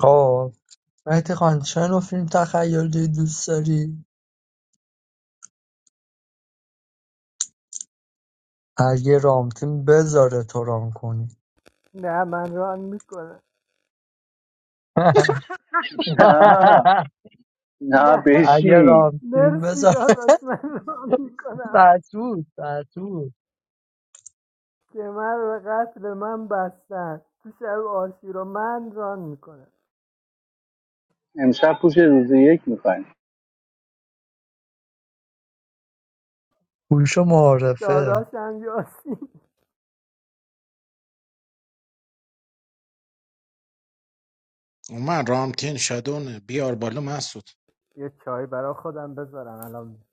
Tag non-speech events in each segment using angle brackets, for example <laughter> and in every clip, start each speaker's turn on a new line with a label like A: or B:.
A: خب مهدی خان چه نوع فیلم تخیلی دوست داری؟ اگه رامتین بذاره تو رام کنی
B: نه من ران میکنم
A: <laughs>
C: نه نه
B: نه
A: اگه
C: بشین
A: رامتین
B: مرسی
A: بذاره
B: داداش من ران میکنم
A: مسعود مسعود
B: که من به قتل من بستن تو شب آشورا من ران میکنم
C: امشب پوش روز یک میکنیم
A: هوش و معارفه
B: داداشم یاسی
D: اومد رامتین شدونه بیار بالا مسعود
B: یه چای برا خودم بذارم الان میام.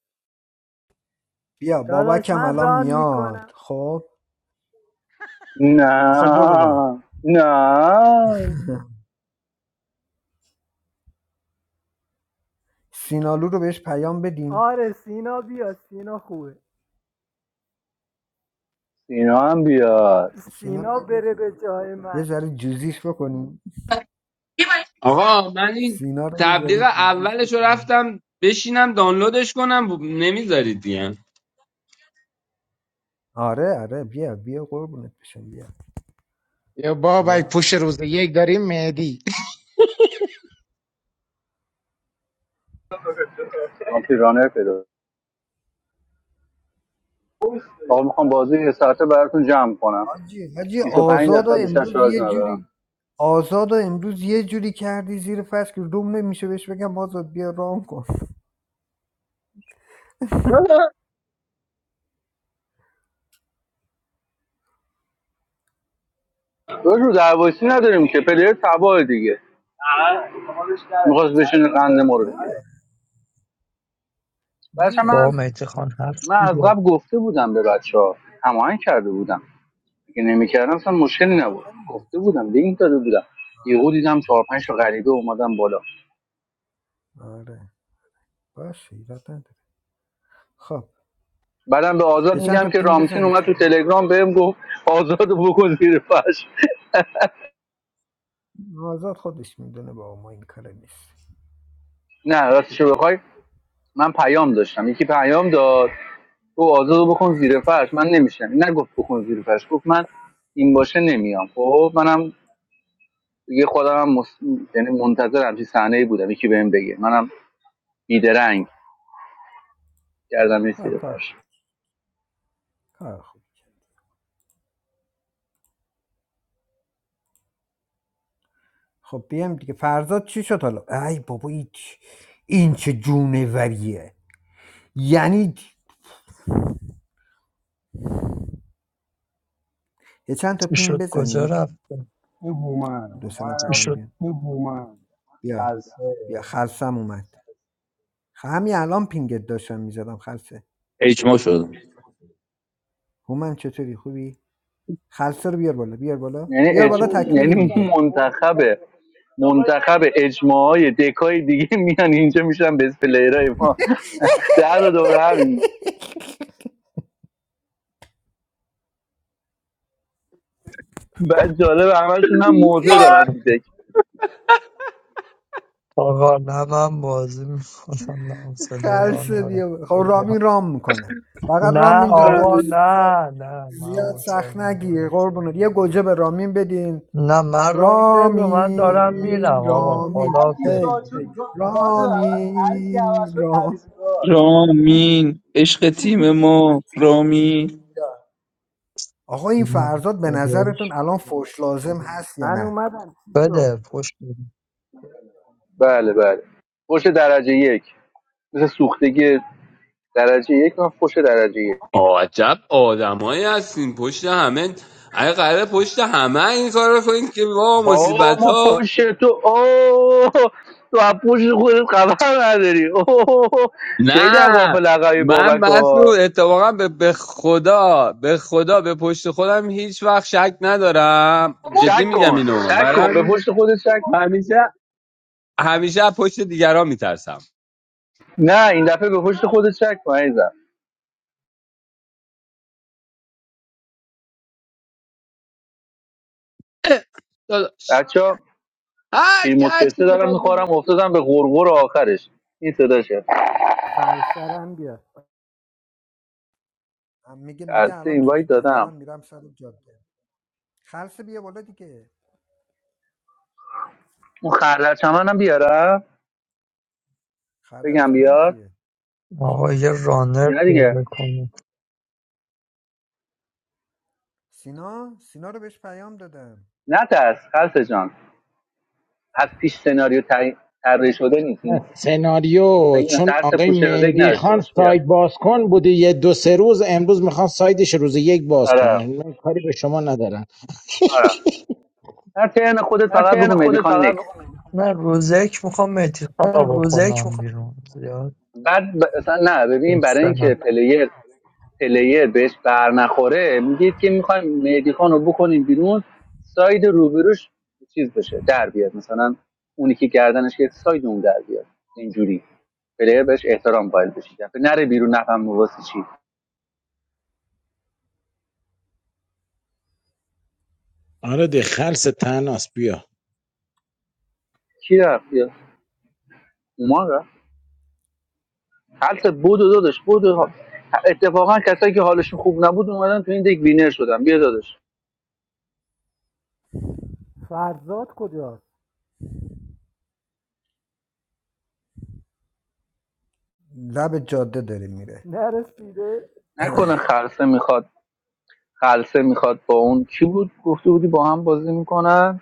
E: بیا
B: داداش
E: بابکم
B: من
E: الان
B: ران
E: میاد
B: میکنم
E: خب خب برو ران کن.
C: نه نه
E: سینالو رو بهش پیام بدیم
B: آره سینا بیا سینا خوبه
C: اینا هم بیاد
E: سینا
B: سینا
E: بیاد یه
B: بره به جای
E: یه
B: من
E: ذره جوزیش بکنیم
F: آقا من این
E: سینا رو یه
F: تبلیغ
E: ذره جوزیش
F: اولش رو
E: بکنیم
F: رفتم بشینم دانلودش کنم نمیذارید دیگه
E: آره آره بیا بیا قربونت بشم بیا
D: یا بابای
E: بیا
D: پوش روز یک داریم مهدی
C: من پیرانر پیدا آقا میخوام بازی یه ساعته براتون جمع کنم
E: حاجی حاجی
C: 25
E: آزاد و
C: درصد بیشتر
E: امروز
C: شارژ
E: یه
C: ندارم
E: جوری آزاد و امروز یه جوری کردی زیر فصل که روم نمیشه بهش بگم آزاد بیا ران کن
C: دو رو دروایسی نداریم که پلیر تباه دیگه میخواست بشین قند ما رو
E: نه
C: بگیره. بچه
A: با
E: نه
C: من
A: مهدی خان هست
C: من از
A: دیگه
C: قبل گفته بودم به بچه ها هماهنگ کرده بودم اگه نمیکردم اصلا مشکلی نبود
E: آره
C: گفته بودم لینک داده بودم یهو
E: آره
C: دیدم چهار پنج تا غریبه اومدم بالا
E: آره باشه ایراد نداره خب
C: بعدم به آزاد
E: یه چند تا
C: میگم که
E: پینگ
C: رامتین
E: بزنید
C: اومد تو تلگرام بهم گفت آزاد بکن زیر فرش
E: آزاد خودش میدونه با ما این کار نیست
C: <laughs> نه راستشو بخوای من پیام داشتم یکی پیام داد تو آزاد بکن زیر فرش من نمیشم نگفت بکن زیر فرش گفت من این باشه نمیام خب منم یه خودم هم مس... یعنی منتظر همچین صحنه بودم یکی بهم بگه منم بیدرنگ کردم این
E: خب
C: زیر
E: کار
C: فرش
E: کار خوب خب بیام دیگه فرزاد چی شد حالا ای بابا این چ- این چه جونوریه یعنی یه چند تا
A: چی
E: پینگ
A: شد کجا
E: بزنید
A: رفته
G: این هومن
E: دو سه چی
G: هومن
E: نفرم شد
G: آخه
E: بیان هومن بیا
G: سلسه
E: بیا خلصم اومد خ- همین الان پینگت داشتم میزدم خلصه
H: اجماع شد
E: هومن چطوری خوبی خلصه رو بیار بالا بیار بالا
C: یعنی
E: بیار
C: اج...
E: بالا تکمیلیم
C: یعنی
E: دیگه
C: منتخبه منتخب اجماعای دکای دیگه میان اینجا میشن به پلیرای ما در و دور همین بعد جالب همشون هم موزه دارن تو دک
A: آقا نه من بازی میکنم نه حوصله ران
E: خلصه
A: دارم
E: بیا بالا. خب
A: خیلی‌ها.
E: رامین رام میکنه فقط
A: نه
E: رامین جان
A: آقا
E: داداش
A: نه نه من
E: زیاد
A: حوصله
E: سخت نگیر
A: ندارم
E: قربونت یه گوجه به رامین بدین
A: نه من ران نمی‌کنم. من دارم میرم
E: رامین
A: آقا
E: رامین
G: هر کی
A: خدا
E: هی
G: شاد شد
E: هی
G: گا- گاد رو عوض- هر کی عوض
E: رامین
G: شد
E: رام
G: تعویض گاد
H: رامین عشق تیم ما رامین
E: آقا این
A: نه
E: فرزاد به
A: خداییش
E: نظرتون الان فوش لازم هست یا
B: من
E: نه
B: اومدم چی شد
A: بده فوش بده
C: بله بله فوش درجه یک مثل سوختگی درجه یک من فوش درجه یک
F: آه، عجب آدمایی هستین پشت همه اگه قراره پشت همه این کار رو کنید که وا
C: آه
F: مصیبت
C: ما
F: ها
C: پشت تو آه تو از پشت خودت خبر نداری اوه خیلی از
F: نه
C: غافل عقبی
F: من
C: بابک ها
F: مسعود اتفاقا به به خدا به خدا به پشت خودم هیچ وقت شک ندارم جدی
C: شک
F: میگم
C: کن
F: اینو
C: شک
F: برای
C: کن به
F: همین
C: پشت خودت شک
F: همیشه همیشه از پشت دیگران میترسم
C: نه این دفعه به پشت خودت شک کن عزیزم
F: داداش
C: بچه
F: هر کی
C: شیرموز
F: هر چی
C: پسته دارم
F: بخواد
C: میخورم افتادم به غرغر آخرش این صداشه
B: خرسرم بیا
E: هم میگه
C: از
E: میگه الان
C: این
E: تو
C: وایت
E: جد- دارم
C: دادم
E: میرم سر جاده خلصه بیا بالا دیگه
C: اون خردل چمن هم بیارم بگم
E: خردرچمن
C: بیاد
E: کیه
A: آقا
E: کی
A: یه رانر
C: اینا دیگه
A: پیدا کنه
E: سینا سینا رو بهش پیام دادم
C: نه ترس خلصه جان از پیش سناریو تعیین- طراحی شده نیست این
D: سناریو
C: فکر نه
D: چون
C: ترس
D: آقای
C: پوش روزک
D: مهدی
C: نداشته
D: خان
C: باش بیا
D: سایت باز کن بوده یه دو سه روز امروز میخوان سایدش روز یک باز
C: آره
D: کنن من کاری به شما ندارن
C: آره هر ترن خودت
E: هر
C: فقط
E: تین
C: بگو
E: خودت
C: مدیخان
E: فقط
C: نکس
E: بگو من
A: نه روز یک میخوام مهدی خان
E: من
A: رو
E: روزک
A: بکنم
E: میخوام
A: بیرون زیاد
C: بعد ب... اصلا نه ببین برای اینکه
A: بستنم
C: پلیر پلیر بهش بر نخوره میگید که میخوایم مهدی خان رو بکنیم بیرون ساید روبروش چیز بشه در بیاد مثلا اونی که گردنش که ساید اون در بیاد اینجوری پلیر بهش احترام قائل بشید نره بیرون نفهم واسه چی
D: آره دی خلص تناس بیا
C: کی رفت یا اومان رفت هلت بودو دادش بودو اتفاقا کسایی که حالشون خوب نبود اومدن تو این دیگ وینر شدن بیا دادش
B: فرزاد کجاست
E: لب جاده داره میره
B: نرسیده
E: <clears throat>
C: نکنه خلصه میخواد خلصه میخواد با اون کی بود گفته بودی با هم بازی میکنن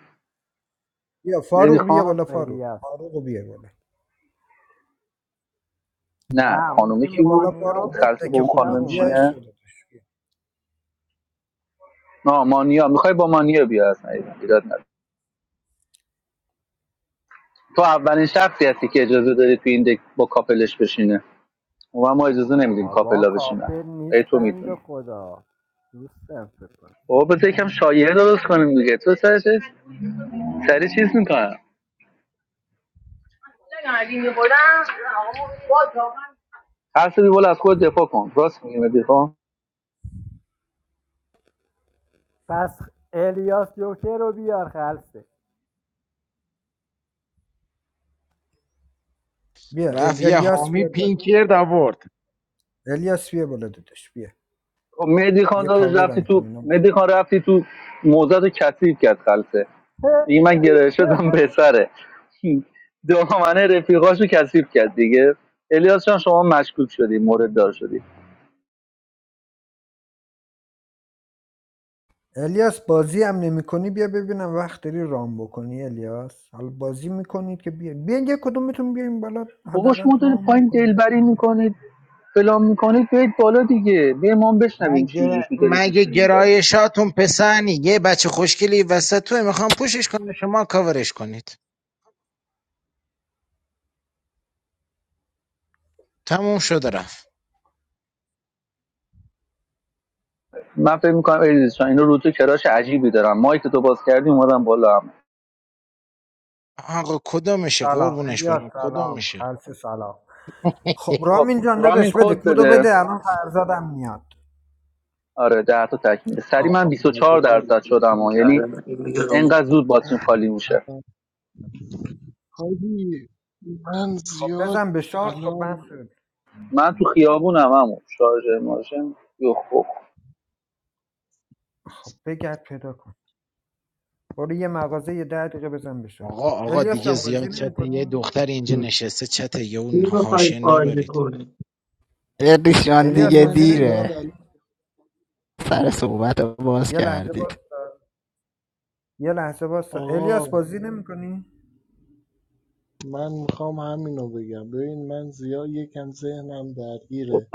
E: بیا
C: مهدی
E: فاروق بیا
C: خان
E: بالا فاروق
B: الیاس
E: فاروق بیا بالا
C: نه
B: نه اون
C: خانومه
B: که
E: بیا
C: کی
E: بالا
C: بود
B: مانیا
E: فاروق
C: تو
E: دک
B: بود که
C: خلصه با
E: دک
C: اون
B: دیشب
E: خوبیه
C: خانومه
E: بیا
B: اومده
E: عشق
C: میشینه
B: بود
E: داداش بیا
C: نه مانیا میخوای با مانیا بیا اصلا ایراد نداره. تو اولین شخصی هستی که اجازه داری تو این دک با کاپلش بشینه و ما اجازه نمیدیم
B: بابا
C: کاپلا بشینه
B: کاپر
C: ای
B: نیست
C: تو
B: بند
C: میتونی
B: خدا دوستم فکر کنم
C: بابا بذار یکم شایعه درست کنیم دیگه تو سر چیز سری چیز میکنم هر سری بول از خود دفاع کن راست میگی مهدی خان
B: پس الیاس جوکر رو بیار خلصه
E: بیا ال...
D: رفت یه
E: الیاس
D: حامی
E: بیا
D: پینک
E: بالا
D: کرد آورد
E: الیاس بیا بالا داداش بیا
C: خب مهدی خان
E: بیا
C: داداش رفتی
E: کاورم کن
C: تو
E: اینا
C: مهدی
E: میخوام
C: خان رفتی تو موزد کثیف کرد خلصه
B: <laughs>
C: دیگه من گره شدم به سره دامنه رفیقاشو کثیف کرد دیگه الیاس جان شما مشکوک شدی مورد دار شدی
E: الیاس بازی هم نمی کنی بیا ببینم وقت داری رام بکنی الیاس حالا بازی میکنید که بیا بیا یه کدومتون بیاین بالا
C: بابا
E: حداقل
C: شما دارید
E: رام
C: پایین
E: بکنید
C: دلبری
E: دیگه
C: میکنید فلان میکنید بیاید بالا دیگه بیا ما هم بشنویم چی
D: مگه
C: میگی تو دلتون
D: مگه
C: چی میگی
D: گرایشاتون پسنی یه بچه خوشگلی وسط توه میخوام پوشش کنه شما کاورش کنید تموم شد رفت
C: من فکر میکنم الیاس جان اینو رو تو کراش عجیبی دارم مایک تو باز کردی اومدم بالا هم
D: آقا کدومشه
E: سلام
D: قربونش
E: الیاس
D: برم
E: سلام
D: کدومشه
E: خلص سلام خب
C: خب
E: رامین جان
C: رامین
E: داداش بده
C: کد
E: کدو
C: بده
E: بده الان فرزادم میاد
C: آره ده تا تکمیل سری من
A: آقا
C: 24
A: مدیر
C: درصد شدم
A: اینجوری
C: ها. یعنی
A: کردن این میگه رو
C: انقدر زود باتریم خالی میشه
I: حاجی من
E: خب
I: زیاد
E: بزن به شارژ خب
I: الان
E: من
C: من تو خیابونم همون شارژر ماشین یخ بخ
E: خب بگرد پیدا کن برو یه مغازه یه ده دقیقه بزن بشه
D: آقا آقا
E: الیاس
D: دیگه
E: جان
D: زیاد
E: بازی
D: چت یه
E: نمی‌کنی؟
D: دختر اینجا نشسته چت یه اون
A: میخوای
D: حاشیه
A: بازی
D: نبرید
A: کنی
J: بقیشان
I: آقا
E: الیاس
J: دیگه
I: من
E: بازی
I: زیاد
J: دیره
E: نمی‌کنی؟
I: الان
J: سر صحبت رو باز
E: یه لحظه
J: کردید
E: واسه یه لحظه واسه
I: آقا
E: الیاس بازی نمی‌کنی؟
I: من میخوام همینو بگم ببین من زیاد یکم ذهنم درگیره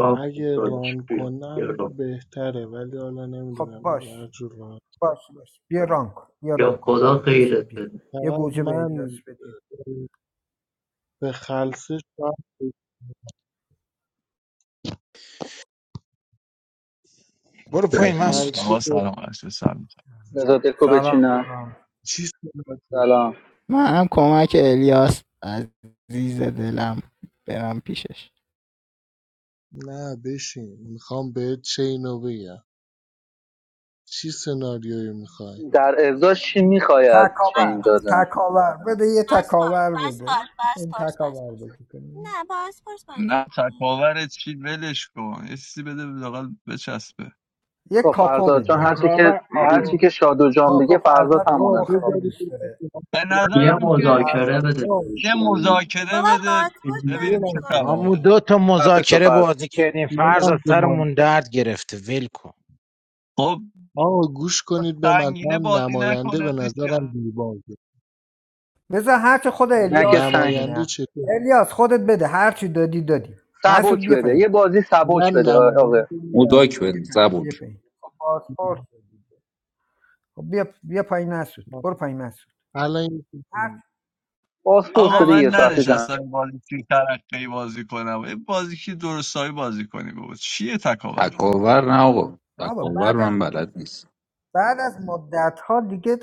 A: خدا
I: اگه ران
A: بیا بیا
I: کنم
A: رو.
I: بهتره ولی حالا
E: خب
I: نمیدونم دیگه هر
E: باش
I: جور ران
E: باش باش بیا ران کن بیا
A: بیا
E: ران کن فدات بشم بیا
A: بده.
E: یه
I: فقط
E: گوجه به الیاس
I: من
E: بدید
I: به خلصه شاید
D: برو پایین
I: خلصه
K: آقا
D: مسعود
I: به
K: سلام عرض سلام
C: بذار دکو
E: سلام
C: بچینم
E: سلام
I: چی سناریو
C: سلام
J: من هم کمک الیاس عزیز دلم برم پیشش
I: نه بشین میخوام بهت چینو بگم چی سناریویی میخوای
C: در ازاش چی میخوای از چین
E: تکاور
L: بس
C: دادن
E: تکاور بده یه
L: کن
E: تکاور
L: بس کن
E: بده
L: بس
E: این تکاور بازی کنیم
L: نه باز بازی
K: نه
L: کنی
K: تکاور چی ولش کن یه چیزی بده لاقل بچسبه
E: یه
C: خب
E: کاپو
C: فرزاد جان
E: بده
C: هرچی که
D: تکاوه
C: هرچی
E: کاپو
C: که شادو جان بگه
E: کاپو
C: فرزاد
E: فرزاد
C: همون
I: آقا
E: کاپو خیلی
C: انتخاب
I: بذارید
C: میکنه
E: دوست
I: این
E: داره
I: بچه ها
K: به
I: برن
A: یه
K: نظرم
I: بگن.
K: که
A: مذاکره بده
I: آه،
K: یه
A: بهش.
I: آه،
K: مذاکره
L: بابا
K: بده
L: باز
I: یه
K: ببینیم
L: بازی
K: چه
I: لحظه
D: همون
K: خبره
L: کنی
D: دو تا
C: خفه شو
D: مذاکره
C: فرزاد
D: بازی کردیم
I: یه
D: فرض از
I: لحظه
D: سرمون
I: مانده.
D: درد گرفته ول کن
K: خب
I: آقا گوش کنید به من
K: سنگینه
I: من
K: بازی
I: نماینده
K: نکنه
I: به
K: دیگه
I: نظرم دیباگه
E: بذار هرچه خود
C: نه که
E: الیاس
C: سنگ
I: نماینده
E: میدونه
I: چطور
E: الیاس خودت بده هرچی دادی دادی مسعود
C: سبک
E: بیا
C: بده
E: پایین
C: یه بازی
I: من
C: سبک بده آقا
I: نماینده میدم
H: مداک
E: بیا
H: بند
E: پایین
H: زبون
E: بیا پایین خب پاسپورت دادی. خب بیا بیا پایین مسعود برو پایین مسعود
I: الان یه چیز
E: هر
I: میگم.
C: پاسپورت
K: آقا
C: داده
E: هرچی
K: من
C: یه
E: خود
C: ساعت
E: الیاس
C: جمع
K: ننشستم این بازی چی ترقی بازی کنم این بازی که درستایی بازی کنی بابا چیه تکاور
H: تکاور نه آقا
E: بابا
H: تکاور
E: بعد
H: من
E: از-
H: بلد نیست
E: بعد از مدت ها دیگه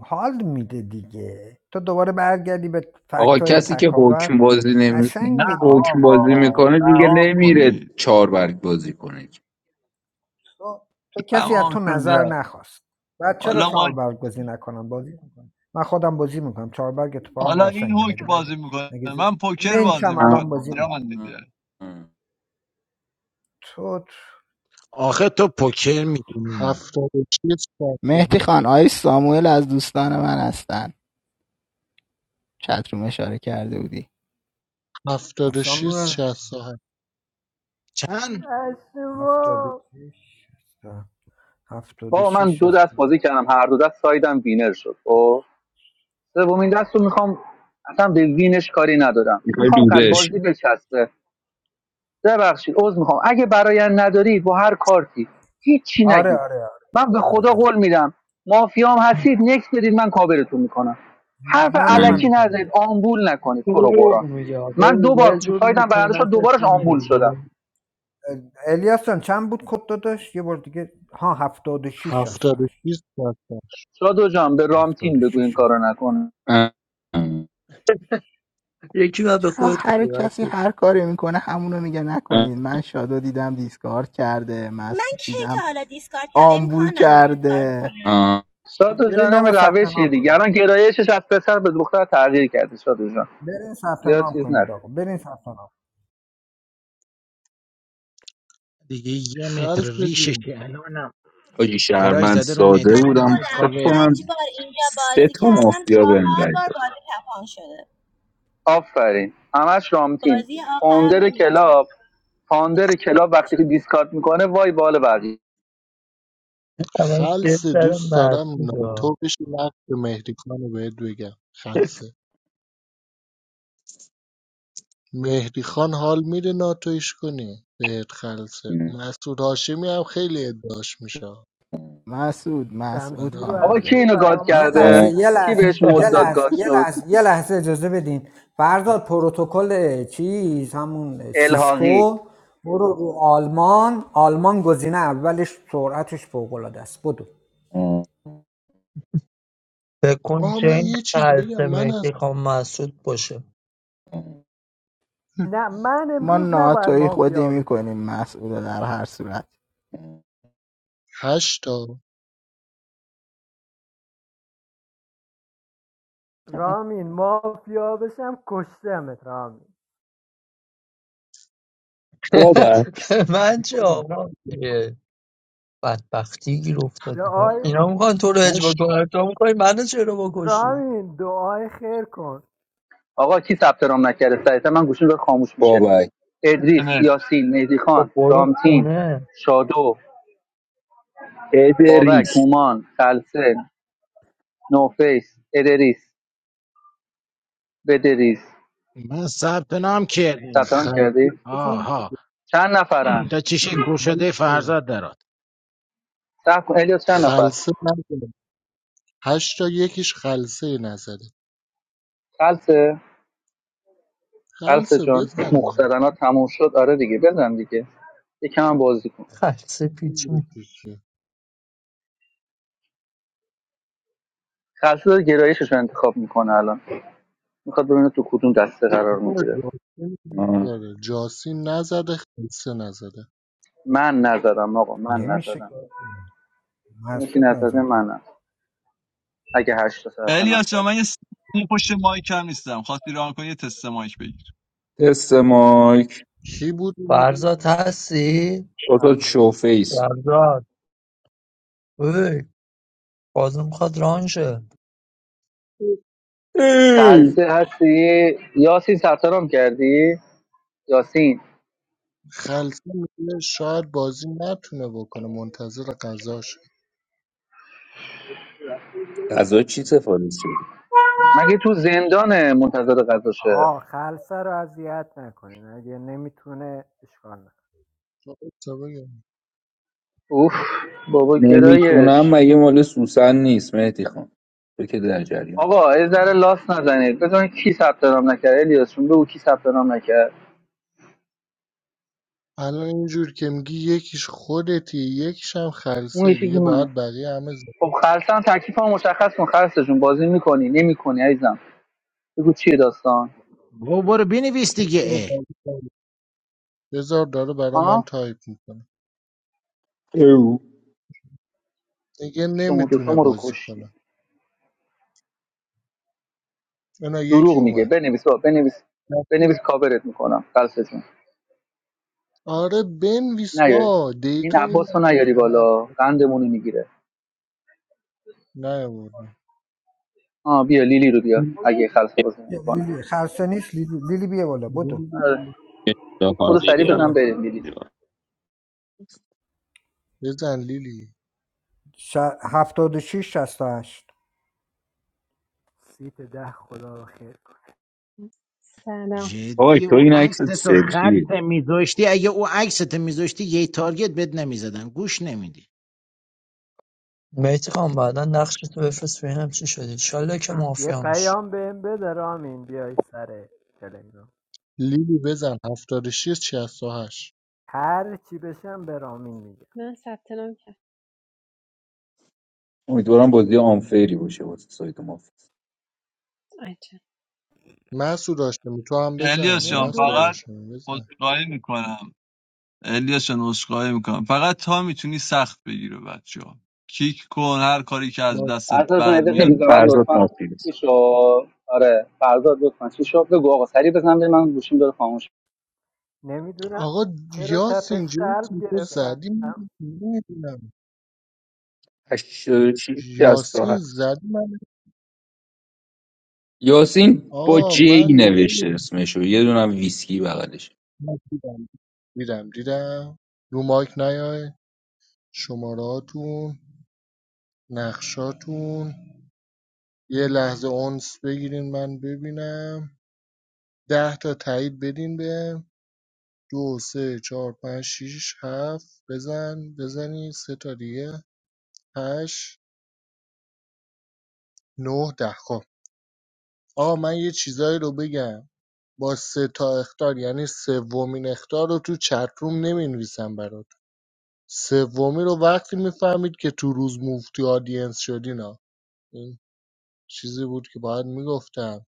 E: حال میده دیگه تو دوباره برگردی به
H: آقا
E: فکت های
H: کسی که حکم
E: تکاور
H: بازی نمی
K: نه
E: قشنگ دیگه
H: حکم بازی
K: آقا
H: میکنه دیگه
K: رها
H: نمیره
K: کنید
H: چهار برگ بازی کنه که.
E: تو, تو کسی از تو
K: تمام
E: نظر
K: شده
E: نخواست بعد چرا
K: حالا ما
E: چهاربرگ بازی نکنم بازی میکنم من خودم بازی میکنم چهاربرگ اتفاقا
K: حالا این
E: قشنگه مگه
K: هوک
E: بده
K: بازی میکنه
E: مگه زش
K: من پوکر بازی
E: منچم
H: اه،
E: الان
K: میکنم
E: بازی میکنم
K: جهان
H: اه.
K: دیده
E: تو تو-
D: آخه تو پوکر میتونی
I: هفتاد و شیست شست و
J: مهدی
I: هفت
J: خان آی ساموئل از دوستان من هستن چتروم اشاره کرده بودی
I: هفتاد و شیست
E: سامور
I: شست و هفت
D: چند
E: هفتاد و
B: اشتباه
E: شیش شست- هفتاد و
C: بابا من
E: شیش
C: دو
E: شست.
C: دست بازی کردم هر دو دست سایدم وینر شد خب سومین دست رو میخوام اصلا به وینش کاری ندارم
H: میخوای
C: میخوام قد
H: دوزش
C: بازی بچسبه ببخشید عذر میخوام اگه براین ندارید با هر کارتی هیچی
E: آره
C: نگید
E: آره آره
C: من
E: آره
C: به
E: آره,
C: خدا
E: آره.
C: قول میدم مافیام هستید نکس بدید من کابرتون میکنم
E: من,
C: حرف
E: من هم
C: علکی
E: همین کارو
C: نزنید
E: میکنم
C: آمبول نکنید تو رو
A: دروغ
C: برا
A: میگه
C: من
A: ببین
C: دو
A: یه
C: بار
A: جور
C: سایدم برنده شد دوبارش
A: میکنتتون
C: آمبول شدم
A: بیرون
E: الیاس جان چند بود کد داداش یه بار دیگه ها هفتاد و شیش هست
I: هفتاد و شیست شست و هفت
C: سادو جان به
E: هفتاد و
C: رامتین بگو این
E: شیش هست
C: کارو نکنه
A: یکی باید به
J: چرا
A: خودت
J: هر
A: بیرد
J: کسی هر کاری میکنه همونو میگه نکنید من شادو دیدم دیسکارد کرده
L: من
J: مسعود
L: کی
J: دیدم
L: تا حالا دیسکارد کردم
J: آمبول
L: امکان نداره دیسکارد
J: کرده
L: کنم
C: سادو جان
E: برین
C: هم
E: آقا ثبت
C: روشی
E: نام
C: دیگه
E: کنید
C: الان گرایشش از پسر به دختر تغییر کرده سادو جان
E: برین ثبت
C: زیاد
E: نام
C: چیز
E: کنید
C: نکن
E: آقا برین ثبت نام
D: دیگه یه متر
I: خلص
D: ریشش
I: جون
D: الانم
H: حاجی
D: کرای
H: شهرمند
D: زده رو مهدی
H: ساده
L: من
D: خان
H: بودم
D: میخواد
L: خودم
H: فکر
D: کاور
L: پنج
H: کنم
D: کنه
L: بار اینجا
H: سه
L: بازی
H: تا
L: کردم
H: مافیا بهم
L: چهار
H: رای
L: بار بازی تپان شده
C: آفرین همش رامتین
L: بازی آخرم
C: فاوندر
L: نمیدونم چرا
C: کلاب
L: تپان
C: فاندر کلاب وقتی که
L: نشد
C: دیسکارد میکنه وای بال بقیه
A: اما یه
I: خلص
A: در
I: دوست دارم
A: مرد
I: ناتو بشی نقش مهدی خانو بهت بگم خلصه مهدیخان حال می‌ده ناتویش کنی بهت خلصه
H: داد.
I: مسعود هاشمی هم خیلی ادعاش میشه آره
J: مسعود مسعود
B: شمشیر رو
J: حال
C: آقا
B: از
C: کی
J: میده
B: رو
C: اینو گاد
B: برا
E: یه
B: من
C: کرده
E: لحظه یه
B: بستن
C: کی
E: لحظه
C: بهش
E: یه
C: مد داد
E: لحظه
C: گاد
E: یه
C: شد
E: لحظه یه لحظه اجازه بدین فرزاد پروتکل چیز همون
C: الحاقی
E: سیسکو برو رو آلمان آلمان گزینه اولش سرعتش فوق العاده است بدو
A: فکر کن
I: آه
A: چه
I: من
A: این
I: یه چیزی
A: خلص
I: بگم من
A: مهدی
I: از
A: خان مسعود باشه
I: <laughs>
B: نه من
J: ما
B: امروز نباید
J: ناتوی خودی
B: مافیا بشم
J: میکنیم مسعود در هر صورت
I: هشتا
B: رامین مافیا بشم کشتمت رامین
A: <laughs>
H: بابک
A: من چه آقا اه، بدبختی گیر افتادیم ها.
B: دعای
A: اینا میخوان تو رو اجبا
I: هشت
A: کنن تو میخوای منو چرا بکشی
B: رامین دعای خیر کن
C: آقا کی ثبت رام نکرده سریعتر من گوشیم داره خاموش میشه
H: بابک
C: ادریس
K: اینترنت
C: یاسین مهدی
A: خب
C: خان
A: برو
C: رامتین
A: خونه
C: شادو بابک
H: ادریس
C: هومان خلسه نوفیس ادریس بدریس
D: من ثبت نام کردم
C: ثبت نام
I: خلصه
D: خب.
C: کردی
I: زن-
D: آها
C: چند نفرن
D: تا چیشه کور شده
I: خلصه
D: فرزاد درات
C: صح کن الیاس چند نفر
I: خلصه نزن هشتا یکیش خلصه نزده
C: خلسه خلسه
I: خلصه
C: جان
I: بزن دیگه.
C: مخزدنا تموم شد آره دیگه بزن دیگه یکم هم بازی کن
A: خلص
I: این
A: پیچون
I: یکیشه.
C: خلصه گرایشش رو انتخاب میکنه الان میخواد ببینه تو کدوم دسته قرار
I: بابا
C: میگیره
I: جاسین نزده. جاسین نزده خلصه نزده
C: من نزدم آقا من
E: نمیشه
C: نزدم
E: کار کنی.
C: اون یکی
E: مسعود
C: نزده
E: نزده
C: منم اگه هشت تا سرطانم
K: الیاس جان
C: کرد
K: من یه ثانیه پشت مایک هم نیستم خواستی ران کنی یه تست مایک بگیر
H: تست مایک
I: کی بود اینا؟
A: فرزاد هستی
H: شوتا
E: فرزاد.
H: شوفیس
A: فرزاد اوی بازم میخواد رانشه
H: ای!
C: خلصه هستی یاسین سرطانم کردی یاسین
I: خلصه میگه شاید بازی نتونه بکنه منتظر قضاشه
H: غذا چی سفارش شد
C: مگه تو زندانه منتظر قضاشه
B: آقا خلصه رو اذیت نکنین اگه نمیتونه اشکال نکنه
I: تو اشتباهی.
C: اوف بابا
H: نمیتونم
C: گرایش
H: مگه مال سوسن نیست مهدی خان تو که در جریان
C: آقا از ذره لاس نزنید بزن کی ثبت نام نکرد الیاس جون بگو کی ثبت نام نکرد
I: الان اینجور که میگی یکیش خودتی یکیش هم
C: اون
I: خلصه
C: یکی که
I: دیگه
C: منم
I: باید بقیه همه زن-
C: خب خلصه هم تکلیف مشخص کن خلصه جون بازی میکنی نمیکنی عزیزم بگو چیه داستان
D: بابا برو بنویس دیگه اه.
I: بذار داره برا من
C: ها
I: تایپ میکنه
H: ایو.
I: دیگه
C: شما دوتا
I: نمیتونه
C: ما رو
I: بازی
C: کشتی
I: کنه اینا یکی
C: دروغ میگه
I: اومد
C: بنویس بابا بنویس بنویس
I: رفتی.
C: کاورت میکنم قلص جون
I: آره بنویس
C: نیاری
I: با
C: این
I: دیتا
C: عباس
I: میدم
C: رو
I: به
C: نیاری
I: همه
C: بالا قندمون رو میگیره
I: نیاوردم
C: آ بیا لیلی رو بیا اگه خلصه بازی
E: یه
C: نمیکنه
E: لیلی خرسه نیست لیلی, لیلی بیا بالا بدو
C: برو سریع
E: بیا
F: جاکارگیریان
C: بزن
E: بالا
C: بریم لیلی جون
I: بزن لیلی
E: ش... هفتاد و شیش شست و هشت
B: سیت ده خدا رو خیر کن
M: سلام
H: آی
D: جدی
H: تو
D: او
H: این عکس
D: عکس تو خلط
H: سلفیه
D: میذاشتی اگه او عکس تو میذاشتی یه تارگت بد نمیزدم گوش نمیدی
A: مهدی خان بعدا نقش تو بفرست ببینم چی شدی انشالله که
B: یه
A: مافیا میشه
B: پیام بهم بده رامین بیای سر تلگرام
I: لیلی بزن هفتاد و شیست و هشت
B: هر چی بشم به رامین میگم
M: من ثبت نام کرد
H: امیدوارم بازی آنفیری باشه واسه سایت مافیا
M: آچه
I: مسعود هاشمی تو هم بزن
K: الیاس جان
I: مسعود
B: نمیدونم
K: فقط
I: هاشمی بزن
K: عذرخواهی میکنم الیاس جان عذرخواهی میکنم فقط تا میتونی سخت بگیره بچه ها کیک کن هر کاری که از دستت
I: باشه
C: فرزاد جان یه دقیقه
K: برمیاد
C: بی
H: این
C: زحمت
H: فرزاد
C: لطفا
H: مافیاست
C: چی شو آره فرزاد لطفا چی شو بگو آقا سریع بزن بریم من گوشیم داره خاموش
B: نمیدونم
I: آقا
B: چرا تپش
I: یاسین جون
B: قلب
I: تو
B: گرفتم
I: زدی نمیدونم
H: 86
I: یاسین
H: 67
I: زدی من
H: یاسین با
I: آقا
H: جی
I: من
H: نوشته
I: نمیدونم
H: اسمشو یه دونم ویسکی بغلش
I: دیدم دیدم دیدم رو مایک نیای شماراتون نقشاتون یه لحظه اونس بگیرین من ببینم ده تا تایید بدین به دو سه چهار پنج شیش هفت بزن بزنی سه تا دیگه هشت نه ده خب آقا من یه چیزایی رو بگم با سه تا اختار یعنی سومین اختار رو تو چت روم نمی نویسم برات سومی رو وقتی میفهمید که تو روز مفتی آدینس شدین ها این چیزی بود که باید میگفتم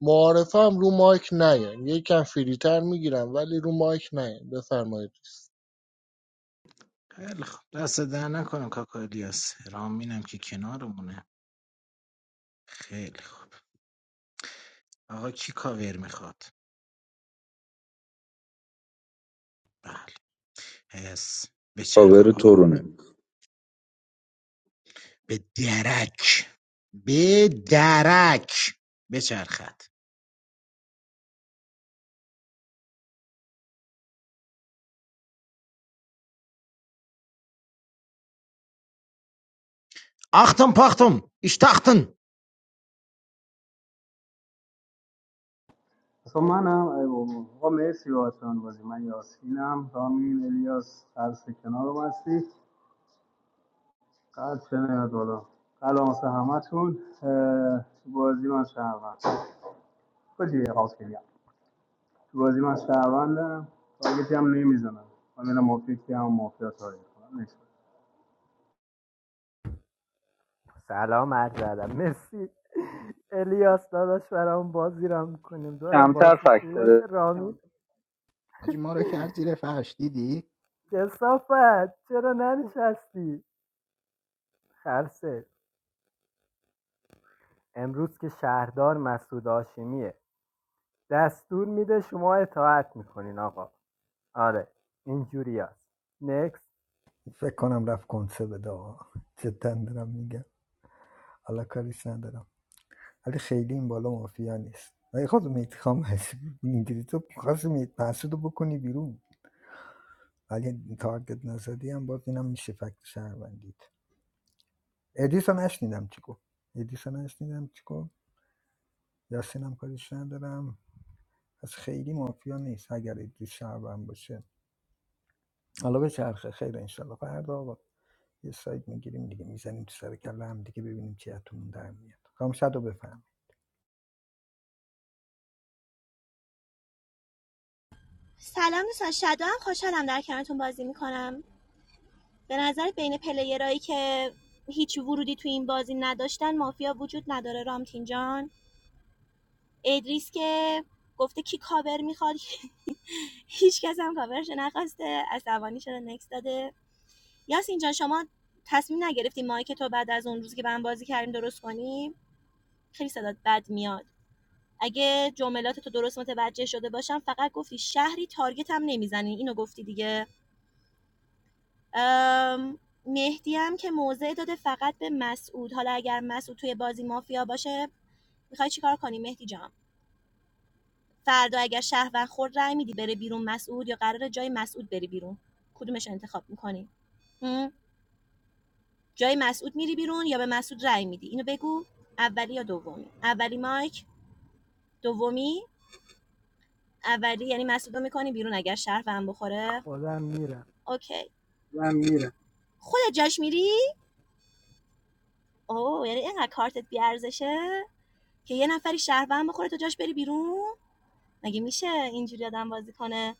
I: معارفه هم رو مایک نیاین یکم فریتر میگیرم ولی رو مایک نیاین بفرمایید
D: خیلی خوب دست در نکنم کاکا الیاس رامینم که کنارمونه خیلی خوب آقا کی کاور میخواد بله حس بچرخ
H: کاور
D: آقا
H: تورونه
D: به درک به درک بچرخد آختم پاختم اشتاختن
G: اصلا منم ای بابا آقا مرسی باتون بازی من یاسینم رامین الیاس سلسه کنار رو بستی قد چه نیاد بالا قلعه واسه همتون اه، تو بازی من شهروند بازی حاصلیم تو بازی من شهروندم تارگتی هم نمیزنم من میرم مافیا که هم مافیا تاریخ کنم نیست.
B: سلام عرض ادب مرسی الیاس داداش برام بازی را میکنیم دارم
C: کمتر
B: بازی خوب
C: فکت
B: باشه
C: داره
B: رامین
J: حاجی ما رو کرد زیر فرش دیدی
B: کسافت چرا ننشستی خرسه امروز که شهردار مسعود هاشمیه دستور میده شما اطاعت میکنین آقا آره اینجوری هست نکس
E: فکر کنم رفت کنسه بده آقا. جدا دارم میگم حالا کاریش ندارم ولی خیلی این بالا مافیا نیست ولی خود میتخام هست اینجوری تو خواست میت محسود رو بکنی بیرون ولی تارگت نزدی هم باز اینم میشه فکت شهروندید ادیسو نشنیدم چی گفت ادیسو نشنیدم چی گفت یاسینم کاریش ندارم از خیلی مافیا نیست اگر ادیس شهروند باشه حالا به چرخه خیر انشالله فردا آقا یه سایت میگیریم دیگه میزنیم تو سر کله هم دیگه ببینیم چی اتمون در میاد خام شد و بفهم
L: سلام دوستان شادو هم خوشحالم در کنارتون بازی میکنم به نظر بین پلیرایی که هیچ ورودی تو این بازی نداشتن مافیا وجود نداره رامتین جان ادریس که گفته کی کاور میخواد هیچ کس هم کاورش نخواسته عصبانی شده نکس داده یاسین جان شما تصمیم نگرفتی مایک تو بعد از اون روزی که به هم بازی کردیم درست کنی خیلی صدات بد میاد اگه جملات تو درست متوجه شده باشم فقط گفتی شهری تارگت هم نمیزنی اینو گفتی دیگه ام، مهدی هم که موضع داده فقط به مسعود حالا اگر مسعود توی بازی مافیا باشه میخوای چیکار کنی مهدی جان فردا اگر شهروند خورد رأی میدی بره بیرون مسعود یا قراره جای مسعود بری بیرون کدومش رو انتخاب میکنی جای مسعود میری بیرون یا به مسعود رأی میدی اینو بگو اولی یا دومی اولی مایک دومی اولی یعنی مسعود رو میکنی بیرون اگر شهروند بخوره
B: خودم میرم
L: اوکی من میرم خودت جاش میری اوه یعنی اینقدر کارتت بیارزشه که یه نفری شهروند بخوره تو جاش بری بیرون مگه میشه اینجوری آدم بازی کنه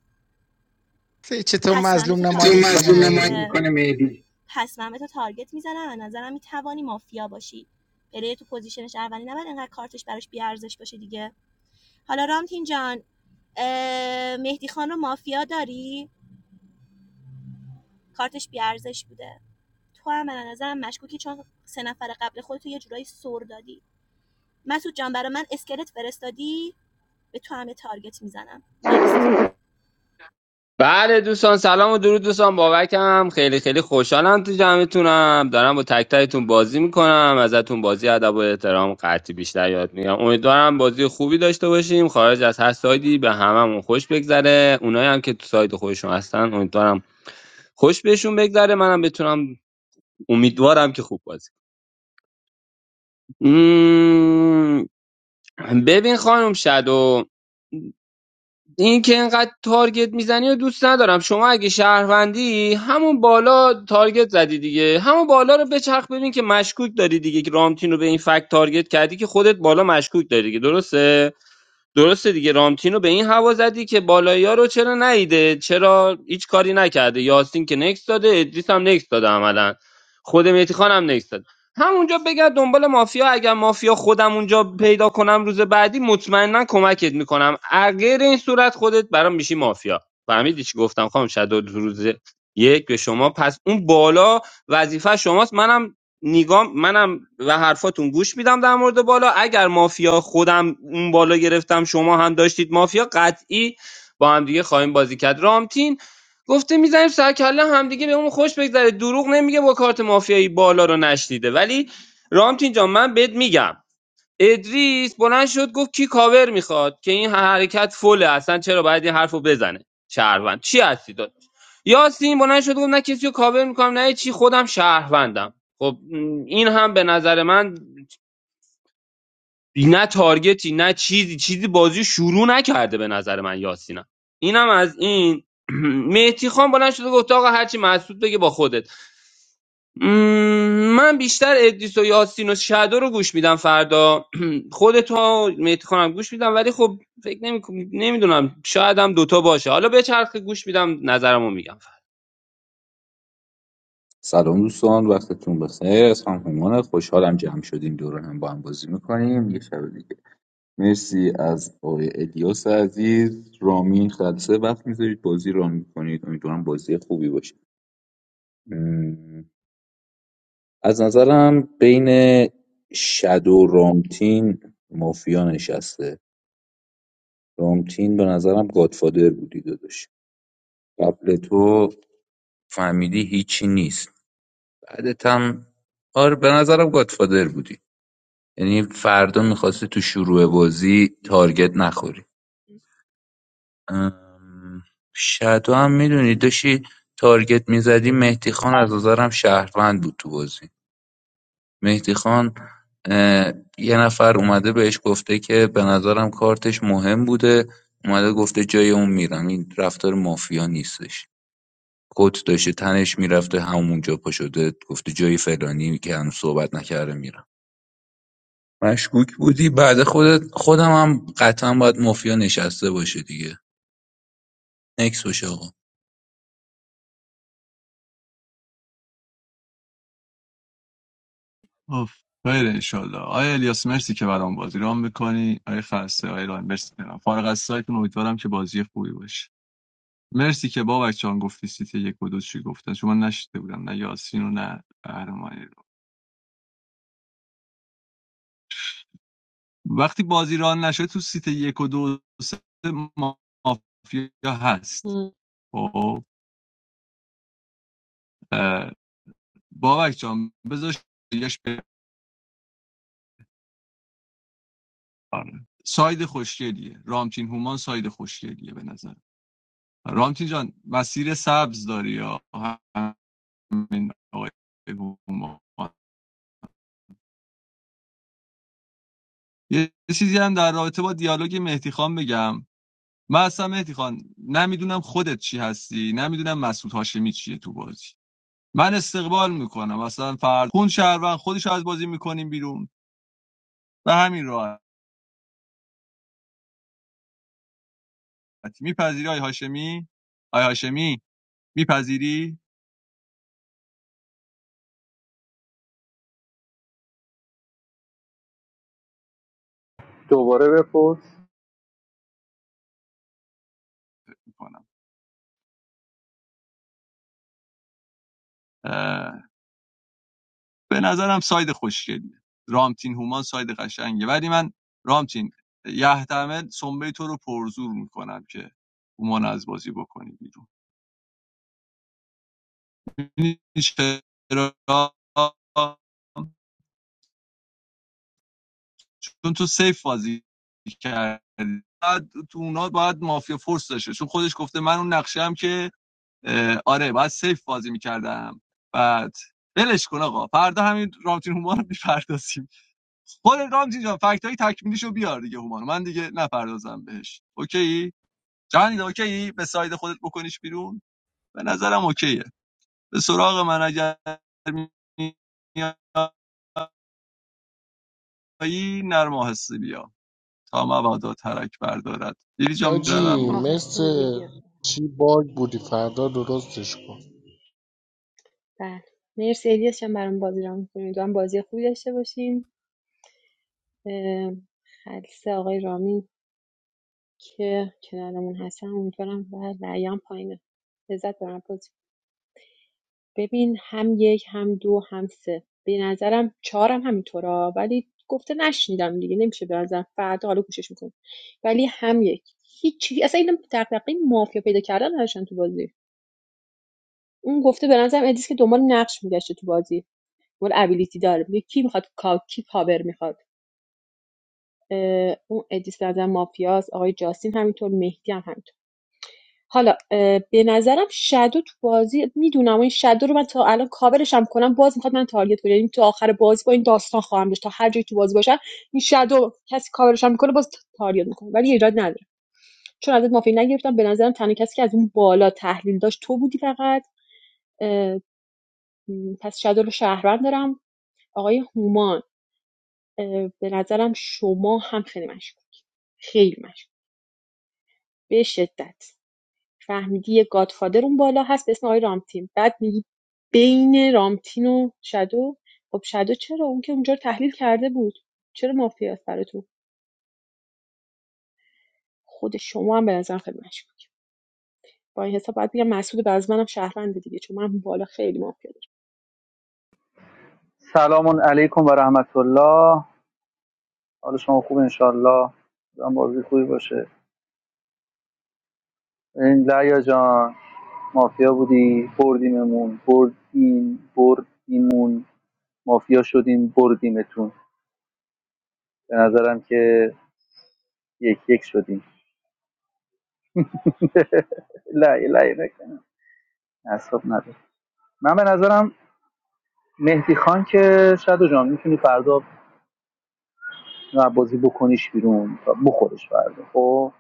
D: چطور
L: پس من به تو
D: مظلوم
L: تو
D: نمایی
L: تارگت مظلوم میزنم
D: میکنه
L: تو مظلوم نمایی
D: مهدی
L: میکنه مهدی پس من به تو تارگت میزنم از نظرم میتوانی مافیا باشی پلی تو پوزیشنش اولی نباید انقدر کارتش براش بیارزش باشه دیگه حالا رامتین جان اه، مهدی خان رو مافیا داری کارتش بیارزش بوده تو هم به نظرم مشکوکی چون سه نفر قبل خودتو یه جورایی سر دادی مسعود جان برای من اسکلت فرستادی به تو هم یه تارگت میزنم نکست
F: بله دوستان سلام و درود دوستان بابکم خیلی خیلی خوشحالم تو جمعتونم دارم با تک تکتون بازی میکنم ازتون بازی ادب و احترام قطعی بیشتر یاد میگم امیدوارم بازی خوبی داشته باشیم خارج از هر سایدی به هممون خوش بگذره اونایی هم که تو ساید خودشون هستن امیدوارم خوش بهشون بگذره منم بتونم امیدوارم که خوب بازی کنم. مم، ببین خانم شادو این که اینقدر تارگت میزنی و دوست ندارم شما اگه شهروندی همون بالا تارگت زدی دیگه همون بالا رو بچرخ ببین که مشکوک داری دیگه که رامتین رو به این فکت تارگت کردی که خودت بالا مشکوک داری دیگه درسته درسته دیگه رامتینو به این هوا زدی که بالایی ها رو چرا نیده چرا هیچ کاری نکرده یاسین که نکس داده ادریس هم نکس داده عملا خود مهدی خان هم نکس داده همونجا بگرد دنبال مافیا اگر مافیا خودم اونجا پیدا کنم روز بعدی مطمئنا کمکت میکنم اگر این صورت خودت برام میشی مافیا فهمیدی چی گفتم خانم شد روز یک به شما پس اون بالا وظیفه شماست منم نیگام منم و حرفاتون گوش میدم در مورد بالا اگر مافیا خودم اون بالا گرفتم شما هم داشتید مافیا قطعی با هم دیگه خواهیم بازی کرد رامتین گفته میزنیم سر کله هم دیگه به اون خوش بگذره دروغ نمیگه با کارت مافیایی بالا رو نشنیده ولی رامتین جان من بهت میگم ادریس بلند شد گفت کی کاور میخواد که این حرکت فله اصلا چرا باید این حرف رو بزنه شهروند چی هستی داد یاسین بلند شد گفت نه کسی رو کاور میکنم نه چی خودم شهروندم خب این هم به نظر من نه تارگتی نه چیزی چیزی بازی رو شروع نکرده به نظر من یاسینم اینم از این <clears throat> مهدی خان بلند شد گفت آقا هرچی مسعود بگه با خودت من بیشتر ادریس و یاسین و شادو رو گوش میدم فردا <clears throat> خودتو مهدی خانم گوش میدم ولی خب فکر نمیدونم شاید هم دوتا باشه حالا به چرخه گوش میدم نظرمو میگم فردا
H: سلام دوستان وقتتون بخیر از هم همان خوشحالم جمع شدیم دور هم با هم بازی میکنیم یه شب دیگه مرسی از آقای الیاس عزیز رامین خلصه وقت میذارید بازی ران میکنید امیدوارم بازی خوبی باشه م، از نظرم بین شد و رامتین مافیا نشسته رامتین به نظرم گادفادر بودی داداش قبل تو فهمیدی هیچی نیست بعدت هم آره به نظرم گادفادر بودی یعنی فردا میخواستی تو شروع بازی تارگت نخوری ام، شادو هم میدونی داشتی تارگت میزدی مهدی خان از نظرم شهروند بود تو بازی مهدی خان اه، یه نفر اومده بهش گفته که به نظرم کارتش مهم بوده اومده گفته جای اون میرم این رفتار مافیا نیستش کت داشته تنش میرفته همونجا پا شده گفته جای فلانی که هنوز صحبت نکرده میرم مشکوک بودی بعد خودت خودم هم قطعا باید مافیا نشسته باشه دیگه نکس باشه آقا
K: اوف خیر انشالله آیا الیاس مرسی که برام بازی رام میکنی آیا خلصه آیا رام مرسی کنم فارغ از سایتون امیدوارم که بازی خوبی باشه مرسی که بابک جان گفتی سیتی یک و دو چی گفتن چون من نشیده بودم نه یاسین و نه قهرمان وقتی بازی ران نشده تو سیت یک و دو سه مافیا هست
M: م.
K: خب اه، بابک جان بذار شیرش بپره. ساید خوشگلیه رامتین هومان ساید خوشگلیه به نظر رامتین جان مسیر سبز داری یا همین آقای هومان یه چیزی هم در رابطه با دیالوگ مهدی خان بگم من اصلا مهدی خان نمیدونم خودت چی هستی نمیدونم مسعود هاشمی چیه تو بازی من استقبال میکنم مثلا فرد خون شهروند خودش از بازی میکنیم بیرون و همین راحت میپذیری آی هاشمی آی هاشمی میپذیری
C: دوباره بپرس
K: میکنم به نظرم ساید خوشگلیه رامتین هومان ساید قشنگه ولی من رامتین یحتمل سنبه تو رو پرزور میکنم که هومان از بازی بکنی بیرون چرا؟ چون تو سیف بازی کردی بعد تو اونا باید مافیا فورس داشته چون خودش گفته من اون نقشه که اه، آره باید سیف بازی میکردم بعد ولش کن آقا فردا همین رامتین هومان رو میپردازیم خود رامتین جان فکت های تکمیلیشو بیار دیگه هومان من دیگه نپردازم بهش اوکی جهانی اوکی به ساید خودت بکنیش بیرون به نظرم اوکیه به سراغ من اگر میایی نرم و آهسته بیا تا مبادا ترک بردارد دیدی جان
I: حاجی
K: برادرم
M: آهسته
I: مثل
M: میگیم بیا
I: چی باگ بودی فردا درستش کن
M: بله مرسی الیاس جان برام بازی رام میکنید امیدوارم بازی خوبی داشته باشیم اه، خلصه آقای رامی که کنارمون هستن امیدوارم و ریان پایینه لذت برم بازی ببین هم یک هم دو هم سه به نظرم چهارم همینطورا ولی گفته نشنیدم دیگه نمیشه به نظرم فردا حالا گوشش میکنم ولی هم یک هیچی اصلا این دغدغه مافیا پیدا کردن نداشتن تو بازی اون گفته به نظرم ادیس که دنبال نقش میگشته تو بازی دنبال ابیلیتی داره میگه کی میخواد کا... کی کاور میخواد اون ادیس به نظرم مافیاس آقای جاستین همینطور مهدی هم همینطور حالا اه، به نظرم شادو تو بازی میدونم این شادو رو من تا الان کاورش هم کنم باز میخواد من تارگت کنه یعنی تو آخر بازی با این داستان خواهم داشت تا هر جایی تو بازی باشم این شادو کسی کاورش هم میکنه باز تارگت میکنه ولی ایراد نداره چون ازت مافی نگرفتم به نظرم تنها کسی که از اون بالا تحلیل داشت تو بودی فقط اه، پس شادو رو شهروند دارم آقای هومان اه، به نظرم شما هم خیلی مشکوک خیلی مشکوک به شدت فهمیدی یه گادفادر اون بالا هست به اسم آقای رامتین بعد میگی بین رامتین و شدو خب شدو چرا اون که اونجا رو تحلیل کرده بود چرا مافیا است برای تو خود شما هم به نظرم خیلی مشکوک با این حساب باید بگم مسعود بعضی از منم شهروند دیگه چون من بالا خیلی مافیا دارم
C: سلام علیکم و رحمت الله حال شما خوب انشالله هم بازی خوبی باشه این لیا جان مافیا بودی بردیممون بردیم بردیمون مافیا شدیم بردیمتون به نظرم که یک یک شدیم <laughs> لعیه لعیه نکنم اصاب نداره من به نظرم مهدی خان که شدو جان میتونی فردا نه بازی بکنیش بیرون و بخورش فردا خب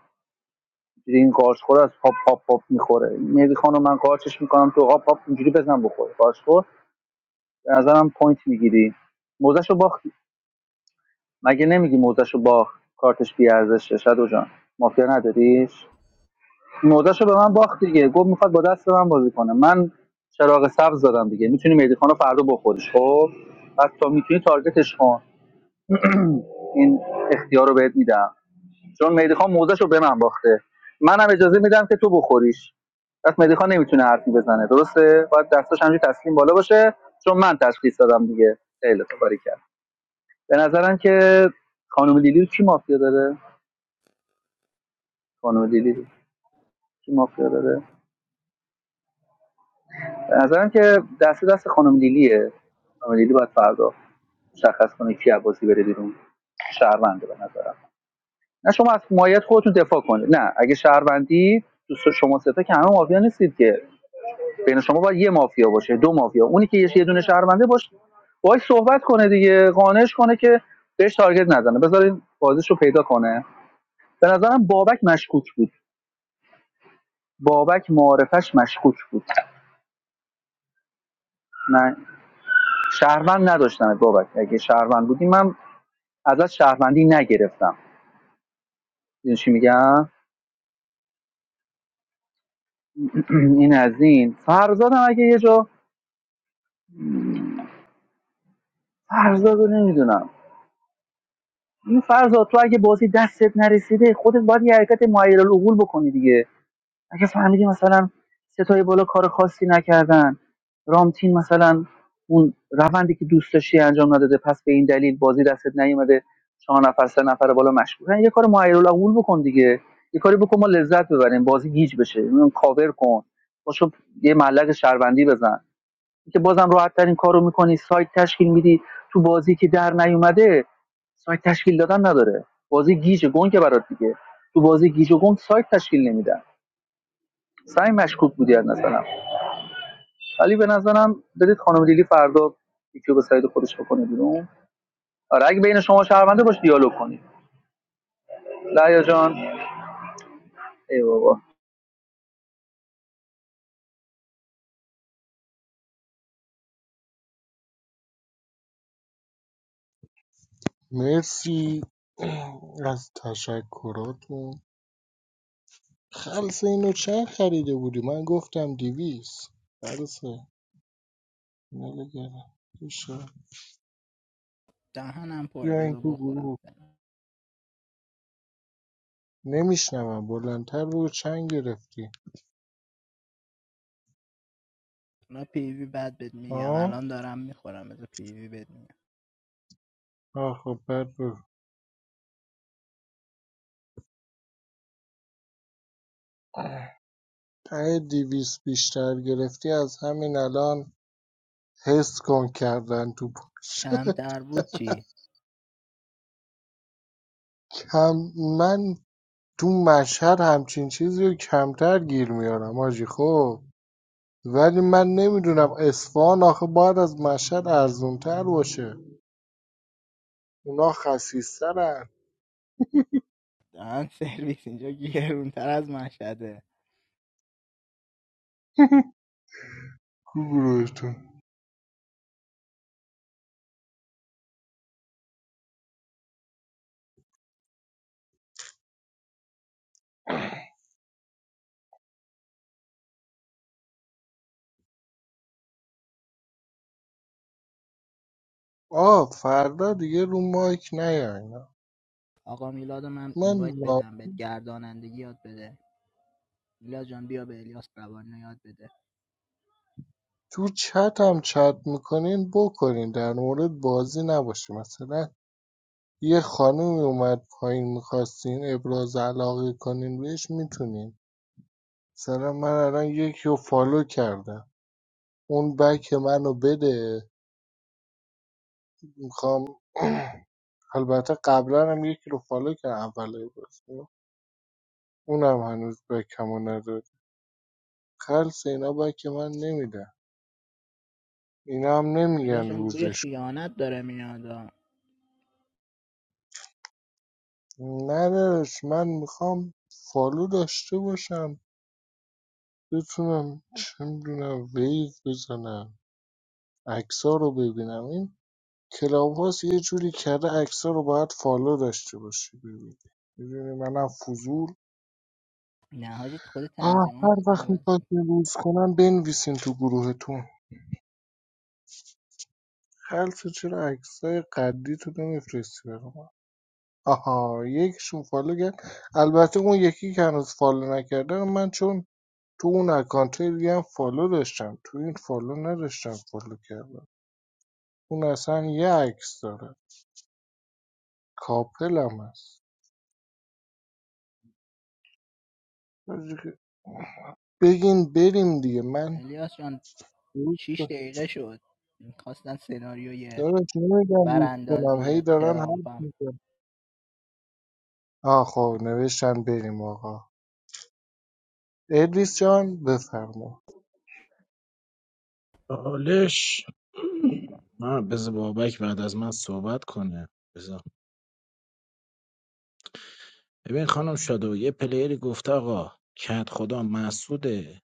C: اینجوری این قارچ خور از پاپ پاپ پاپ میخوره مهدی خان من قارچش میکنم تو قاپ پاپ اینجوری بزن بخوره قارچ خور به نظرم پوینت میگیری موزش رو باختی مگه نمیگی موزش رو باخت کارتش بیارزشه شدو جان مافیا نداریش موزش به من باخت دیگه گفت میخواد با دست من بازی کنه من چراغ سبز دادم دیگه میتونی مهدی خانو رو فردا بخوریش خب پس تا میتونی تارگتش کن این اختیار رو بهت میدم چون مهدی خان موزش به من باخته منم اجازه میدم که تو بخوریش پس مهدی خان نمیتونه حرفی بزنه درسته باید دستاش همجوری تسلیم بالا باشه چون من تشخیص دادم دیگه خیلی تو کرد به نظرم که خانم لیلی رو کی مافیا داره خانم لیلی رو کی مافیا داره به نظرم که دست دست خانم لیلیه خانم لیلی باید فردا مشخص کنه کی عباسی بره بیرون شهرونده به نظرم نه شما از مایت خودتون دفاع کنید نه اگه شهروندی دوست شما سه تا که همه مافیا نیستید که بین شما باید یه مافیا باشه دو مافیا اونی که یه یه دونه شهرونده باشه باهاش صحبت کنه دیگه قانعش کنه که بهش تارگت نزنه بذارین بازیشو پیدا کنه به نظرم بابک مشکوک بود بابک معارفش مشکوک بود من شهروند نداشتم بابک اگه شهروند بودی من ازش شهروندی نگرفتم میدونی چی میگم <clears throat> این از این فرزادم اگه یه جا فرزاد نمیدونم این فرزاد تو اگه بازی دستت نرسیده خودت باید یه حرکت معیر العقول بکنی دیگه اگه فهمیدی مثلا ستای بالا کار خاصی نکردن رامتین مثلا اون روندی که دوست داشتی انجام نداده پس به این دلیل بازی دستت نیومده چهار نفر سه نفر بالا مشغول یه کار معیرالعقول بکن دیگه یه کاری بکن ما لذت ببریم بازی گیج بشه اون کاور کن باشو یه ملق شهروندی بزن که بازم راحت ترین کارو میکنی سایت تشکیل میدی تو بازی که در نیومده سایت تشکیل دادن نداره بازی گیج گنگ برات دیگه تو بازی گیج و گنگ سایت تشکیل نمیدن سعی مشکوک بودی از نظرم ولی به نظرم بدید خانم لیلی فردا یکی رو به سعید خودش بکنه بیرون آره اگه بین شما شهرونده باش دیالوگ کنید لعیا جان ای بابا
I: مرسی <clears throat> از تشکراتون خلص اینو چند خریده بودی من گفتم دیویس خلصه اینو بگرم بشه.
J: دهنم پره
I: بیا این
J: بذار
I: تو
J: بخورم
I: گروه
J: فعلا.
I: نمیشنوم بلندتر بگو چند گرفتی
J: اونا پیوی بد بد میگم
I: ها
J: الان دارم میخورم بذار پیوی بد میگم
I: آه خب بد بگو ته دیویس بیشتر گرفتی از همین الان حس کن کردن تو پوش
J: کمتر بود چی
I: <laughs> کم من تو مشهد همچین چیزی رو کمتر گیر میارم آجی خب ولی من نمیدونم اصفهان آخه باید از مشهد ارزونتر باشه اونا خسیسترن
J: دهن سرویس اینجا گرونتر از مشهده
I: <laughs> تو گروهتون آ فردا دیگه رو مایک نیاین
J: آقا میلاد من
I: من
J: اینوایت
I: نا-
J: بدم بهت گردانندگی یاد بده میلاد جان بیا به الیاس روانه یاد بده
I: تو چت هم چت میکنین بکنین در مورد بازی نباشه مثلا یه خانومی اومد پایین میخواستین ابراز علاقه کنین بهش میتونین مثلا من الان یکی رو فالو کردم اون بک منو بده میخوام <clears throat> البته قبلا هم یکی رو فالو کردم اول بازی اونم هنوز بکمو نداره خلص اینا باک من نمیدن اینا هم
J: الیاس
I: نمیگن
J: جان بوی
I: روزش
J: خیانت داره میاد
I: نه داداش من میخوام فالو داشته باشم بتونم چه میدونم ویو بزنم عکسا رو ببینم این کلاب هاوس یه جوری کرده عکسا رو باید فالو داشته باشی ببینی میدونی منم فضول
J: نه حاجی خود
I: آه
J: تنظیمات
I: هر وقت
J: عوض
I: میخواید
J: میکنه.
I: روز کنن بنویسین تو گروهتون خلصه چرا عکسای قدی تو نمیفرستی برام آها یکیشون فالو کرد البته اون یکی که هنوز فالو نکرده من چون تو اون اکانت دیگه هم فالو داشتم تو این فالو نداشتم فالو کردم اون اصلا یه عکس داره کاپل هم هست بگین بریم دیگه من
J: الیاس جان
I: روز
J: 6 دقیقه شد میخواستن سناریوی
I: دارش نمیدم روز کنم هی
J: براندازی
I: دارن حرف
J: ترامپم
I: میزن آه خب نوشتن بریم آقا ادریس جان بفرما
D: چالش نه بذار بابک بعد از من صحبت کنه بذار ببین خانم شادو یه پلیری گفته آقا کت خدا محسوده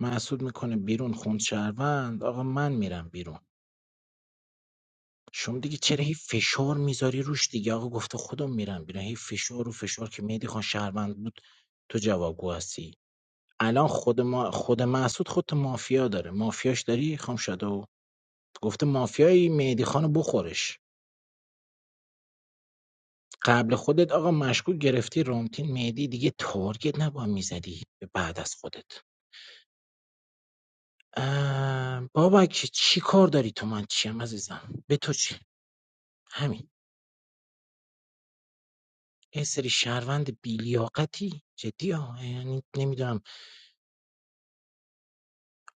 D: محسود میکنه بیرون خوند شهروند آقا من میرم بیرون شما دیگه چرا هی فشار میذاری روش دیگه آقا گفته خودم میرم بیرون هی فشار و فشار که مهدی خان شهروند بود تو جوابگو هستی الان خود ما خود محسود خودت مافیا داره مافیاش داری خانم شادو گفته مافیایی مهدی خانو بخورش قبل خودت آقا مشکوک گرفتی رامتین مهدی دیگه تارگت نباید میزدی به بعد از خودت اه، بابک چی کار داری تو من چیم عزیزم به تو چی همین یه سری شهروند بیلیاقتی جدی ها یعنی نمیدونم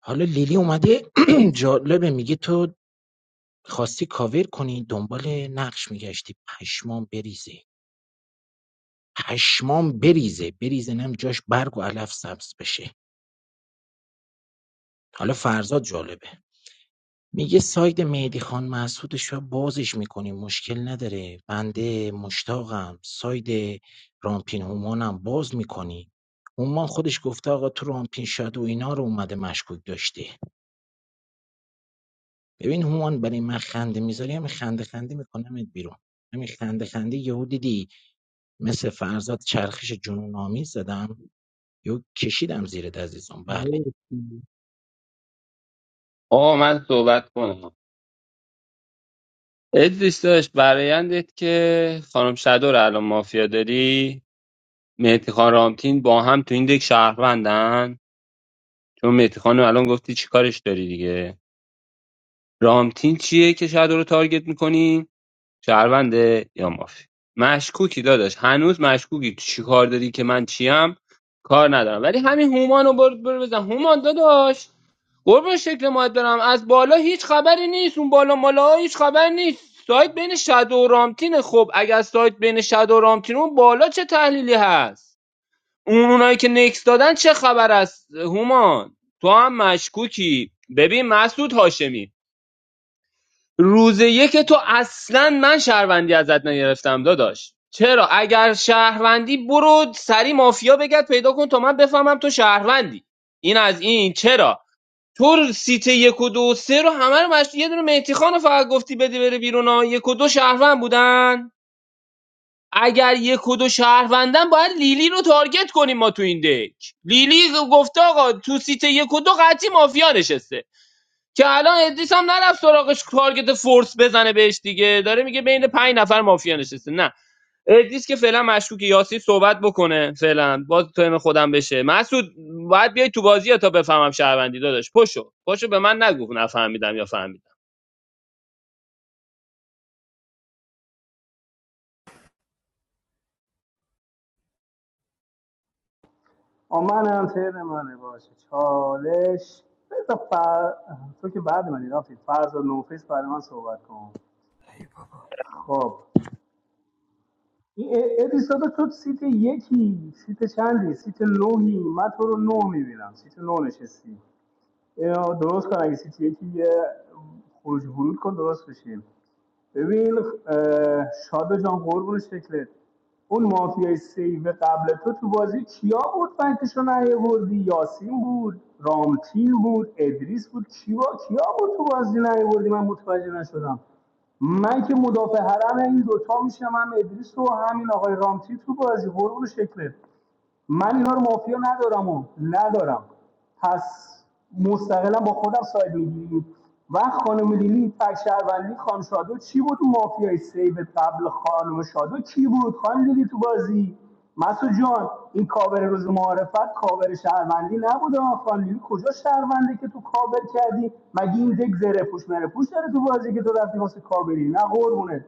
D: حالا لیلی اومده <clears throat> جالبه میگه تو خواستی کاور کنی دنبال نقش میگشتی پشمام بریزه پشمام بریزه بریزه نم جاش برگ و علف سبز بشه حالا فرزاد جالبه میگه ساید مهدی خان مسعودش رو بازش میکنیم مشکل نداره بنده مشتاقم ساید رامپین هومانم باز میکنی هومان خودش گفته آقا تو رامپین شاد و اینا رو اومده مشکوک داشته ببین هومان برای من خنده میذاری همین خنده خنده میکنمت بیرون همین خنده خنده یهو دیدی مثل فرزاد چرخش جنون آمیز زدم یهو کشیدم زیرت عزیزم بله
I: مرسی
F: آه من صحبت کنم ادریس داشت برایندت که خانم شادو رو الان مافیا داری مهدی خان رامتین با هم تو این دک شهروندن چون مهدی خانم الان گفتی چیکارش داری دیگه رامتین چیه که شادو رو تارگت میکنی شهرونده یا مافی مشکوکی داداش هنوز مشکوکی تو چی کار داری که من چیم کار ندارم ولی همین هومان رو برو برو بزن هومان داداش قربون شکل ماهت برم از بالا هیچ خبری نیست اون بالا مالا ها هیچ خبری نیست سایت بین شد و رامتینه خب اگر سایت بین شد و رامتین اون بالا چه تحلیلی هست اون اونایی که نکس دادن چه خبر است هومان تو هم مشکوکی ببین مسعود هاشمی روز یک تو اصلا من شهروندی ازت نگرفتم داداش چرا اگر شهروندی برو سری مافیا بگرد پیدا کن تا من بفهمم تو شهروندی این از این چرا تو سیت یک و دو و سه رو همه رو مشت... یه دونه مهدی خان رو فقط گفتی بده بره بیرون ها یک و دو شهروند بودن اگر یک و دو شهروندن باید لیلی رو تارگت کنیم ما تو این دک لیلی گفته آقا تو سیت یک و دو قطعی مافیا نشسته که الان ادریس هم نرفت سراغش تارگت فورس بزنه بهش دیگه داره میگه بین پنج نفر مافیا نشسته نه ادریس که فعلا مشکوک یاسی صحبت بکنه فعلا باز ترم خودم بشه مسعود باید بیای تو بازی تا بفهمم شهروندی داداش پشو پشو به من نگو نفهمیدم یا فهمیدم
G: من هم منه باشه چالش بذار فر... تو که بعد منی رفتی فرض و نوفیس بعد من صحبت کنم خب این ا- اپیزود تو سیت یکی سیت چندی سیت نوهی من تو رو نه میبینم سیت نو نشستی اینو درست کن اگه سیتی یکی یه خروج و ورود کن درست بشیم ببین اه، شادا جان قربون شکلت اون مافیای سیو قبل تو تو بازی کیا بود فکتشو نیاوردی یاسین بود رامتین بود ادریس بود کیا کیا بود تو بازی نیاوردی من متوجه نشدم من که مدافع حرم این دوتا میشم هم ادریس و همین آقای رامتین تو بازی قربون شکلت من اینا رو مافیا ندارم و ندارم پس مستقلا با خودم ساید میگیریم و خانم لیلی تک شهروندی خانم شادو چی بود اون مافیای سیب قبل خانم شادو چی بود خانم لیلی تو بازی مسعود جان این کاور روز معارفت کاور شهروندی نبود خانم لیلی کجا شهرونده که تو کاور کردی مگه این دک زره پوش مره پوش داره تو بازی که تو رفتی واسه کاوری نه قربونه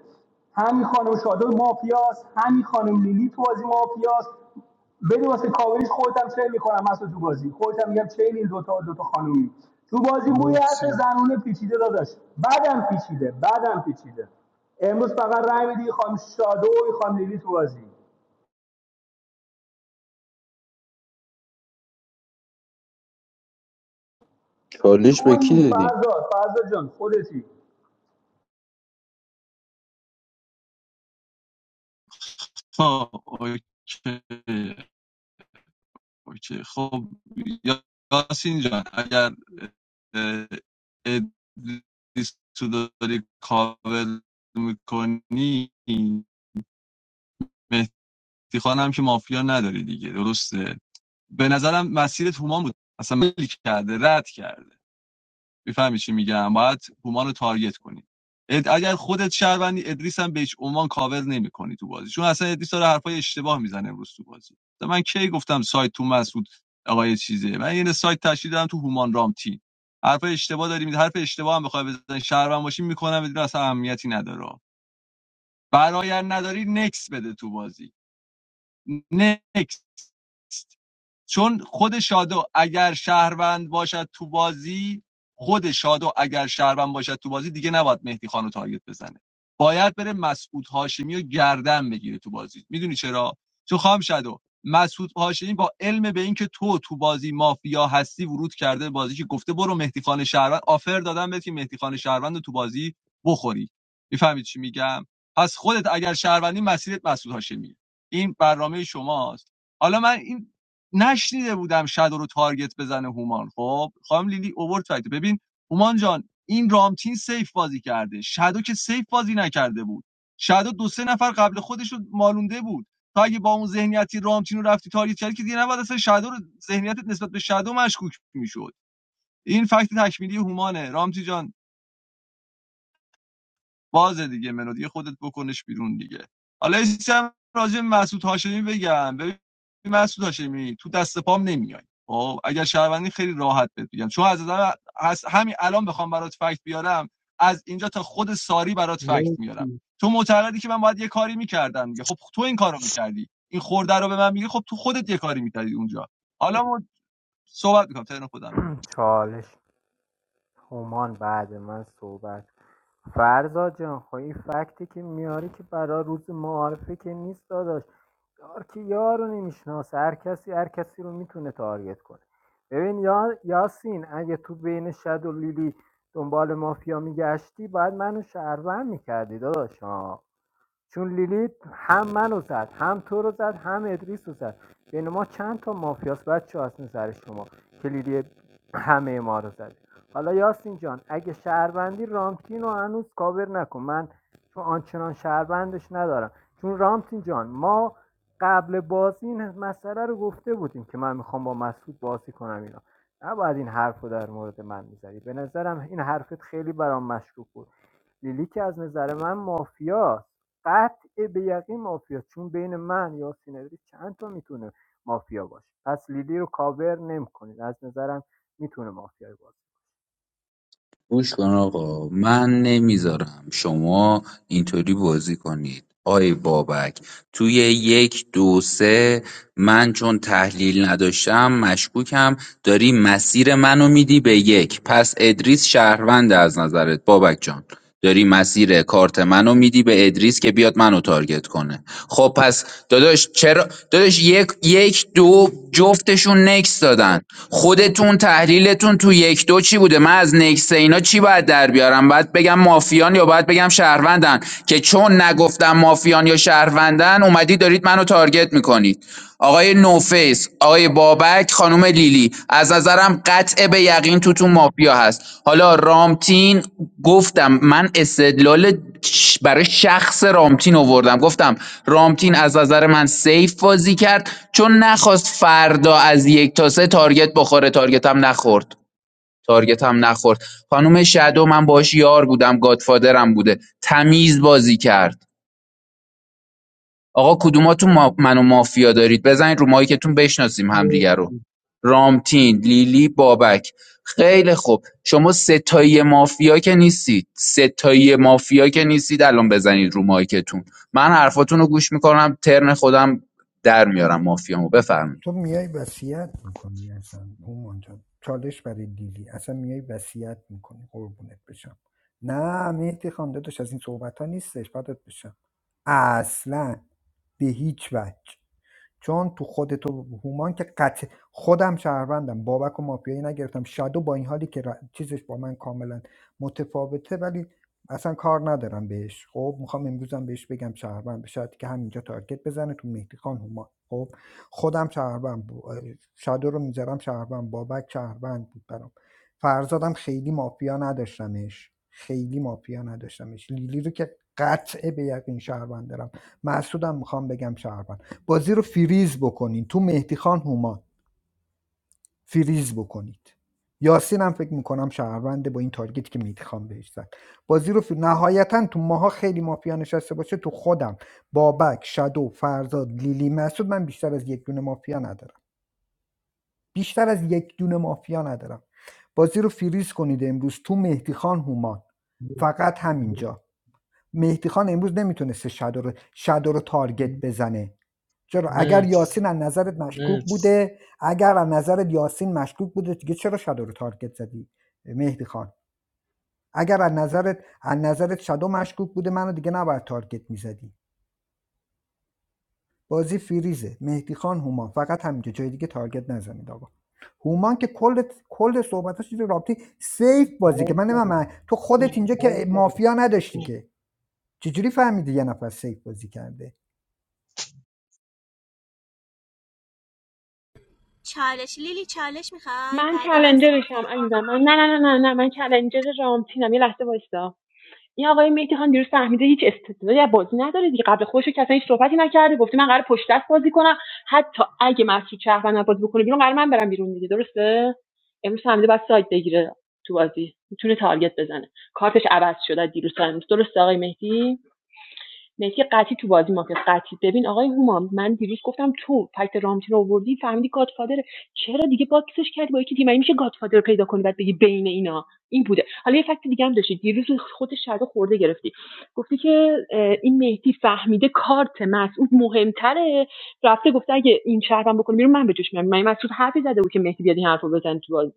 G: همین خانم شادو مافیاست همین خانم لیلی تو بازی مافیاست بری واسه کاوریش خودت هم میکنم مسعود تو بازی خودت میگم چین این دوتا دوتا خانومی تو بازی بوی حرف
I: مرسی
G: زنونه پیچیده داداش بعدم پیچیده بعدم پیچیده امروز فقط رای میدی خانم شادو و خانم لیلی تو بازی
H: چالش به کی
G: تویی
H: دادی
G: فرزاد فرزاد جان خودتی
K: خب اوکی اوکی خب یا- یاسین جان اگر اه، ادریس تو داری کاول میکنی مهدی خانم که مافیا نداری دیگه درسته به نظرم مسیر تومان بود اصلا ملی کرده رد کرده میفهمی چی میگم باید هومان رو تارگت کنی اگر خودت شهروندی ادریس هم به هیچ عنوان کاور نمیکنی تو بازی چون اصلا ادریس داره حرفای اشتباه میزنه امروز تو بازی مثلا من کی گفتم سایت تو مسعود آقای چیزه من یعنی سایت تشکیل دادم تو هومان رام تیم حرفای اشتباه داری می‌زنی. حرف اشتباه هم بخوای بزنی شهروند باشی میکنم بدون اصلا اهمیتی نداره برای نداری نکس بده تو بازی نکس چون خود شادو اگر شهروند باشد تو بازی خود شادو اگر شهروند باشد تو بازی دیگه نباید مهدی خانو تارگت بزنه باید بره مسعود هاشمی رو گردن بگیره تو بازی میدونی چرا چون خام شادو مسعود هاشمی با علم به اینکه تو تو بازی مافیا هستی ورود کرده بازی که گفته برو مهدی خان شهروند آفر دادن بهت که مهدی خان شهروند رو تو بازی بخوری میفهمید چی میگم پس خودت اگر شهروندی مسیرت مسعود هاشمی این برنامه شماست حالا من این نشنیده بودم شادو رو تارگت بزنه هومان خب خانم لیلی اوورد فایت ببین هومان جان این رامتین سیف بازی کرده شادو که سیف بازی نکرده بود شادو دو سه نفر قبل خودش رو مالونده بود تا اگه با اون ذهنیتی رامتین رو رفتی تارگت کردی که دیگه نباید اصلا شادو رو ذهنیتت نسبت به شادو مشکوک میشد این فکت تکمیلی هومانه رامتین جان بازه دیگه ملودی خودت بکنش بیرون دیگه حالا یه هم راجع مسعود هاشمی بگم ببین مسعود هاشمی تو دست پام نمیای خب اگر شهروندی خیلی راحت بهت بگم چون از از همین الان بخوام برات فکت بیارم از اینجا تا خود ساری برات فکت میارم
I: مرسی
K: تو معتقدی که من باید یه کاری میکردم دیگه خب تو این کارو میکردی این خورده رو به من میگی خب تو خودت یه کاری میکردی اونجا حالا ما صحبت میکنم تهران خودم
B: چالش همان بعد من صحبت فرزا جان خب این فکتی که میاری که برای روز معارفه که نیست داداش یار که یار رو نمیشناسه هر کسی هر کسی رو میتونه تارگت کنه ببین یا... یاسین اگه تو بین شد و لیلی دنبال مافیا میگشتی باید منو شهروند میکردی داداش ها. چون لیلیت هم منو زد هم تو رو زد هم ادریس رو زد بین ما چند تا مافیاس بچه از نظر شما که لیلی همه ما رو زد حالا یاسین جان اگه شهروندی رامتین رو هنوز کاور نکن من چون آنچنان شهروندش ندارم چون رامتین جان ما قبل بازی این مسئله رو گفته بودیم که من میخوام با مسعود بازی کنم اینا نباید این حرف رو در مورد من میزدی به نظرم این حرفت خیلی برام مشکوک بود لیلی که از نظر من مافیاست قطع به یقین مافیاست چون بین من یا سینری چند تا میتونه مافیا باشه پس لیلی رو کاور نمیکنید از نظرم میتونه مافیا باشه
H: گوش کن آقا من نمیذارم شما اینطوری بازی کنید آی بابک توی یک دو سه من چون تحلیل نداشتم مشکوکم داری مسیر منو میدی به یک پس ادریس شهروند از نظرت بابک جان داری مسیر کارت منو میدی به ادریس که بیاد منو تارگت کنه خب پس داداش چرا داداش یک یک دو جفتشون نکس دادن خودتون تحلیلتون تو یک دو چی بوده من از نکس اینا چی باید در بیارم باید بگم مافیان یا باید بگم شهروندن که چون نگفتم مافیان یا شهروندن اومدی دارید منو تارگت میکنید آقای نوفیس، آقای بابک، خانم لیلی از نظرم قطع به یقین توتون مافیا هست حالا رامتین گفتم من استدلال ش- برای شخص رامتین آوردم گفتم رامتین از نظر من سیف بازی کرد چون نخواست فردا از یک تا سه تارگت بخوره تارگت هم نخورد تارگت هم نخورد خانم شادو من باش یار بودم گادفادرم بوده تمیز بازی کرد آقا کدوماتون ما- منو مافیا دارید بزنید رو مایکتون بشناسیم
I: مرسی
H: همدیگه رو رامتین لیلی بابک خیلی خوب شما ستایی مافیا که نیستید ستایی مافیا که نیستید الان بزنید رو مایکتون من حرفاتون رو گوش میکنم ترن خودم در میارم مافیامو بفرمایید
E: تو میای وصیت میکنی اصلا اونجا چالش برای لیلی اصلا میای وصیت میکنی قربونت بشم نه مهدی خانم داداش از این صحبت ها نیستش بدت بشم اصلا به هیچ وجه چون تو خودت و هومان که قطع خودم شهروندم بابک و مافیایی نگرفتم شادو با این حالی که ر- چیزش با من کاملا متفاوته ولی اصلا کار ندارم بهش خب میخوام امروزم بهش بگم شهروند شاید که همینجا تارگت بزنه تو مهدی خان هومان خب خودم شهروند بود شادو رو میذارم شهروند بابک شهروند بود برام فرزادم خیلی مافیا نداشتمش خیلی مافیا نداشتمش لیلی رو که قطع به یقین شهروند دارم مسعودم میخوام بگم شهروند. بازی رو فریز بکنین تو مهدی خان هومان فریز بکنید یاسین هم فکر میکنم شهرونده با این تارگتی که مهدی خان بهش زد بازی رو فر... نهایتا تو ماها خیلی مافیا نشسته باشه تو خودم بابک شادو فرزاد لیلی مسعود من بیشتر از یک دونه مافیا ندارم بیشتر از یک دونه مافیا ندارم بازی رو فریز کنید امروز تو مهدی خان هومان فقط همینجا مهدی خان امروز نمیتونسته شادو رو شادو رو تارگت
I: مرسی
E: بزنه چرا اگر
I: مرسی.
E: یاسین از نظرت مشکوک بوده اگر از نظرت یاسین مشکوک بوده دیگه چرا شادو رو تارگت زدی مهدی خان اگر از نظرت از نظرت شادو مشکوک بوده منو دیگه نباید تارگت میزدی بازی فریزه مهدی خان هومان فقط همینجا جای دیگه تارگت نزنید آقا هومان که کل کل صحبتاش چیز رابطی سیف بازی که من
I: مرسی
E: نمی‌دونم تو خودت اینجا که مافیا نداشتی که چجوری فهمیدی یه نفر سیف بازی کرده
L: چالش لیلی چالش میخوای
M: من
L: بعد من سوال
M: چالنجرشم عزیزم من نه نه نه نه نه من چالنجر رامتینم یه لحظه وایسا این آقای مهدی خان دیروز فهمیده هیچ استعدادی از بازی نداره دیگه قبل خودش کسایی اصلا هیچ صحبتی نکرده گفته من قرار پشت دست بازی کنم حتی اگه مسعود شهروند من بازی بکنه بیرون قرار من برم بیرون دیگه درسته امروز فهمیده باید سایت بگیره تو بازی میتونه تارگت بزنه کارتش عوض شده از دیروز تا امروز درسته آقای مهدی مسی قطعی تو بازی مافیا قطعی ببین آقای هومان من دیروز گفتم تو فکت رامتین رو آوردی فهمیدی گادفادره چرا دیگه باکسش کردی با یکی دیگه مگه میشه گادفادر رو پیدا کنی بعد بگی بین اینا این بوده حالا یه فکت دیگه هم داشتی دیروز خود شادو خورده گرفتی گفتی که این مهدی فهمیده کارت مسعود مهمتره رفته گفته اگه این شهرم بکنه بیرون من به جوش میام مگه مسعود حرفی زده بود که مهدی بیاد این حرفو بزنه تو بازی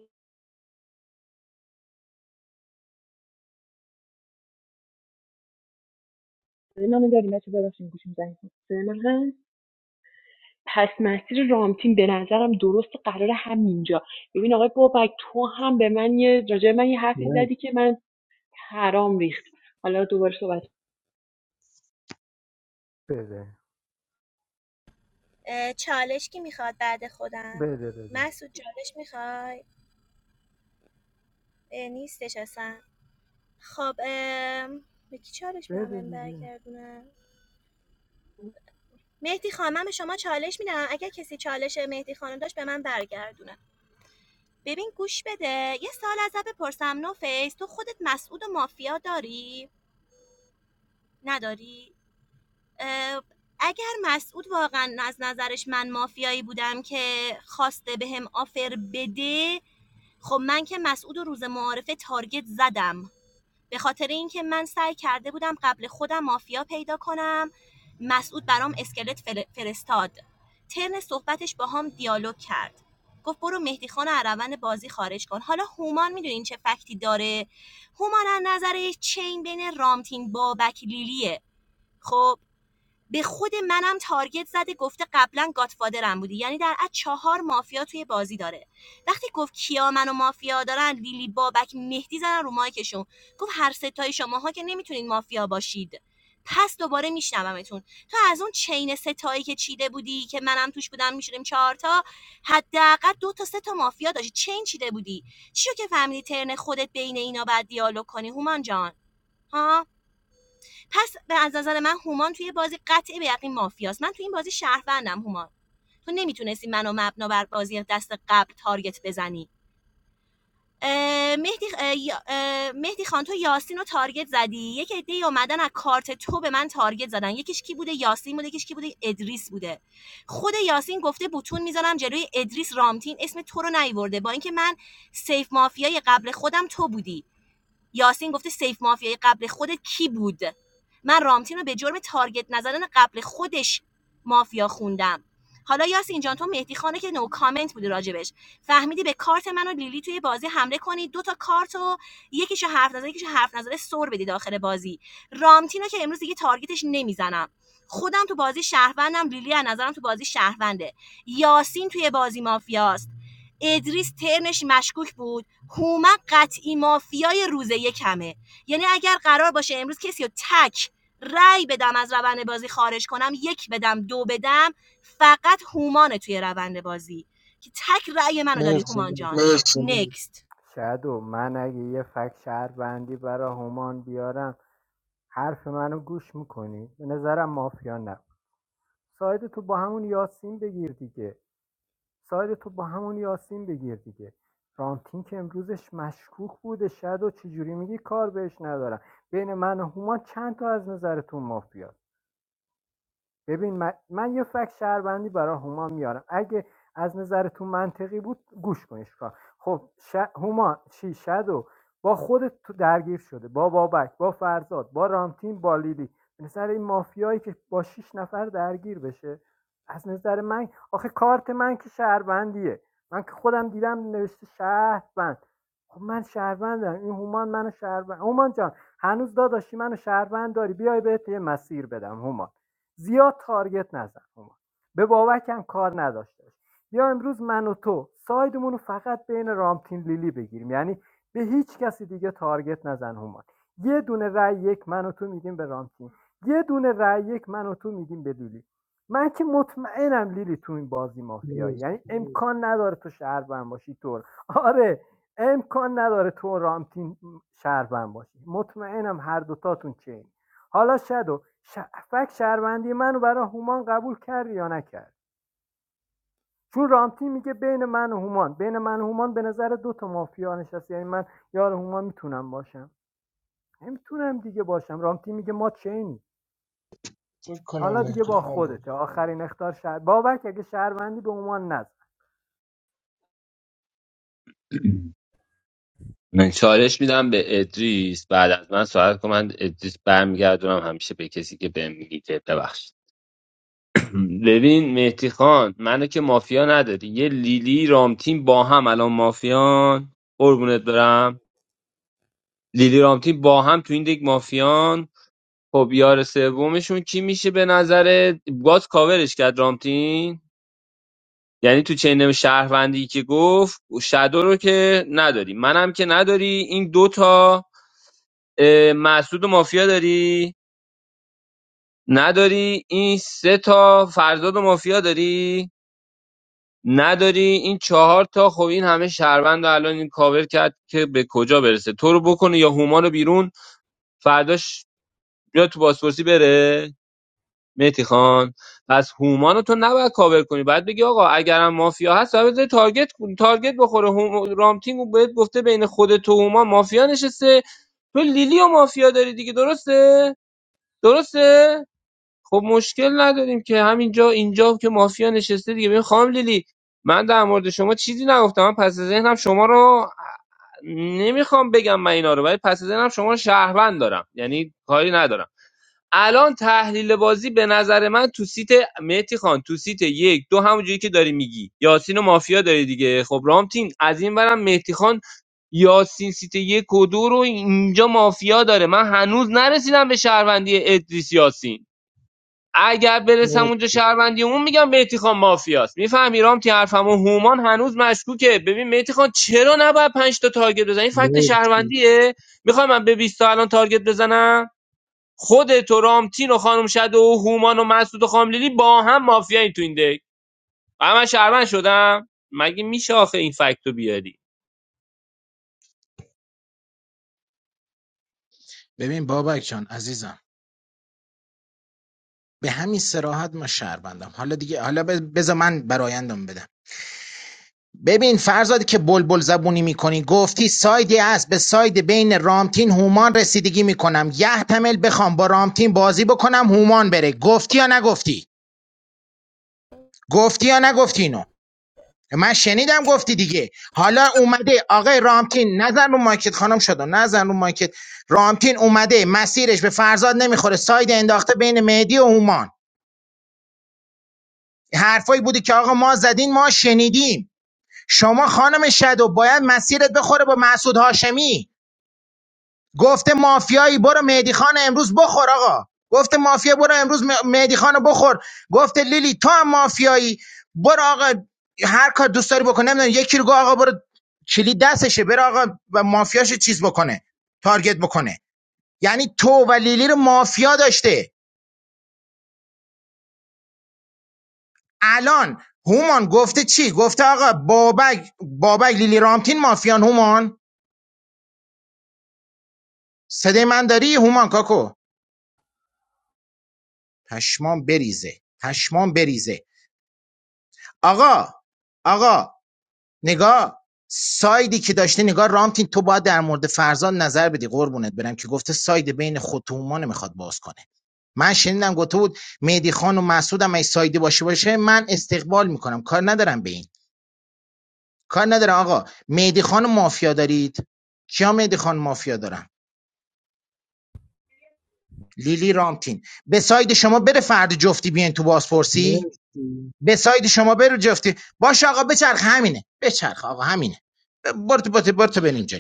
M: من داری مسعود ببخشید گوشیم زنگ خورد. پس مسیر رامتین به نظرم درست قرار همینجا ببین آقای بابک تو هم به من یه راجع به من یه حرفی زدی که من حرام ریخت حالا دوباره صحبت
B: بده
L: چالش کی میخواد بعد خودم
B: بده بده
L: مسعود چالش میخوای نیستش اصلا خب ام، به کی چالش به
B: بده
L: من
B: دیگه
L: برگردونم مهدی خانم من به شما چالش میدم اگر کسی چالش مهدی خانم داشت به من برگردونه ببین گوش بده یه سال ازت بپرسم نو تو خودت مسعود و مافیا داری نداری اگر مسعود واقعا از نظرش من مافیایی بودم که خواسته به هم آفر بده خب من که مسعود روز معارفه تارگت زدم به خاطر اینکه من سعی کرده بودم قبل خودم مافیا پیدا کنم مسعود برام اسکلت فل- فرستاد ترن صحبتش با هم دیالوگ کرد گفت برو مهدی خان رو از روند بازی خارج کن حالا هومان میدونین چه فکتی داره هومان از نظر چین بین رامتین بابک لیلیه خب به خود منم تارگت زده گفته قبلا گاتفادرم بودی یعنی در از چهار مافیا توی بازی داره وقتی گفت کیا منو مافیا دارن لیلی بابک مهدی زدن رو مایکشون گفت هر ستای شماها که نمیتونین مافیا باشید پس دوباره میشنومتون تو از اون چین ستایی که چیده بودی که منم توش بودم میشدیم چهارتا حداقل دو تا سه تا مافیا داشتی چین چیده بودی چیو که فهمیدی ترن خودت بین اینا بعد دیالوگ کنی هومان جان ها پس به از نظر من هومان توی بازی قطعی به یقین مافیاست من توی این بازی شهروندم هومان تو نمیتونستی منو مبنا بر بازی دست قبل تارگت بزنی مهدی, خ- اه، یا- مهدی خان تو یاسین رو تارگت زدی یک عده اومدن از کارت تو به من تارگت زدن یکیش کی بوده یاسین بوده یکیش کی بوده ادریس بوده خود یاسین گفته بوتون میذارم جلوی ادریس رامتین اسم تو رو نیورده با اینکه من سیف مافیای قبل خودم تو بودی یاسین گفته سیف مافیای قبل خودت کی بود من رامتین رو به جرم تارگت نزدن قبل خودش مافیا خوندم حالا یاسین جان تو مهدی خانه که نو کامنت بودی راجبش فهمیدی به کارت من و لیلی توی بازی حمله کنی دو تا کارت و یکیشو حرف نزده یکیشو حرف نزده سر بدی داخل بازی رامتینو که امروز دیگه تارگتش نمیزنم خودم تو بازی شهروندم لیلی از نظرم تو بازی شهرونده یاسین توی بازی مافیاست ادریس ترنش مشکوک بود هومن قطعی مافیای روز یکمه یعنی اگر قرار باشه امروز کسی رو تک رای بدم از روند بازی خارج کنم یک بدم دو بدم فقط هومانه توی روند بازی که تک رای منو داری
I: مرسی
L: هومان جان مرسی نکست
B: شاید و من اگه یه فک شهر بندی برا همان بیارم حرف منو گوش میکنی به نظرم مافیا نبود ساید تو با همون یاسین بگیر دیگه سایدتو با همون یاسین بگیر دیگه رامتین که امروزش مشکوک بوده شد و چجوری میگی کار بهش ندارم بین من و هومان چند تا از نظرتون مافیاست ببین من, من یه فکت شهروندی برای هومان میارم اگه از نظرتون منطقی بود گوش کنیش کار خب ش... هومان چی شدو با خودت تو درگیر شده با بابک با فرزاد با رامتین با لیلی به نظر این مافیایی که با شیش نفر درگیر بشه از نظر من آخه کارت من که شهروندیه من که خودم دیدم نوشته شهروند خب من شهروندم این هومان منو شهروند هومان جان هنوز داداشی منو شهروند داری بیای بهت یه مسیر بدم هومان زیاد تارگت نزن هما به بابک هم کار نداشته باش. بیا امروز من و تو سایدمون رو فقط بین رامتین لیلی بگیریم یعنی به هیچ کسی دیگه تارگت نزن هما یه دونه رای یک من و تو میدیم به رامتین یه دونه رای یک من و تو میدیم به لیلی من که مطمئنم لیلی تو این بازی مافیایی
I: مرسی
B: یعنی امکان نداره تو شهروند باشی تو آره امکان نداره تو رامتین شهروند باشی مطمئنم هر دوتاتون چه حالا شدو ش... فک شهروندی منو برای هومان قبول کرد یا نکرد چون رامتی میگه بین من و هومان بین من و هومان به نظر دو تا مافیا نشست یعنی من یار هومان میتونم باشم نمیتونم دیگه باشم رامتی میگه ما چینی
I: فکر کنم
B: حالا دیگه
I: مهدی
B: با
I: خان بود
B: خودت. آخرین اختار شهر بابک اگه شهروندی به هومان نزد
F: <clears throat> من چالش میدم به ادریس بعد از من سوال کن من ادریس برمیگردونم همیشه به کسی که بهم میگه ببخشید ببین مهدی خان منو که مافیا نداری یه لیلی رامتین با هم الان مافیان قربونت برم لیلی رامتین با هم تو این دیگ مافیان خب یار سومشون کی میشه به نظر باز کاورش کرد رامتین یعنی تو چنم شهروندی که گفت شادو رو که نداری منم که نداری این دوتا اه، مسعود و مافیا داری نداری این سه تا فرزاد و مافیا داری نداری این چهار تا خب این همه شهروند رو الان این کاور کرد که به کجا برسه تو رو بکنه یا هوما رو بیرون فرداش بیا تو بازپرسی بره مهدی خان پس هومان رو تو نباید کاور کنی باید بگی آقا اگرم مافیا هست باید بذاری تارگت کن- تارگت بخوره هوم... رامتینگ بهت گفته بین خود تو هومان مافیا نشسته تو لیلی و مافیا داری دیگه درسته درسته خب مشکل نداریم که همینجا اینجا که مافیا نشسته دیگه ببین خام لیلی من در مورد شما چیزی نگفتم من پس از ذهنم شما رو نمیخوام بگم من اینا رو ولی پس از ذهنم شما رو شهروند دارم یعنی کاری ندارم الان تحلیل بازی به نظر من تو سیت مهتی خان تو سیت یک دو همونجوری که داری میگی یاسین و مافیا داری دیگه خب رامتین از این برم مهتی خان یاسین سیت یک و دو رو اینجا مافیا داره من هنوز نرسیدم به شهروندی ادریس یاسین اگر برسم
I: مرسی
F: اونجا شهروندی اون میگم مهدی خان مافیاست میفهمی رامتی حرفمو هومان هنوز مشکوکه ببین مهدی خان چرا نباید پنج تا تارگت بزنی این فکت شهروندیه میخوام من به 20 تا الان تارگت بزنم خودت و رامتین و خانم شده و هومان و مسعود و خاملیلی با هم مافیایی تو این دک و من شهروند شدم مگه میشه آخه این فکت رو بیاری
D: ببین بابک جان عزیزم به همین سراحت ما شهروندم حالا دیگه حالا بز- بذار من برایندم بدم ببین فرزاد که بلبل زبونی میکنی گفتی سایدی است به ساید بین رامتین هومان رسیدگی میکنم یه تمل بخوام با رامتین بازی بکنم هومان بره گفتی یا نگفتی گفتی یا نگفتی اینو من شنیدم گفتی دیگه حالا اومده آقای رامتین نزن رو مایکت خانم شد نزن رو مایکت رامتین اومده مسیرش به فرزاد نمیخوره ساید انداخته بین مهدی و هومان حرفایی بوده که آقا ما زدین ما شنیدیم شما خانم شدو باید مسیرت بخوره با مسعود هاشمی گفته مافیایی برو مهدی خان امروز بخور آقا گفته مافیا برو امروز م- مهدی خان بخور گفته لیلی تو هم مافیایی برو آقا هر کار دوست داری بکن نمیدونم یکی رو گفت آقا برو کلید دستشه برو آقا و مافیاش چیز بکنه تارگت بکنه یعنی تو و لیلی رو مافیا داشته الان هومان گفته چی گفته آقا بابک بابک لیلی رامتین مافیان هومان صدای من داری هومان کاکو پشمام بریزه پشمام بریزه آقا آقا نگاه سایدی که داشته نگاه رامتین تو باید در مورد فرزان نظر بدی قربونت برم که گفته ساید بین خود تو اومان میخواد باز کنه من شنیدم گفته بود مهدی خان و مسعود هم اگه سایدی باشه باشه من استقبال میکنم کار ندارم به این کار ندارم آقا مهدی خان مافیا دارید کیا مهدی خان مافیا دارم لیلی رامتین به ساید شما بره فرد جفتی بیاین تو بازپرسی
I: مرسی
D: به ساید شما برو جفتی باشه آقا بچرخ همینه بچرخ آقا همینه برو تو برو تو بریم جلو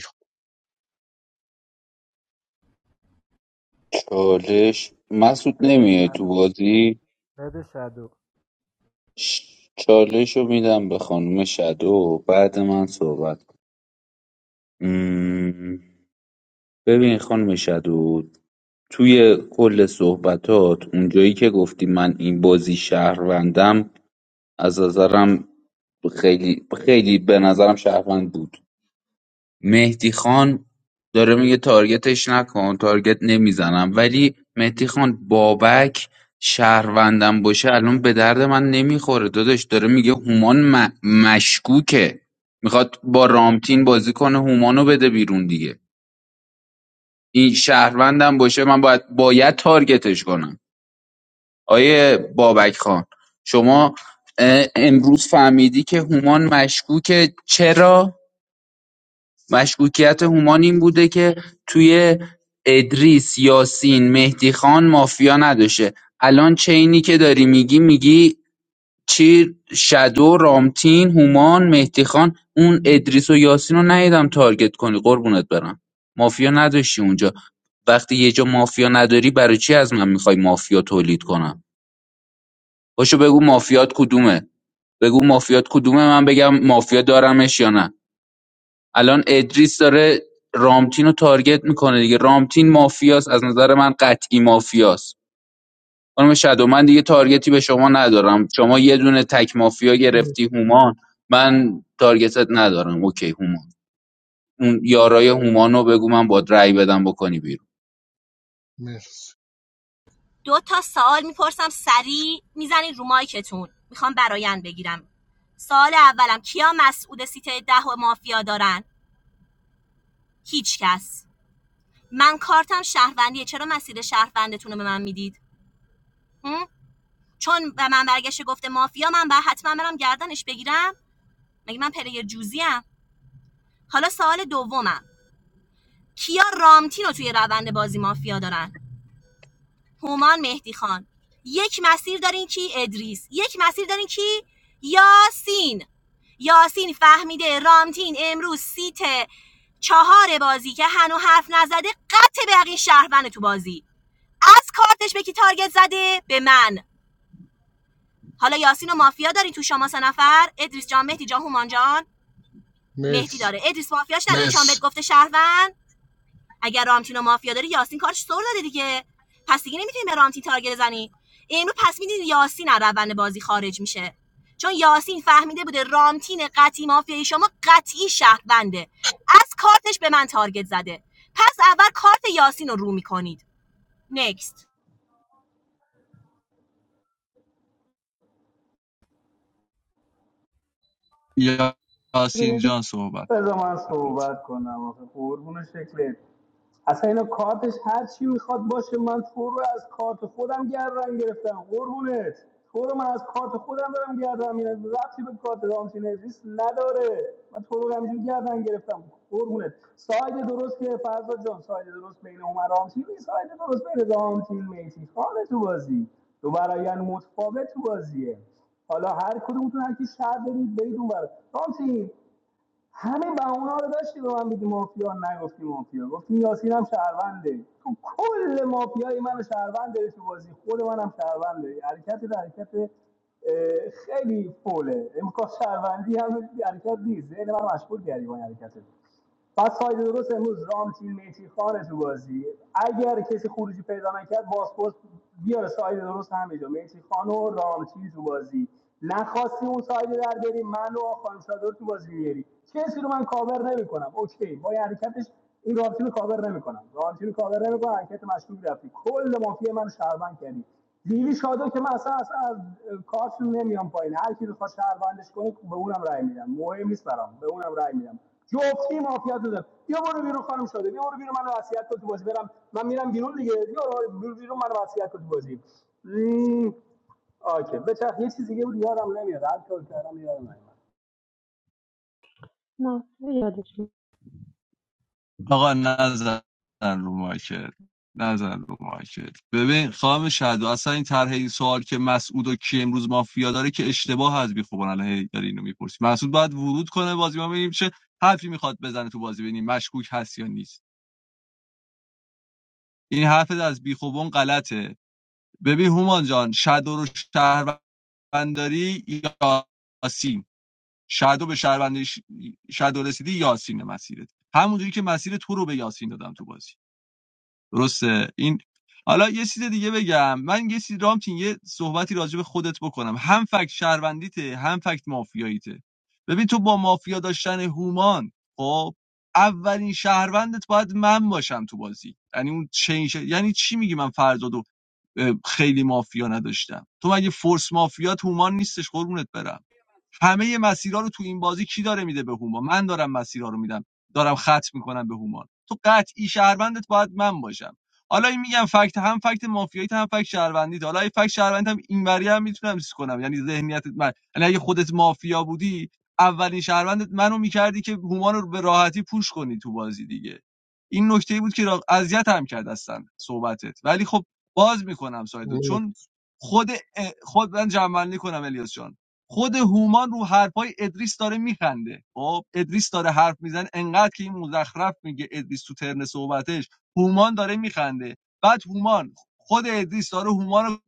H: چالش مسعود
B: بده
H: نمیای تو
B: شدو
H: بازی
B: بده شدو
H: چالش رو میدم به خانم شدو بعد من صحبت کن ببین خانم شدو توی کل صحبتات اونجایی که گفتی من این بازی شهروندم از نظرم خیلی خیلی به نظرم شهروند بود مهدی خان داره میگه تارگتش نکن تارگت نمیزنم ولی مهدی خان بابک شهروندم باشه الان به درد من نمیخوره داداش داره میگه هومان م- مشکوکه میخواد با رامتین بازی کنه هومانو بده بیرون دیگه این شهروندم باشه من باید باید تارگتش کنم آیه بابک خان شما اه، امروز فهمیدی که هومان مشکوکه چرا مشکوکیت هومان این بوده که توی ادریس یاسین مهدی خان مافیا نداشته الان چینی که داری میگی میگی چی شدو رامتین هومان مهدیخان اون ادریس و یاسین رو ندیدم تارگت کنی قربونت برم مافیا نداشتی اونجا وقتی یه جا مافیا نداری برای چی از من میخوای مافیا تولید کنم پاشو بگو مافیات کدومه بگو مافیات کدومه من بگم مافیا دارمش یا نه الان ادریس داره رامتین رو تارگت میکنه دیگه رامتین مافیاست از نظر من قطعی مافیاست خانم شادو من دیگه تارگتی به شما ندارم شما یه دونه تک مافیا
I: مرسی
H: گرفتی هومان من تارگتت ندارم اوکی هومان اون یارای هومانو بگو من با رأی بدم بکنی بیرون
I: مرسی
L: دو تا سوال میپرسم سریع میزنید رو مایکتون میخوام برایند بگیرم سال اولم کیا مسعود سیته ده و مافیا دارن هیچ کس من کارتم شهروندیه چرا مسیر شهروندتون رو به من میدید هم؟ چون به من برگشت گفته مافیا من بعد حتما برم گردنش بگیرم مگه من پلیر جوزیم حالا سوال دومم کیا رامتین رو توی روند بازی مافیا دارن هومان مهدی خان یک مسیر دارین کی ادریس یک مسیر دارین کی یاسین یاسین فهمیده رامتین امروز سیت چهار بازی که هنو حرف نزده قطع به یقین شهروند تو بازی از کارتش به کی تارگت زده به من حالا یاسین و مافیا داری تو شما سه نفر ادریس جان مهدی جان هومان جان مهدی
I: مرسی
L: داره ادریس مافیاش در چون مرسی بهت گفته شهروند اگر رامتین و مافیا داری یاسین کارش سر داده دیگه پس دیگه نمیتونی به رامتین تارگت بزنی اینو پس میدین یاسین از روند بازی خارج میشه چون یاسین فهمیده بوده رامتین قطعی مافیای شما قطعی شهرونده از کارتش به من تارگت زده پس اول کارت یاسین رو رو میکنید نکست
K: میگم یاسین
M: ببینم
K: جان صحبت
G: بذار من صحبت کنم آخه قربون شکلت اصلا اینا کارتش هر چی میخواد باشه من تو رو از کارت خودم گردن گرفتم قربونت تو رو من از کارت خودم دارم گردن میرم ربطی به کارت رامتین ادریس نداره من تو رو همینجوری گردن گرفتم قربونت ساید درست که فرزاد جان ساید درست بین عمر رامتین نیست ساید درست بین رامتین میتی خانه تو بازی دو برایان متفاوت تو بازیه حالا هر کدومتون هر کی شهر برید برید اون برا رامتین همه بهونه رو داشتی به من بگی مافیا نگفتی مافیا گفتی یاسین هم شهرونده تو کل مافیای منو شهروند داری تو بازی خود منم شهرونده حرکت حرکت اه، خیلی فوله امکان شهروندی هم حرکت نیست ذهن من مشغول کردی با این پس ساید درست امروز رامتین میتی خانه تو بازی اگر کسی خروجی پیدا نکرد بازپرس بیاره ساید درست همینجا میتی خان و رامتین تو بازی نخواستی اون ساید در بری من و خانم شادر تو بازی میاری کسی رو من کاور نمیکنم اوکی با یه حرکتش این رامتین رو کاور نمیکنم رامتین رو کاور نمیکنم حرکت مشکوک رفتی کل مافیا من شهروند کردی لیلی شاده که من اصلا اصلا از کارتون نمیام پایین هر کی بخواد شهروندش کنه به اونم رای میدم مهم نیست برام به اونم رای میدم جفتی مافیا تو دارم بیا برو بیرون خانم شده بیا برو بیرون منو وصیت کن تو بازی برم من میرم بیرون دیگه بیا برو بیرون منو وصیت کن تو بازی مم. آکه بچخ یه چیز دیگه بود یادم نمیاد هر کار کردم یادم نمیاد
M: ناصر یادش میاد.
K: آقا نزن رو مایکت نزن رو مایکت ببین خانم شدو اصلا این طرح این سوال که مسعود و کی امروز مافیا داره که اشتباه از بیخوبان الان هی داری اینو میپرسی مسعود باید ورود کنه بازی ما ببینیم چه حرفی میخواد بزنه تو بازی ببینیم مشکوک هست یا نیست این حرف از بیخوبان غلطه ببین هومان جان شدو رو شهرونداری یاسین شدو به شهروندی شدو رسیدی یاسین مسیرت همونجوری که مسیر تو رو به یاسین دادم تو بازی درسته این حالا یه چیز دیگه بگم من یه چیز رامتین یه صحبتی راجع به خودت بکنم هم فکت شهروندیته هم فکت مافیاییته ببین تو با مافیا داشتن هومان خب اولین شهروندت باید من باشم تو بازی یعنی اون چین شه- یعنی چی میگی من فرزادو خیلی مافیا نداشتم تو مگه فورس مافیا هومان نیستش قربونت برم همه مسیرها رو تو این بازی کی داره میده به هومان من دارم مسیرها رو میدم دارم خط میکنم به هومان تو قطعی شهروندت باید من باشم حالا این میگم فکت هم فکت مافیایی هم فکت شهروندی حالا این فکت شهروندی هم اینوری هم میتونم چیز کنم یعنی ذهنیتت من یعنی اگه خودت مافیا بودی اولین شهروندت منو میکردی که هومان رو به راحتی پوش کنی تو بازی دیگه این نکته ای بود که را- اذیت هم کرد هستن صحبتت ولی خب باز میکنم سایدو چون خود خود من جمعنی کنم الیاس جان خود هومان رو حرفای ادریس داره میخنده خب ادریس داره حرف میزنه انقدر که این مزخرف میگه ادریس تو ترن صحبتش هومان داره میخنده بعد هومان خود ادریس داره هومان رو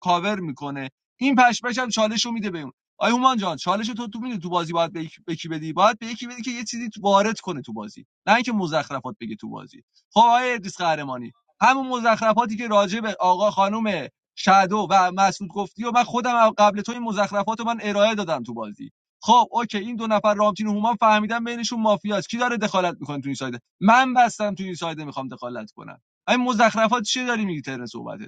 K: کاور میکنه این پشپش هم چالش رو میده به اون آی هومان جان چالش تو تو میده تو بازی باید به یک- به کی بدی باید به یکی بدی که یه چیزی تو- وارد کنه تو بازی نه اینکه مزخرفات بگه تو بازی خب آقای ادریس قهرمانی همون مزخرفاتی که راجع به آقا خانم شادو و مسعود گفتی و من خودم قبل تو این مزخرفات رو من ارائه دادم تو بازی خب اوکی این دو نفر رامتین و هومان فهمیدن بینشون مافیاست کی داره دخالت میکنه تو این سایده من بستم تو این سایده میخوام دخالت کنم این مزخرفات چی داری میگی ترن صحبتت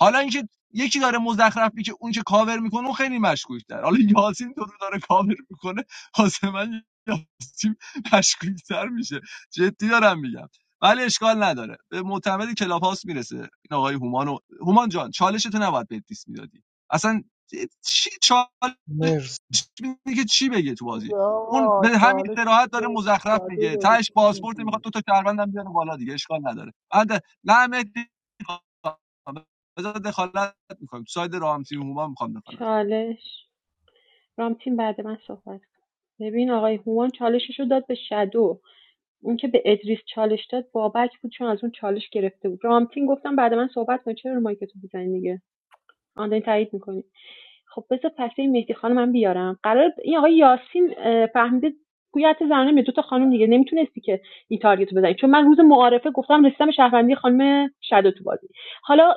K: حالا اینکه یکی داره مزخرف میگه اون که کاور میکنه اون خیلی مشکوک حالا یاسین تو رو داره کاور میکنه واسه من یاسین مشکوک تر میشه جدی دارم میگم ولی اشکال نداره به معتمد کلاب هاوس میرسه این آقای هومان و... هومان جان چالش تو نباید به دیس میدادی اصلا چی چالش
I: مرسی مرسی
K: میده که چی بگه تو بازی
B: دیگه
K: اون
B: آقا
K: به همین
B: چالش
K: صراحت داره مزخرف
B: شدو
K: میگه
B: داره
K: تاش پاسپورت
B: میگی
K: میخواد دو تا شهروندم بیاره بالا دیگه اشکال نداره بعد نه مهدی بذار دخالت میکنیم ساید رامتین هما میخوام دخالت کنم
M: چالش رامتین بعد من صحبت کن. ببین آقای هومان چالشش رو داد به شدو اون که به ادریس چالش داد بابک بود چون از اون چالش گرفته بود رامتین گفتم بعد من صحبت کن چرا رو مایکتو میزنی دیگه آن دارین تایید میکنید خب بذار پس این مهدی خانم هم بیارم قرار این آقای یاسین اه، فهمیده گویا حتی زنانه دو تا خانم دیگه نمیتونستی که این تارگت رو بزنی چون من روز معارفه گفتم رسیدم به شهروندی خانم شادو تو بازی حالا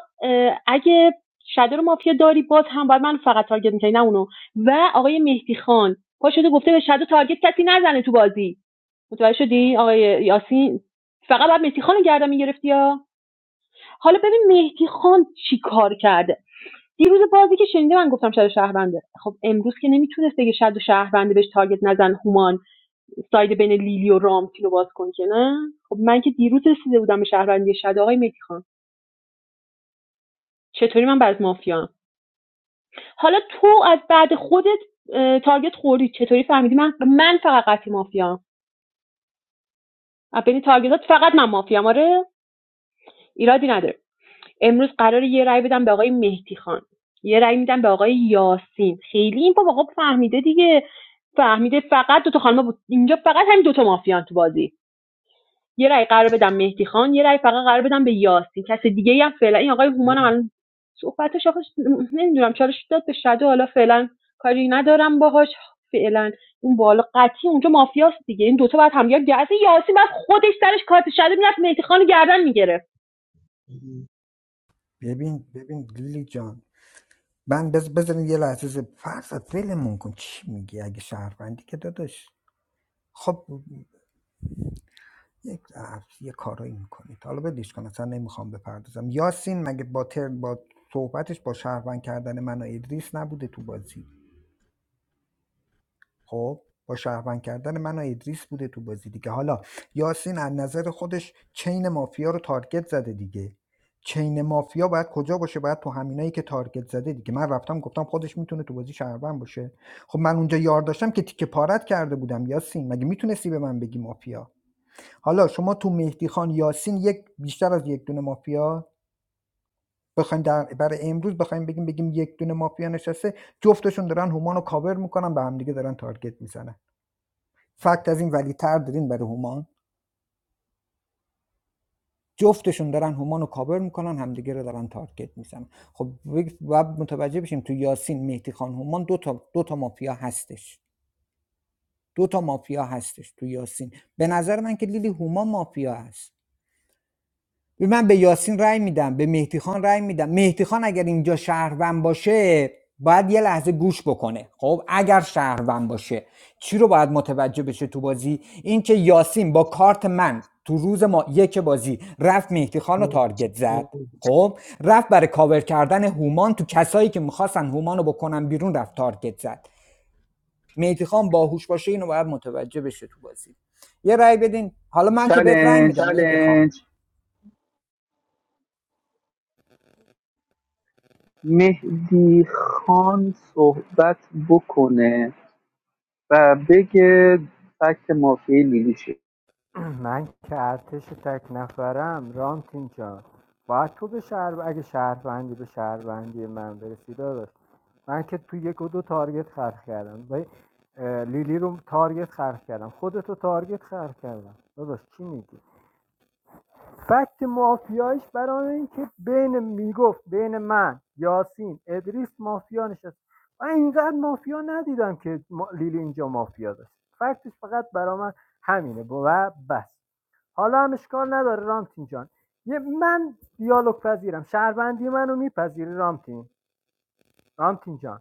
M: اگه شادو رو مافیا داری باز هم باید من فقط تارگت میکنی نه اونو و آقای مهدی خان پا شده گفته به شادو تارگت کسی نزنه تو بازی متوجه شدی آقای یاسین فقط باید مهدی خان گردن میگرفتی یا حالا ببین مهدی خان چی کار کرده دیروز بازی که شنیده من گفتم شاید شهرونده خب امروز که نمیتونست بگه شاید شهرونده بهش تارگت نزن هومان ساید بین لیلی و رامتین رو باز کن که نه خب من که دیروز رسیده بودم به شهروندی شاید آقای مهدی خان چطوری من بعد مافیام حالا تو از بعد خودت اه، تارگت خوردی چطوری فهمیدی من من فقط قطعی مافیام از تارگتات فقط من مافیام آره ایرادی نداره امروز قرار یه رأی بدم به آقای مهدی خان یه رأی میدم به آقای یاسین خیلی این بابا خب فهمیده دیگه فهمیده فقط دو تا خانم بود اینجا فقط همین دو تا مافیان تو بازی یه رأی قرار بدم مهدی خان یه رأی فقط قرار بدم به یاسین کس دیگه ای هم فعلا این آقای هومان هم الان صحبتش آخه نمیدونم چالش داد به شده حالا فعلا کاری ندارم باهاش فعلا اون بالا قطعی اونجا مافیاست دیگه این دوتا بعد هم یا گرسه یاسین بعد خودش سرش کارت شده میرفت مهدی خان گردن میگرفت
E: ببین ببین لیلی جان من بز بزنید یه لحظه ز- فرزاد ولمون کن چی میگی اگه شهروندی که داداش خب یک عرض- یه کارایی میکنید حالا بدیش کن اصلا نمیخوام بپردازم یاسین مگه با تر با صحبتش با شهروند کردن من و ادریس نبوده تو بازی خب با شهروند کردن من و ادریس بوده تو بازی دیگه حالا یاسین از نظر خودش چین مافیا رو تارگت زده دیگه چین مافیا باید کجا باشه باید تو همینایی که تارگت زده دیگه من رفتم گفتم خودش میتونه تو بازی شهروند باشه خب من اونجا یار داشتم که تیکه پارت کرده بودم یاسین مگه میتونستی به من بگی مافیا حالا شما تو مهدی خان یاسین یک بیشتر از یک دونه مافیا بخوایم در برای امروز بخوایم بگیم بگیم یک دونه مافیا نشسته جفتشون دارن هومانو کاور میکنن به همدیگه دارن تارگت میزنن فکت از این ولیتر دارین برای هومان جفتشون دارن هومان رو کاور میکنن همدیگه رو دارن تارگت میزنن خب بگ- باید متوجه بشیم تو یاسین مهدی خان هومان دو تا, دو تا مافیا هستش دو تا مافیا هستش تو یاسین به نظر من که لیلی هومان مافیا هست به من به یاسین رای میدم به مهدی خان رأی میدم مهدی خان اگر اینجا شهروند باشه باید یه لحظه گوش بکنه خب اگر شهروند باشه چی رو باید متوجه بشه تو بازی اینکه یاسین با کارت من تو روز ما یک بازی رفت مهدی خان رو
I: مرسی مرسی
E: تارگت زد خب رفت برای کاور کردن هومان تو کسایی که میخواستن هومان رو بکنن بیرون رفت تارگت زد مهدی خان باهوش باشه اینو باید متوجه بشه تو بازی یه رای بدین حالا من که بهت رای میدم
C: چلنج مهدی خان صحبت بکنه و بگه فکت مافیای لیلی چیه
B: من که ارتش تک نفرم رانت اینجا باید تو به شهر اگه شهروندی به شهروندی من برسی داداش من که تو یک و دو تارگت خرخ کردم با لیلی رو تارگت خرخ کردم خودتو تارگت خرخ کردم داداش چی میگی فکت مافیایش برای اینکه بین میگفت بین من یاسین ادریس مافیا نشست من اینقدر مافیا ندیدم که لیلی اینجا مافیا داشت فکتش فقط برای من همینه و بس حالا هم اشکال نداره رامتین جان یه من دیالوگ پذیرم شهروندی منو میپذیری رامتین رامتین جان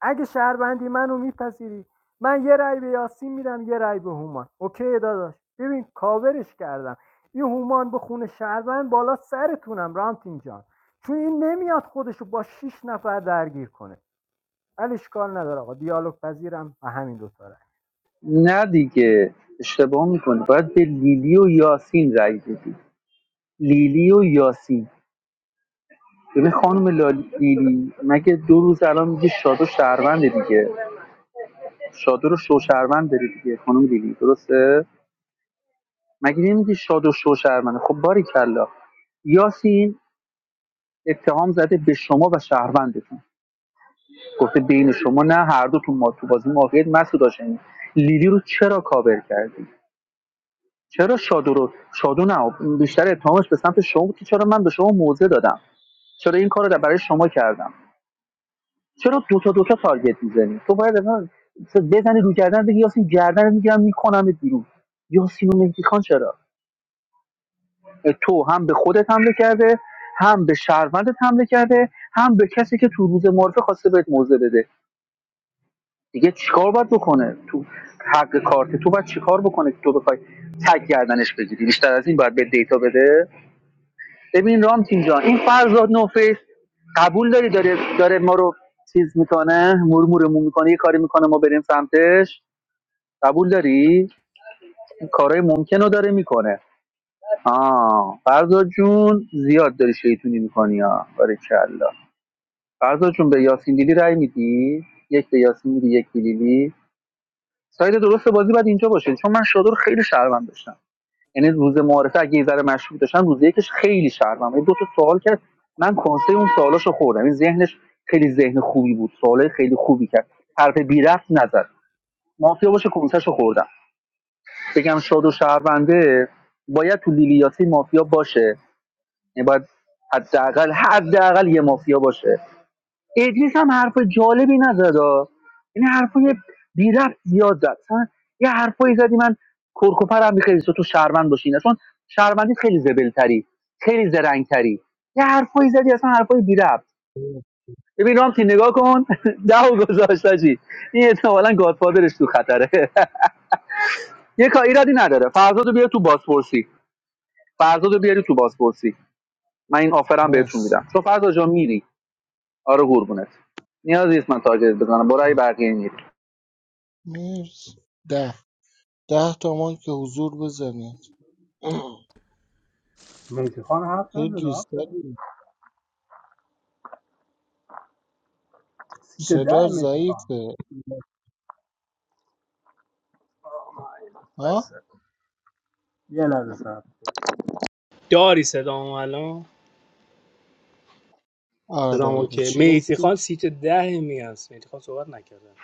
B: اگه شهروندی منو میپذیری من یه رای به یاسین میدم یه رای به هومان اوکی داداش ببین کاورش کردم این هومان به خونه شهروند بالا سرتونم رامتین جان چون این نمیاد خودشو با شیش نفر درگیر کنه ولی اشکال نداره آقا دیالوگ پذیرم و همین دوتا رای
C: نه دیگه اشتباه میکنه باید به لیلی و یاسین رای بدی لیلی و یاسین ببین خانم لیلی مگه دو روز الان میگه شاد و شهرونده دیگه شادو رو شوشهروند داری دیگه خانم لیلی درسته مگه نمیگی شادو شوشهرونده خب باریکلا یاسین اتهام زده به شما و شهروندتون گفته بین شما نه هر دوتون ما تو بازی موقعیت مسعود هاشمی لیلی رو چرا کاور کردی چرا شادو رو شادو نه بیشتر اتهامش به سمت شما بود که چرا من به شما موضع دادم چرا این کار رو برای شما کردم چرا دوتا دوتا تارگت میزنی تو باید اول بزنی رو گردن بگی یاسین گردن میگیرم میکنم بیرون یاسین رو مهدی خان چرا تو هم به خودت حمله کرده هم به شهروندت حمله کرده هم به کسی که تو روز معرفه خواسته بهت موضع بده دیگه چیکار باید بکنه تو حق کارت تو باید چیکار بکنه که تو بخوای تگ گردنش بگیری بیشتر از این باید به دیتا بده ببین رام تیم جان این فرزاد نوفیس قبول داری داره داره ما رو چیز میکنه مرمورمون میکنه یه کاری میکنه ما بریم سمتش قبول داری این کارهای ممکن رو داره میکنه آه فرزاد جون زیاد داری شیطونی میکنی ها باریکلا فرزاد جون به یاسین لیلی رای میدی یک به یاسین میدی یک به لیلی ساید درست بازی باید اینجا باشه چون من شادو رو خیلی شرمم داشتم یعنی روز معارفه اگه یه ذره مشروب داشتم روز یکش خیلی شرمم یعنی دو تا سوال کرد من کنسه اون سوالاشو خوردم این ذهنش خیلی ذهن خوبی بود سوالای خیلی خوبی کرد حرف بی رفت نزد مافیا باشه کنسهشو خوردم بگم شادو شهرونده باید تو لیلی یاسین مافیا باشه یعنی باید حداقل حداقل یه مافیا باشه ادریس هم حرف جالبی نزد ها. یعنی حرفای بی ربط زیاد زد مثلا یه حرفایی زدی من کرکوپر هم خیلی تو شهروند باشی نه چون شهروندی خیلی زبلتری خیلی زرنگتری یه حرفایی زدی اصلا حرفای بی ربط ببین رام نگاه کن <laughs> ده گذاشت چی این احتمالاً گادفادرش تو خطره <laughs> یه کار ایرادی نداره فرزادو بیار تو بازپرسی فرزادو بیاری تو بازپرسی من این آفرم بهتون
I: مرسی مرسی.
C: میدم چون فرزاد جان میری آره قربونت نیازی نیست من تارگت بزنم برای بقیه این
I: ده ده تا مایک که حضور بزنید
G: مهدی خان حرف نزد
I: خیلی
G: هفت
I: سری
G: سیت ده
I: صدا
G: مهدی خان
I: ضعیفه
G: آه، مای بس
I: ها
G: یه لحظه صبر کن. داری صدامو الان
I: آره
G: صدام
I: آره
G: اوکی
I: چی
G: میتی خان
I: گفتی
G: سیت ده می هست میتی خان صحبت نکرده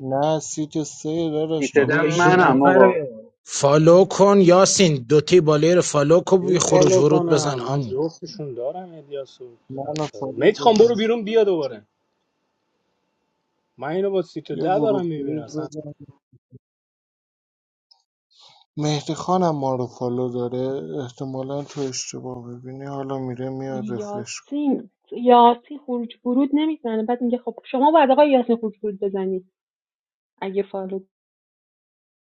I: نه سیت سه داداش
D: بابا
I: داری
C: سیتدم
D: این دو
C: منم
I: اشتباه
C: آقا
D: نفر فالو کن یاسین دوتی بالای رو فالو کن بوی
G: یو
D: خروج
G: فالو
D: ورود بزن
G: کنم من
D: آمو
G: جفتشون دارم الیاس و
I: من
G: خسرو
I: فالو
G: میتی خان
I: داری
G: برو بیرون بیا دوباره من اینو با سیت
I: یه
G: ده
I: ورود
G: دارم میبینم
I: خروج
G: اصلا
I: بزن مهدی خانم ما رو فالو داره احتمالا تو اشتباه ببینی حالا میره میاد رفرش کن
M: یاسین یاسین خروج برود نمیزنه بعد میگه خب شما باید آقای یاسین خروج برود بزنید اگه فالو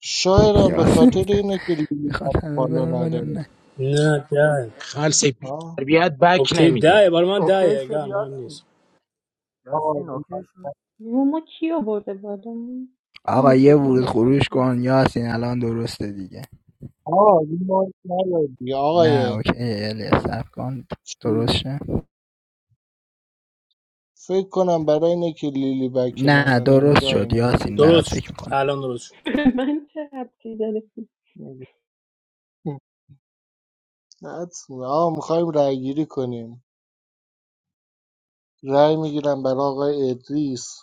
I: شایدم به خاطر
J: یاسین
I: اینه که لیلی ما رو
J: میخواد همه
I: فالو
J: برن ولی
I: نداره
J: نه
G: نه ده
D: خلص
I: ها
D: تربیت بک
G: اوکی
D: نمیده
G: ده برای من
B: اوکی
G: ده
B: شد
G: اگر مهم
B: یاسین
G: نیست
I: آقا
B: یاسین اوکی شد
M: رومو کی آورده بالا اونو
J: آقا یه
M: فکر کنم
J: ورود
M: باید بالا
J: خروش
M: کنم
J: کن یاسین الان درسته دیگه
I: آقا، این ما رو نداری.
J: نه
I: آقای
J: اوکی الیاس صبر کن
I: چی؟
J: درست شد
I: فکر کنم برای اینه که لیلی بک
J: نه
I: منو
J: درست
I: نمیده
J: شد
I: اینه
J: یاسین
I: اینجوری
J: برات
G: درست
J: فکر
G: شد
J: میکنم
G: الان درست شد
M: چه ربطی داره
I: میگه. حدس می‌زنم. آقا میخوایم رأی گیری کنیم رأی میگیرم برای آقای ادریس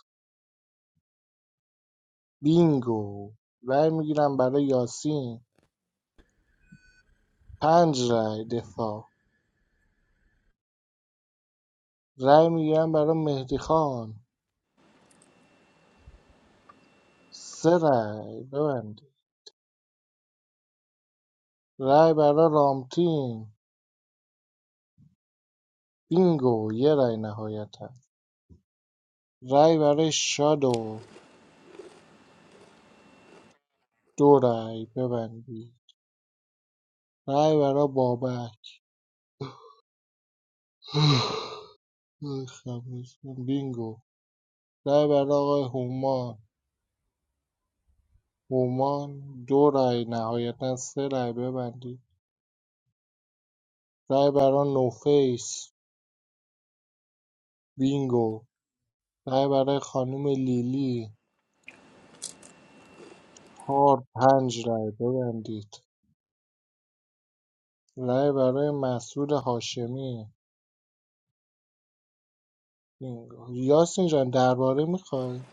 I: بینگو رأی میگیرم برای یاسین پنج رای دفاع رای میگیرم برای مهدی خان سه رای ببندید رای برای رامتین بینگو یه رای نهایتا رای برای شادو دو رای ببندید رای برای بابک <sighs> ای بینگو رای برای آقای هومان هومان دو رای نهایتا سه رای ببندید رای برای نوفیس بینگو رای برای خانم لیلی چهار پنج رای ببندید رای برای مسعود هاشمی یاسین جان درباره میخوای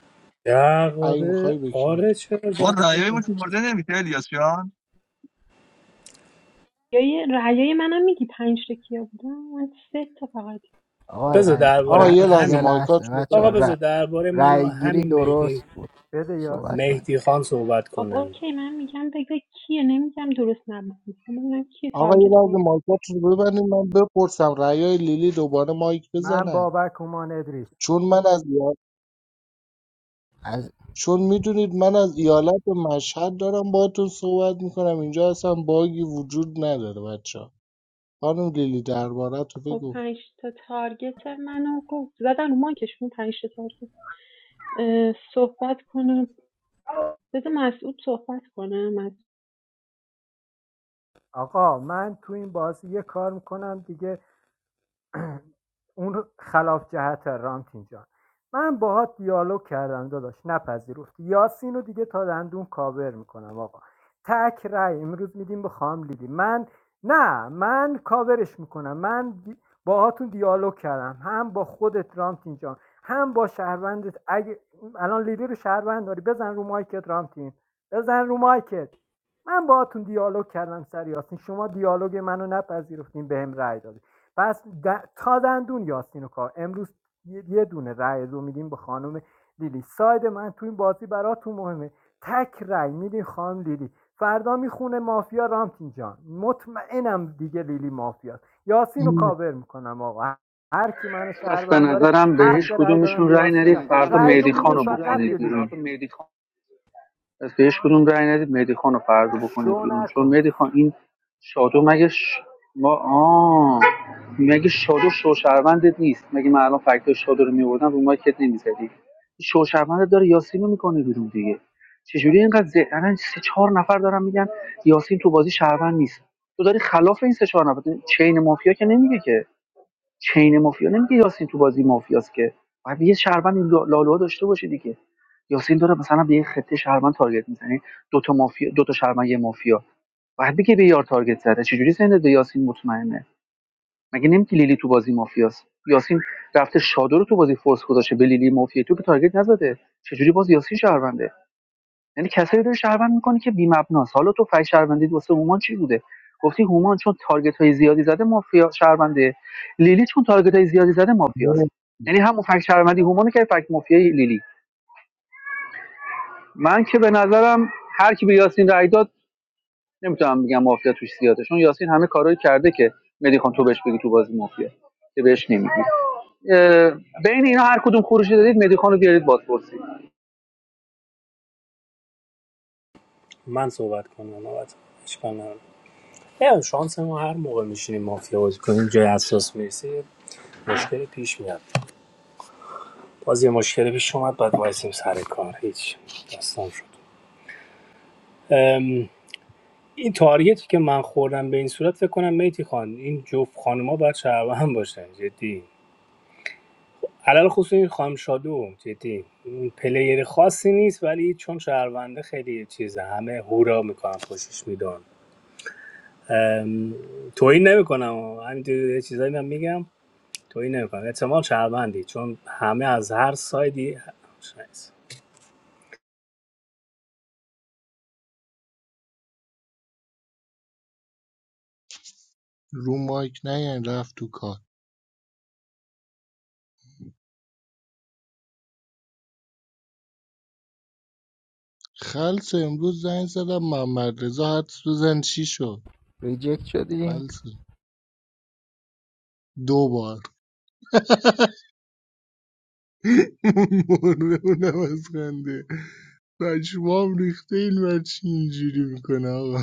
I: اگه
G: درباره
I: میخوای به کی
G: آره
I: میدی
G: چرا
K: آقا
G: درباره
K: رأیای ما شمرده نمیشه الیاس جان
M: رأیای منم میگی پنج تا کیا بودن من سه تا فقط
J: آقا
G: بذار
J: رای,
G: درباره
I: آقا
J: رای...
G: من
I: یه لحظه
J: یه
G: همین
J: لحظه
I: مایکاتون رو
J: بچه ها
G: آقا
I: بب-
J: رای...
G: بذار درباره من و
J: رای گیری
G: همین مهدی
J: درست بود
B: بده
J: صحبت
B: یاسین
J: کنیم
G: مهدی خان صحبت
M: خب
G: کنه
M: اوکی من میگم بگو کیه نمیگم درست نبود میخوام ببینم کیه
I: آقا یه
M: تارگت
I: لحظه
M: کن
I: مایکاتون رو ببندید من بپرسم رأیای لیلی دوباره مایک
B: من
I: بزنن
B: بابک هومان ادریس
I: چون من از یا-
J: از
I: چون میدونید من از ایالت مشهد دارم باهاتون صحبت میکنم اینجا اصلا باگی وجود نداره بچه ها. خانم لیلی درباره تو
M: خب
I: بگو
M: پنج تا تارگت منو گفت زدن رو مانکشون پنج تا تارگت صحبت کنم بذار مسعود صحبت کنم مسعود.
B: آقا من تو این بازی یه کار میکنم دیگه اون خلاف جهت رامتین جان من باهات دیالوگ کردم داداش نپذیرفت یاسین رو دیگه تا دندون کاور میکنم آقا تک رای امروز میدیم به خام لیلی من نه من کاورش میکنم من دی- باهاتون دیالوگ کردم هم با خودت رامتین جان هم با شهروندت اگه الان لیلی رو شهروند داری بزن رو مایکت رامتین بزن رو مایکت من باهاتون دیالوگ کردم سر یاسین شما دیالوگ منو نپذیرفتین بهم رای دادی پس تا دندون یاسین و کار امروز یه دونه رأی دو میدیم به خانم لیلی ساید من تو این بازی براتون مهمه تک رأی میدین خانم لیلی فردا میخونه مافیا رامتین جان مطمئنم دیگه لیلی مافیاست یاسین رو
I: نه،
B: کاور میکنم آقا هر کی منو
C: پس به
B: شهروند داره
C: نظرم به
B: حق
C: هیچ
B: رأی دادن به
C: کدومشون
B: به
C: رأی
B: یاسین
C: نرید فردا
B: رأی
C: مهدی خان
B: میدیم
C: رو
B: فقط به
C: بکنید
B: لیلی
C: بیرون پس به هیچ کدوم رأی ندید مهدی خان رو فردا بکنید
B: شو
C: بیرون چون
B: نکن
C: مهدی خان این شادو مگه ش... ما آه مگه شادو شوشروندت نیست مگه من الان فکتور شادو رو میوردم رو مایکت نمیزدی شوشروندت داره یاسین رو میکنه بیرون دیگه چجوری اینقدر ذهن الان سه چهار نفر دارن میگن یاسین تو بازی شهروند نیست تو داری خلاف این سه چهار نفر چین مافیا که نمیگه که چین مافیا نمیگه یاسین تو بازی مافیاست که باید یه شهروند این لالوها داشته باشه دیگه یاسین داره مثلا به یه خطه شهروند تارگت میزنه دو تا مافیا دو تا شهروند یه مافیا باید بگه به یار تارگت زده چجوری سند یاسین مطمئنه مگه نمیگی لیلی تو بازی مافیاست یاسین رفته شادو رو تو بازی فورس گذاشته به لیلی مافیا تو که تارگت نزده چجوری باز یاسین شهرونده یعنی کسایی داری شهروند میکنی که بی‌مبناست حالا تو فای شهروندی واسه هومان چی بوده گفتی هومان چون تارگت های زیادی زده مافیا شهرونده لیلی چون تارگت های زیادی زده مافیاست
I: نه،
C: یعنی همون فک شهروندی هومانو که فک مافیای لیلی من که به نظرم هر کی به یاسین رای داد نمیتونم بگم مافیا توش زیاده چون یاسین همه کارایی کرده که مدی خان تو بهش بگی تو بازی مافیا که بهش نمیگی اه، بین اینا هر کدوم خروجی دادید مدی خان رو بیارید بازپرسی
G: من صحبت کنم نوبت نمی‌دونم، شانس ما هر موقع میشینیم مافیا بازی کنیم جای اساس میرسه مشکل پیش میاد باز یه مشکل پیش اومد بعد وایسیم سر کار هیچ داستان شد این تاریتی که من خوردم به این صورت فکر کنم میتی خان این جفت خانوما باید شعبه هم باشن جدی علل خصوص این خانم شادو جدی این پلیر خاصی نیست ولی چون شهرونده خیلی چیزه همه هورا میکنن خوشش میدون توهین نمیکنم همینجوری یه چیزایی من میگم تویی نمیکنه احتمال شهروندی چون همه از هر سایدی شایست.
I: رو مایک نه یعنی رفت تو کار خلصه امروز زنگ زدم محمد رضا حدس بزن چی شد
J: ریجکت شدی
I: خلصه دو بار <laughs> مرده اونم از خنده پشمام ریخته این بچه اینجوری میکنه آقا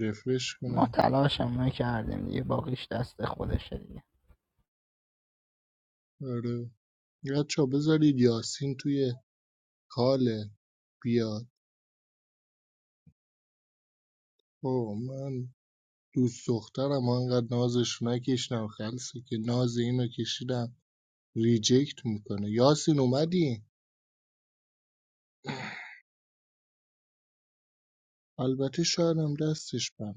I: رفرش
J: ما
I: کنم
J: تلاش هم نکردیم دیگه باقیش دست خودشه دیگه
I: آره بچه بذارید یاسین توی کاله بیاد او من دوست دخترم انقدر نازش نکشیدم خلصه که ناز اینو کشیدم ریجکت میکنه یاسین اومدی؟ البته شایدم دستش بند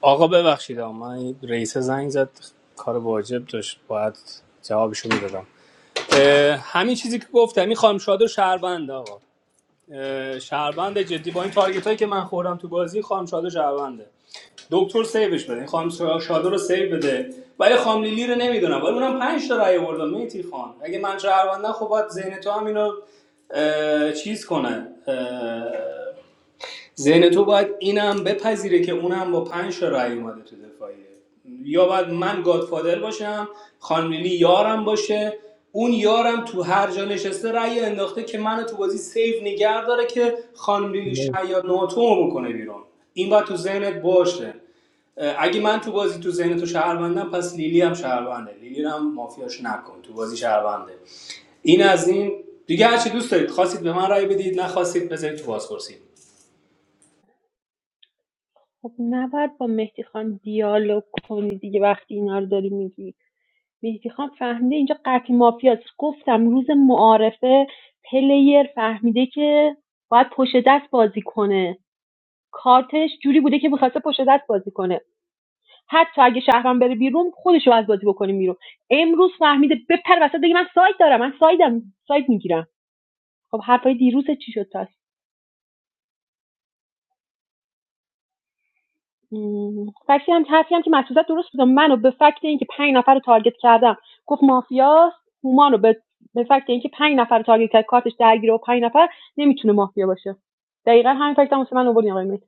G: آقا ببخشید آقا. من این رئیس زنگ زد کار واجب داشت باید جوابشو میدادم همین چیزی که گفتم این خانم شادو شهروند آقا اه، شهروند جدی با این تارگت هایی که من خوردم تو بازی خانم شاده شهرونده دکتر سیوش بده این خانم شاده رو سیو بده ولی خانم لیلی رو نمیدونم ولی اونم پنج تا رأی آوردم میتی خان اگه من شهروندم خب باید ذهن تو هم اینو چیز کنه ذهن تو باید اینم بپذیره که اونم با پنج تا رأی اومده تو دفاعیه یا باید من گادفادر باشم خانلیلی یارم باشه اون یارم تو هر جا نشسته رأی انداخته که منو تو بازی سیف نگه داره که خانلیلی
I: نه
G: شاید ناتومو بکنه بیرون این باید تو ذهنت باشه اگه من تو بازی تو ذهن تو شهروندم پس لیلی هم شهرونده لیلی هم مافیاش نکن تو بازی شهرونده این از این دیگه هرچی دوست دارید خواستید به من رأی بدید نخواستید بذارید تو بازپرسی
M: خب نباید با مهدی خان دیالوگ کنی دیگه وقتی اینا رو داری میگی مهدی خان فهمیده اینجا قطعی مافیاست گفتم روز معارفه پلیر فهمیده که باید پشت دست بازی کنه کارتش جوری بوده که میخواسته پشت دست بازی کنه حتی اگه شهرم بره بیرون خودشو از بازی بکنیم بیرون امروز فهمیده بپر وسط بگه من ساید دارم من سایدم ساید میگیرم خب حرفای دیروز چی شد تا فکتی هم حرفی هم که مسعودت درست بود منو به فکت اینکه پنج نفر رو تارگت کردم گفت مافیاست هومان رو به به فکت اینکه پنج نفر رو تارگت کرد کارتش درگیره و پنج نفر نمیتونه مافیا باشه دقیقا همین فکت هم واسه من آوردین آقای مهدی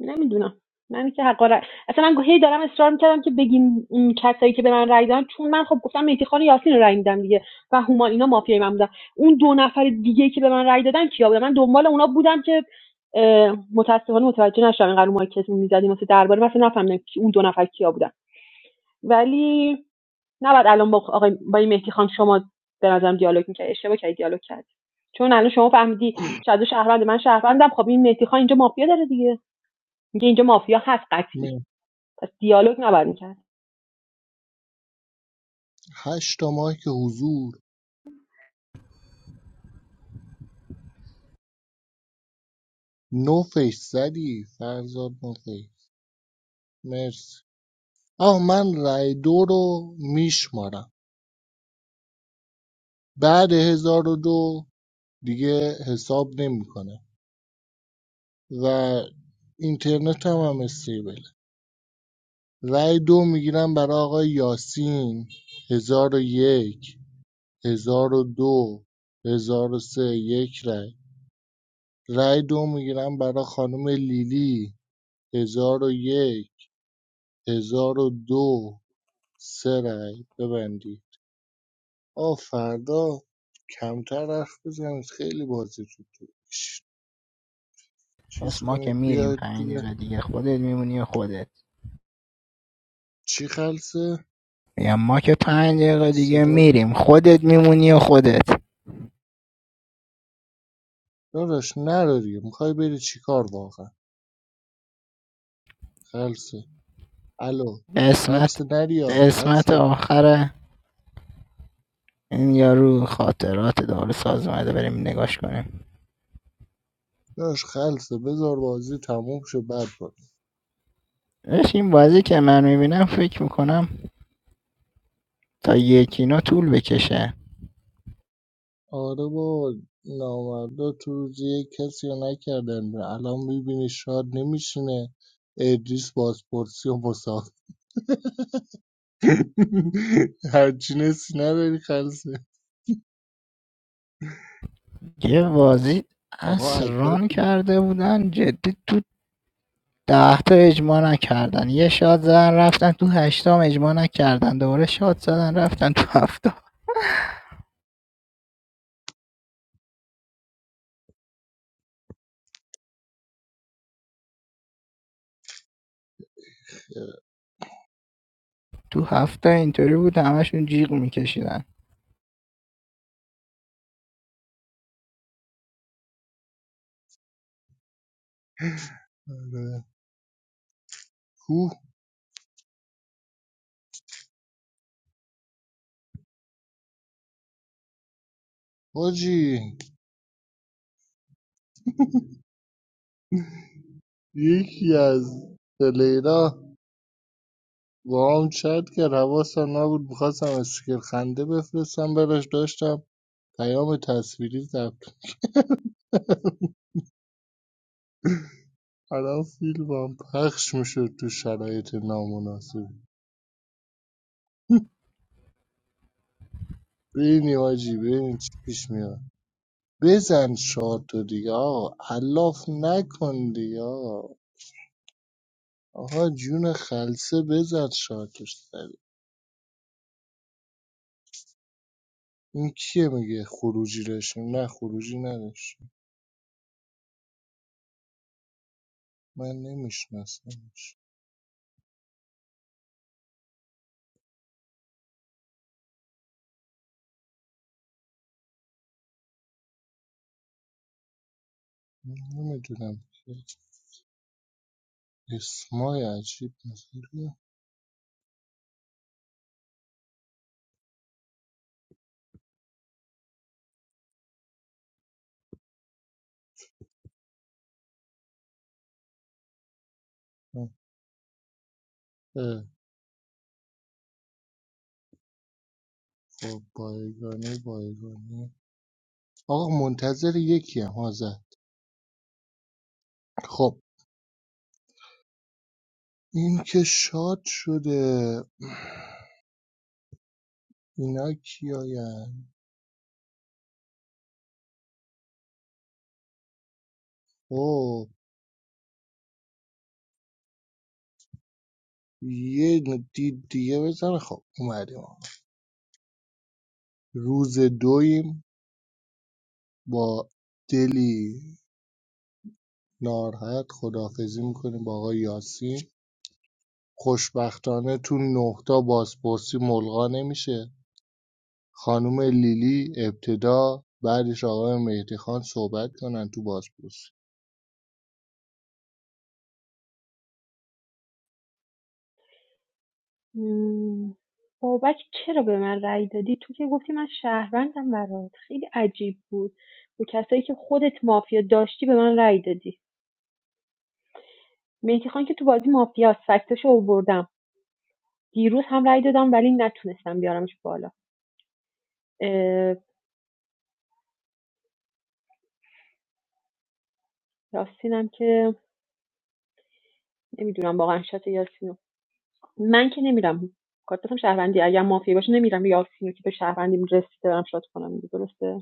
M: نمیدونم من که حقا رأی اصلا من هی دارم اصرار میکردم که بگیم این کسایی که به من رأی دادن چون من خب گفتم مهدی خان و یاسین رو رأی میدم دیگه و هومان اینا مافیای من بودن اون دو نفر دیگه که به من رأی دادن کیا بودن من دنبال اونا بودم که اه، متاسفانه متوجه نشدم اینقدر اون کسی میزدیم واسه درباره مثلا نفهمیدم که اون دو نفر کیا بودن ولی نباید الان با آقای با این مهدی خان شما به نظرم دیالوگ میکرد اشتباه کردی دیالوگ کرد چون الان شما فهمیدی شاید شهروند من شهروندم خب این مهدی خان اینجا مافیا داره دیگه میگه اینجا مافیا هست قطعی
I: نه.
M: پس دیالوگ نباید میکرد
I: هشت تا مایک حضور نو فیس زدی فرزاد نو فیس مرسی آه من رای دو رو میشمارم بعد هزار و دو دیگه حساب نمیکنه و اینترنت هم هم استیبله رای دو میگیرم برای آقای یاسین هزار و یک هزار و دو هزار و سه یک رای رای دو میگیرم برای خانم لیلی هزار و یک هزار و دو سه رای ببندید آ فردا کمتر حرف بزنید خیلی بازیتون تو
J: پس
I: چیز
J: ما که
I: کنید
J: میریم
I: بیاید
J: پنج
I: توی
J: دقیقه دیگه خودت میمونی خودت
I: چی خلصه
J: میگم ما که پنج دقیقه دیگه
I: صدا
J: میریم خودت میمونی و خودت
I: داداش نرو میخوای بری چی کار واقعا خلصه الو
J: به اسمت
I: خلصه نریا
J: به اسمت
I: خلصه
J: آخر این یارو خاطرات دارو ساز اومده بریم نگاش کنیم
I: داش خلصه بذار بازی تموم شه بعد برو
J: این بازی که من میبینم فکر میکنم تا یکینا طول بکشه
I: آره بابا نامردا تو روز کسی رو نکردن الان میبینی شاد نمیشینه ادریس بازپرسی و مسافر <laughs> هرچی نسی نداری خلصه
J: یه بازی
I: آقا
J: اصران
I: اجداد
J: کرده بودن جدی تو ده تا اجماع نکردن یه شاد زدن رفتن تو هشتام اجماع نکردن دوباره شاد زدن رفتن تو هفته تو هفته اینطوری بود همشون جیغ میکشیدن
I: آره. کوه حاجی یکی از پلیرا با هم چت کرد حواسم نبود میخواستم استیکر خنده بفرستم براش داشتم پیام تصویری ضبط الان فیلمم پخش میشد تو شرایط نامناسب <laughs> بینی آجی بینی چی پیش میاد بزن شاد تو دیگه آقا علاف نکن دیگه آقا آقا جون خلصه بزن شادش سری این کیه میگه خروجی داشتیم نه خروجی نداشتیم من نمیشناسمش نمیدونم که اسمای عجیب مثلا اه، خب بایگانی بایگانی آقا منتظر یکی هم حاضر خب این که شاد شده اینا کیاین خب یه دید دیگه بزن خب اومدیم روز دویم با دلی ناراحت خدافزی میکنیم با آقای یاسین خوشبختانه تو نهتا بازپرسی ملغا نمیشه خانم لیلی ابتدا بعدش آقای مهدی خان صحبت کنن تو بازپرسی
M: مم. بابک چرا به من رأی دادی تو که گفتی من شهروندم برات خیلی عجیب بود به کسایی که خودت مافیا داشتی به من رأی دادی مهدی خان که تو بازی مافیا سکتش اووردم دیروز هم رأی دادم ولی نتونستم بیارمش بالا اه، یاسینم که نمیدونم واقعا شات یاسینو من که نمیرم کارتم شهروندی اگر مافیا باشه نمیرم یا سینو که به شهروندیم رسیده برم شاد کنم درسته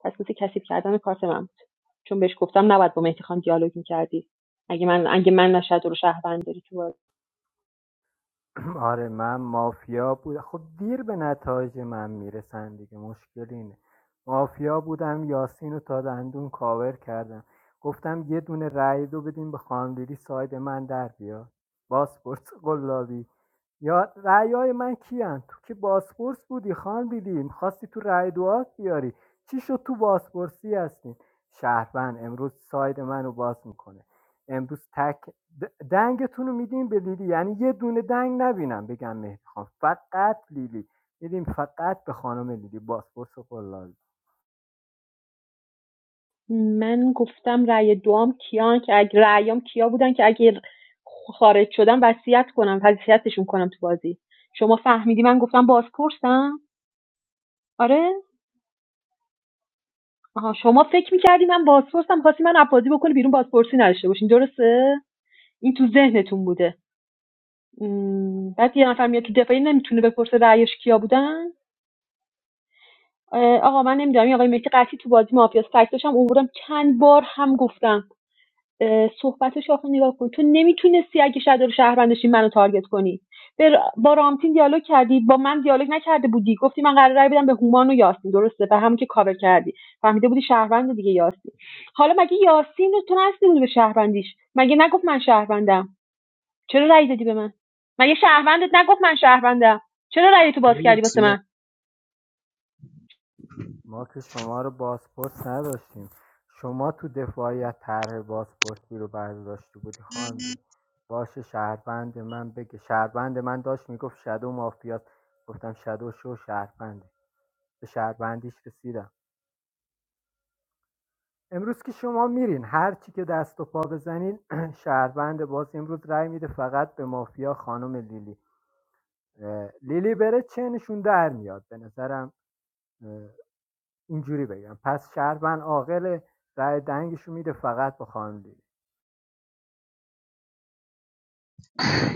M: پس مثل کثیف کردن کارت من بود چون بهش گفتم نباید با مهدی خان دیالوگ میکردی اگه من اگه من نشد رو شهروند داری تو بازی.
B: <clears throat> آره من مافیا بود خب دیر به نتایج من میرسن دیگه مشکل اینه مافیا بودم یاسین رو تا دندون کاور کردم گفتم یه دونه رأی دو بدیم به خاندیری ساید من در بیاد باسپورس قلابی یا رأی های من کیان تو که باسپورس بودی خاندیدی میخواستی تو رأی دوات بیاری چی شد تو باسپورسی هستین شهروند امروز ساید منو باز میکنه امروز تک دنگتون رو میدیم به لیلی یعنی یه دونه دنگ نبینم بگم مهدی خان فقط لیلی میدیم فقط به خانم لیلی بازپرس قلال
M: من گفتم رأی دوام کیان که اگه رأیام کیا بودن که اگه خارج شدم وصیت کنم وصیتشون کنم تو بازی شما فهمیدی من گفتم بازپرسم آره آها شما فکر میکردی من بازپرسم خواستی من اپازی بکنی بیرون بازپرسی نداشته باشین درسته این تو ذهنتون بوده م، بعد یه نفر میاد تو دفاعی نمیتونه بپرسه رأیش کیا بودن آقا من نمیدونم این آقای مهدی قطعی تو بازی مافیاس فکتش هم اووردم چند بار هم گفتم صحبتش آخه نگاه کن تو نمیتونستی اگه شهر رو شهروند منو تارگت کنی به ر- با رامتین دیالوگ کردی با من دیالوگ نکرده بودی گفتی من قراره رای بدم به هومان و یاسین درسته به همون که کاور کردی فهمیده بودی شهروند دیگه یاسین حالا مگه یاسین رو تو نرسیده بودی به شهروندیش مگه نگفت من شهروندم چرا رأی دادی به من مگه شهروندت نگفت من شهروندم چرا رأی تو باز کردی واسه من
B: ما که شما رو بازپرس نداشتیم شما تو دفاعیت طرح باسپورسی رو برداشتی بودی خان بود باشه شهربند من بگه شهربند من داشت میگفت شادو مافیات گفتم شادو شو شهربندی به شهربندیش رسیدم امروز که شما میرین هر چی که دست و پا بزنین <clears throat> شهروند باز امروز رأی میده فقط به مافیا خانم لیلی لیلی بره چنشون در میاد به نظرم اینجوری بگم پس شهروند عاقل رای دنگشو میده فقط به خانم لیلی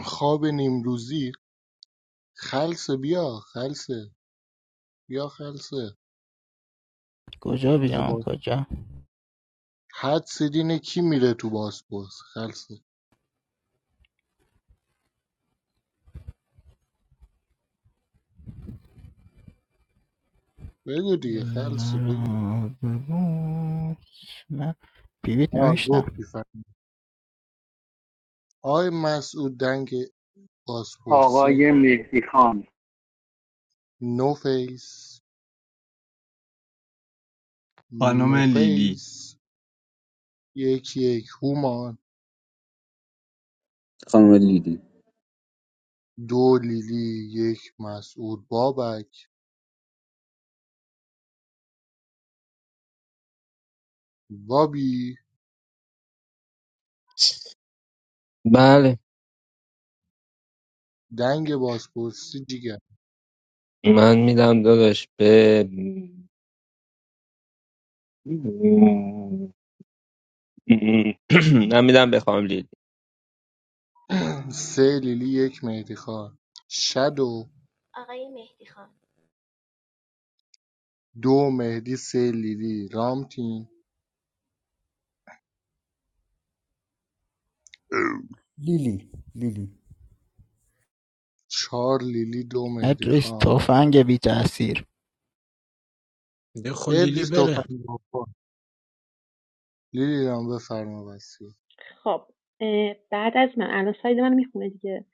I: خواب نیمروزی خلصه بیا خلصه یا خلصه
J: کجا
I: تا
J: بیام
I: با
J: کجا
I: حدس دینه کی میره تو باسپورس خلصه بگو دیگه خلصه بگو
J: مرا ببوس من بیبیت
I: ها
J: نوشتم
I: گفتی فهم آی مسعود دنگ باسپورسی
C: آقای مهدی خان
I: نو فیس
K: خانم
I: نو
K: لیلی
I: فیس یک یک هومان
H: خانم لیلی
I: دو لیلی یک مسعود بابک بابی
F: بله
I: دنگ باسپورسی دیگه
F: من میدم داداش به <clears throat> من میدم به خاملیلی.
I: <clears throat> سه لیلی یک مهدی خان شدو دو مهدی سه لیلی رامتین
E: لیلی لیلی
I: چهار لیلی دو مهدی
J: ادریس
I: خان
J: تفنگ بی تاثیر
D: ده خلیلی
I: ادریس
D: بره
I: توفنگ بکن لیلی جان بفرما وسیعت
M: خب بعد از من الان ساید من میخونه دیگه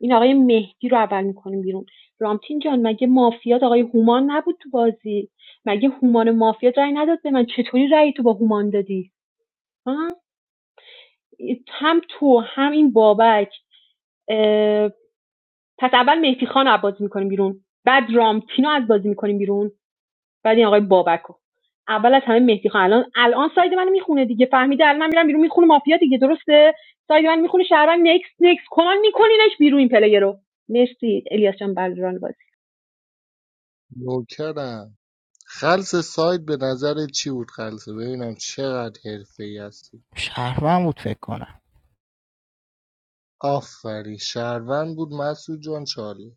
M: این آقای مهدی رو اول میکنیم بیرون رامتین جان مگه مافیات آقای هومان نبود تو بازی مگه هومان مافیات رأی نداد به من چطوری رأی تو با هومان دادی ها؟ هم تو هم این بابک پس اول مهدی خان رو بازی میکنیم بیرون بعد رامتین رو از بازی میکنیم بیرون بعد این آقای بابک اول از همه مهدی خان الان الان ساید من میخونه دیگه فهمیده الان من میرم بیرون میخونه مافیا دیگه درسته ساید من میخونه شهروند نکس نکس کنن میکنینش بیرون این پلیر رو مرسی الیاس جان بلران بازی
I: نوکرم خلص سایت به نظر چی بود خلصه ببینم چقدر حرفه ای هستی
J: شهرون بود فکر کنم
I: آفرین شهروند بود مسعود جان چالی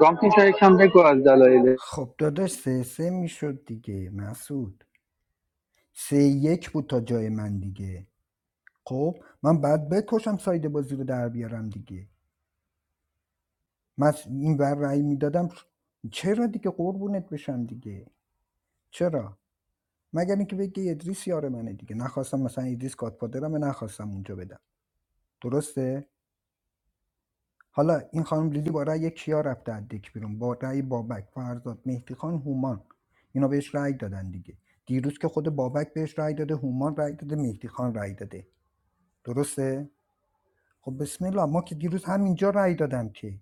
C: رامتین شاید کم بگو از دلایل
E: خب داداش سه سه میشد دیگه مسعود سه یک بود تا جای من دیگه خب من بعد بکشم ساید بازی رو در بیارم دیگه من این ور رأی میدادم چرا دیگه قربونت بشم دیگه چرا مگر اینکه بگی ادریس یار منه دیگه نخواستم مثلا ادریس گادفادرمه نخواستم اونجا بدم درسته حالا این خانم لیلی با رأی کیا رفته از دک بیرون با رأی بابک فرزاد مهدی خان هومان اینا بهش رأی دادن دیگه دیروز که خود بابک بهش رأی داده هومان رأی داده مهدی خان رأی داده درسته خب بسم الله ما که دیروز همینجا رأی دادم که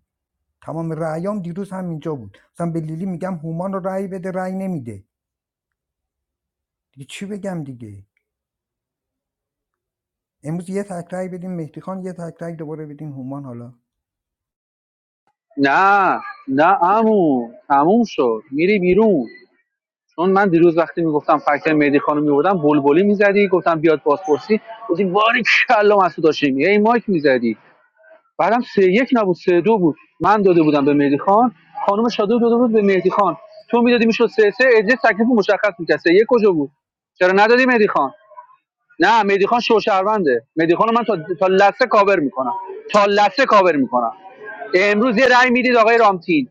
E: تمام رأیام دیروز همینجا بود مثلا به لیلی میگم هومان رو رأی بده رأی نمیده دیگه چی بگم دیگه امروز یه تک رأی بدین مهدی خان یه تک رأی دوباره بدین هومان حالا
C: نه نه عمو تموم شد میری بیرون چون من دیروز وقتی میگفتم فکر مهدی خانم میوردم بلبلی میزدی گفتم بیاد بازپرسی گفتی واری کلا مسعود هاشمی ای مایک میزدی بعدم سه یک نبود سه دو بود من داده بودم به مهدی خان خانم شادو داده بود به مهدی خان تو میدادی میشد سه سه اجه تکلیف مشخص میکرد سه یک کجا بود چرا ندادی مهدی خان نه مهدی خان شوشرونده مهدی خان من تا تا لسه کاور میکنم تا لسه کاور میکنم امروز یه رأی میدید آقای رامتین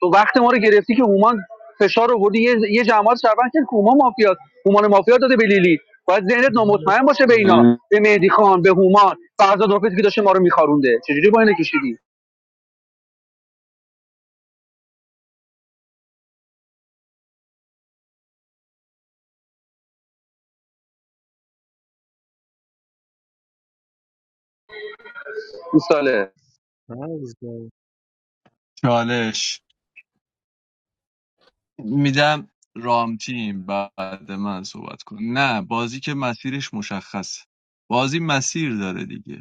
C: تو وقت ما رو گرفتی که هومان فشار آوردی یه یه جماعت شربن کرد که هومان مافیاست هومان مافیا داده به لیلی باید ذهنت نامطمئن باشه به
I: مرسی.
C: اینا
H: من
C: به مهدی خان به هومان فرزاد رافیقی که داشته ما رو میخارونده چجوری با اینه کشیدی این ساله
I: فرزاد.
K: چالش میدم رامتین بعد من صحبت کن نه بازی که مسیرش مشخصه بازی مسیر داره دیگه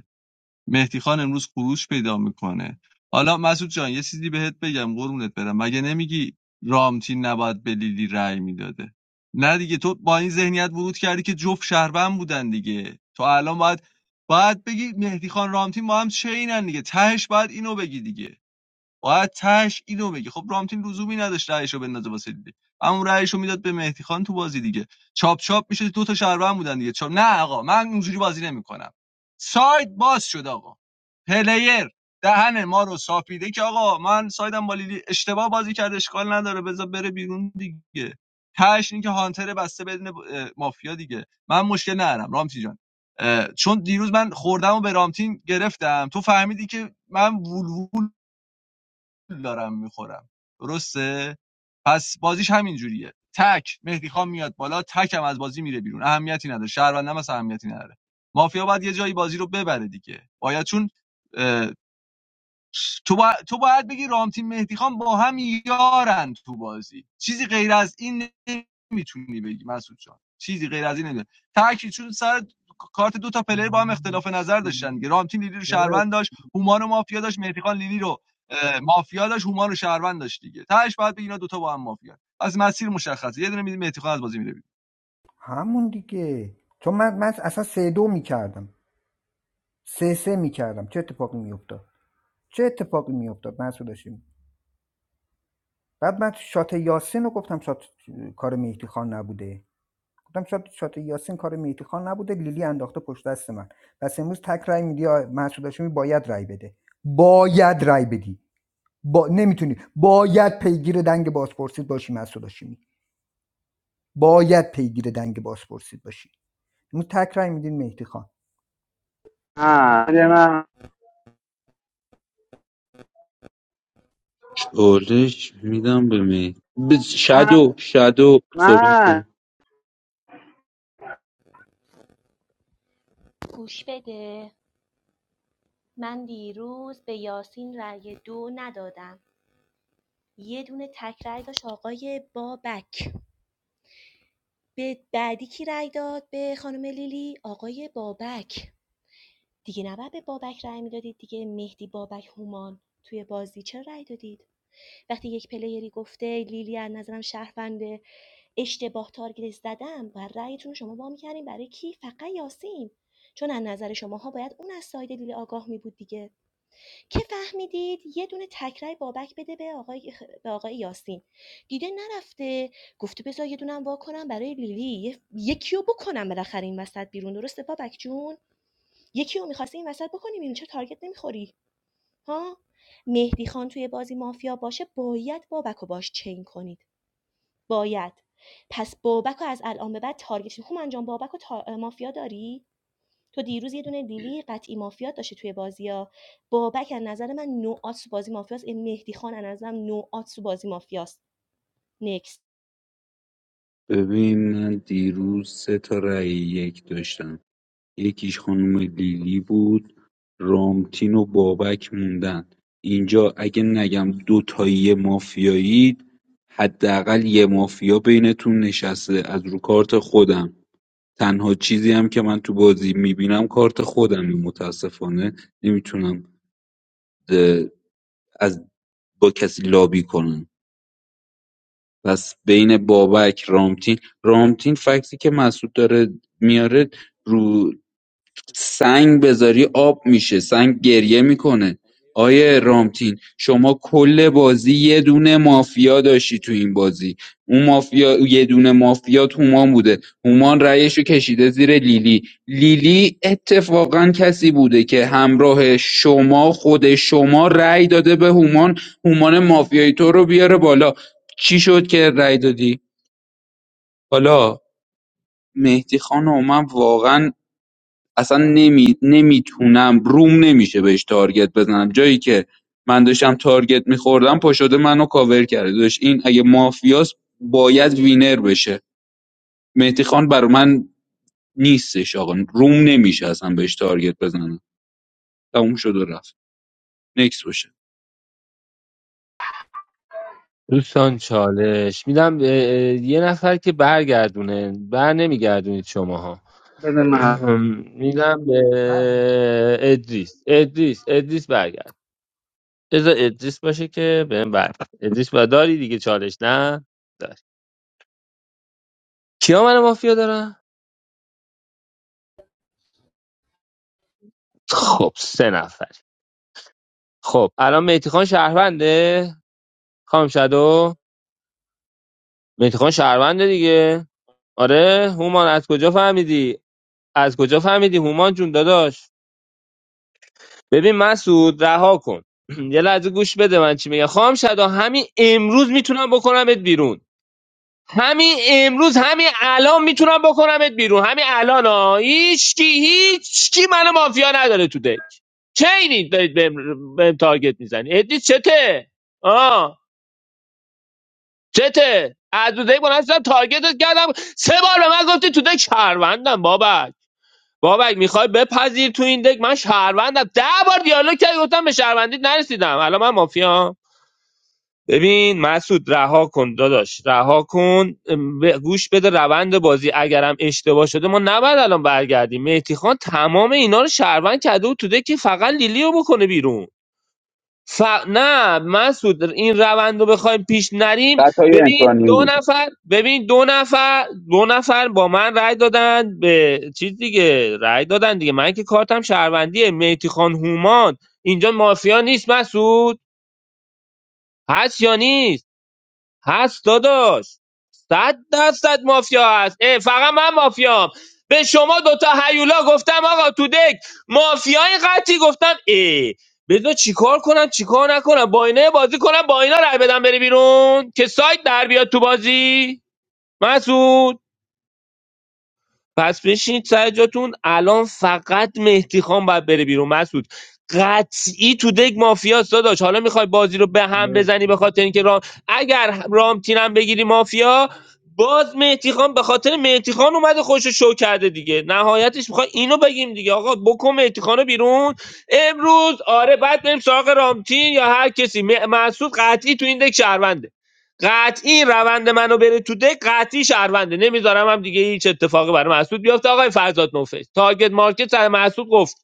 K: مهدی خان امروز خروج پیدا میکنه حالا مسعود جان یه چیزی بهت بگم قرونت برم مگه نمیگی رامتین نباید به لیلی رأی میداده نه دیگه تو با این ذهنیت ورود کردی که جفت شهروند بودن دیگه تو الان باید باید بگی مهدی خان رامتین با هم چینن دیگه تهش باید اینو بگی دیگه باید تهش اینو بگی خب رامتین لزومی نداشت رأیشو بندازه واسه دیگه همون رأیشو میداد به مهدی خان تو بازی دیگه چاپ چاپ میشه دو تا شهروند بودن دیگه چاپ نه آقا من اونجوری بازی نمیکنم سایت باز شد آقا پلیر دهن ما رو صافیده که آقا من سایدم با لیلی اشتباه بازی کرده اشکال نداره بذار بره بیرون دیگه تهش این که هانتر بسته بدون مافیا دیگه من مشکل ندارم رامتین جان چون دیروز من خوردم و به رامتین گرفتم تو فهمیدی که من وول دارم میخورم درسته پس بازیش همین جوریه تک مهدی خان میاد بالا تک هم از بازی میره بیرون اهمیتی نداره شهروندم هم اهمیتی نداره مافیا باید یه جایی بازی رو ببره دیگه باید چون تو, با... تو باید بگی رامتین مهدی خان با هم یارن تو بازی چیزی غیر از این نمیتونی بگی مسعود جان چیزی غیر از این نمیتونی تاکید چون سر کارت دو تا پلیر با هم اختلاف نظر داشتن
I: مرسی.
K: دیگه رامتین لیلی رو شهروند داشت هومان و مافیا داشت مهدی خان لیلی رو اه، مافیا داشت هومان رو شهروند داشت دیگه تاش بعد بگی اینا دوتا با هم مافیا از مسیر مشخصه یه دونه میدی مهدی خان از بازی میره
E: همون دیگه چون من, من اصلا سه دو میکردم سه سه میکردم چه اتفاقی میافتاد چه اتفاقی میافتاد مسعود هاشمی بعد من شات یاسین رو گفتم شات کار مهدی خان نبوده گفتم شات شات یاسین کار مهدی خان نبوده لیلی انداخته پشت دست من پس امروز تک رای میدی آ، مسعود هاشمی باید رای بده باید رای بدی با... نمیتونی باید پیگیر دنگ بازپرسید باشی مسعود هاشمی باید پیگیر دنگ بازپرسید باشی امروز تک رای میدین مهدی خان
C: نه بده من
H: چالش میدم به می به
C: من
H: شادو شادو صحبت
C: من.
H: کن
L: من بیرون رأی دو ندم یه دونه تک رأی داشت آقای بابک به بعدی کی رأی داد به خانم لیلی آقای بابک دیگه نباید به بابک رأی میدادید دیگه مهدی بابک هومان توی بازی چرا رأی دادید وقتی یک پلیری گفته لیلی از نظرم شهرونده اشتباه تارگت زدم و رأیتون شما با میکردین برای کی فقط یاسین چون از نظر شماها باید اون از ساید لیلی آگاه می بود دیگه که فهمیدید یه دونه تکرای بابک بده به آقای, به آقای یاسین دیده نرفته گفته بذار یه دونم وا کنم برای لیلی یه- یکی رو بکنم بالاخره این وسط بیرون درسته بابک جون یکی رو میخواستی این وسط بکنیم این چه تارگت نمیخوری ها مهدی خان توی بازی مافیا باشه باید بابک رو باش چین کنید باید پس بابک رو از الان به بعد تارگت کنید. هومن جان بابک رو تا- مافیا داری تو دیروز یه دونه لیلی قطعی مافیا داشتی توی بازی ها بابک از نظر من نوعات بازی مافیاست این مهدی خان از نظرم نوعات بازی مافیاست نکست
H: ببین من دیروز سه تا رأی یک داشتم یکیش خانم لیلی بود رامتین و بابک موندن اینجا اگه نگم دوتایی یه مافیایید حداقل یه مافیا بینتون نشسته از رو کارت خودم تنها چیزی هم که من تو بازی میبینم کارت خودم متاسفانه نمیتونم اه، از با کسی لابی کنم پس بین بابک رامتین رامتین فکتی که مسعود داره میاره رو سنگ بذاری آب میشه سنگ گریه میکنه آیه رامتین شما کل بازی یه دونه مافیا داشتی تو این بازی اون مافیا یه دونه مافیا تو هومان بوده هومان رأیش رو کشیده زیر لیلی لیلی اتفاقا کسی بوده که همراه شما خود شما رأی داده به هومان هومان مافیایی تو رو بیاره بالا چی شد که رأی دادی حالا مهدی خانم من واقعا اصلا نمی... نمیتونم روم نمیشه بهش تارگت بزنم جایی که من داشتم تارگت میخوردم پا شده منو کاور کرده داشت این اگه مافیاس باید وینر بشه مهدی خان بر من نیستش آقا روم نمیشه اصلا بهش تارگت بزنم تموم شد و رفت نکس باشه
F: دوستان چالش میدم به یه نفر که برگردونه بر نمیگردونید شماها
C: بده من
F: <clears throat> میدم به ادریس ادریس ادریس برگرد بذار ادریس باشه که بهم برگرد ادریس و داری دیگه چالش نه داری کیا من مافیا دارن خب سه نفر خب الان میتیخان شهرونده خام شدو میتیخان شهرونده دیگه آره هومان از کجا فهمیدی از کجا فهمیدی هومان جون داداش ببین مسعود رها کن <clears throat> یه لحظه گوش بده من چی میگم خواهم شدا همین امروز میتونم بکنمت بیرون همین امروز همین الان میتونم بکنمت بیرون همین الان ها هیچ کی هیچ کی منو مافیا نداره تو دک چه اینی دارید بهم بهم تارگت میزنی ادی چته آه چته از دو دک بلند شدم تارگتت کردم سه بار به من گفتی تو دک شهروندم بابک بابک میخوای بپذیر تو این دک من شهروندم ده بار دیالوگ کردی گفتم به شهروندیت نرسیدم الان من مافیام ببین مسعود رها کن داداش رها کن ام، به- گوش بده روند بازی اگرم اشتباه شده ما نباید الان برگردیم مهدی خان تمام اینا رو شهروند کرده بود تو دک که فقط لیلیو رو بکنه بیرون ف... نه مسعود این روند رو بخوایم پیش نریم
H: خطای
F: ببین
H: انسانی
F: دو
H: بود
F: نفر ببین دو نفر دو نفر با من رأی دادن به چیز دیگه رأی دادن دیگه من که کارتم شهروندیه میتی خان هومان اینجا مافیا نیست مسعود هست یا نیست هست داداش صد درصد مافیا هست اه فقط من مافیام به شما دوتا هیولا گفتم آقا تو دک مافیای قطعی گفتم ای بذار چیکار کنم چیکار نکنم با اینا بازی کنم با اینا رای بدم بری بیرون که سایت در بیاد تو بازی مسعود پس بشینید سر جاتون الان فقط مهدی خان باید بره بیرون مسعود قطعی تو دک مافیاست داداش حالا میخوای بازی رو به هم
I: مرسی.
F: بزنی به خاطر اینکه رام اگر رام تیرم بگیری مافیا باز مهدی خان به خاطر مهدی خان اومده خوش شو کرده دیگه نهایتش میخوای اینو بگیم دیگه آقا بکن مهدی خانو بیرون امروز آره بعد بریم سراغ رامتین یا هر کسی م- مسعود قطعی تو این دک شهرونده قطعی روند منو بره تو دک قطعی شهرونده نمیذارم هم دیگه هیچ اتفاقی برای مسعود بیفته آقای فرزاد نوفش تارگت مارکت سر مسعود گفت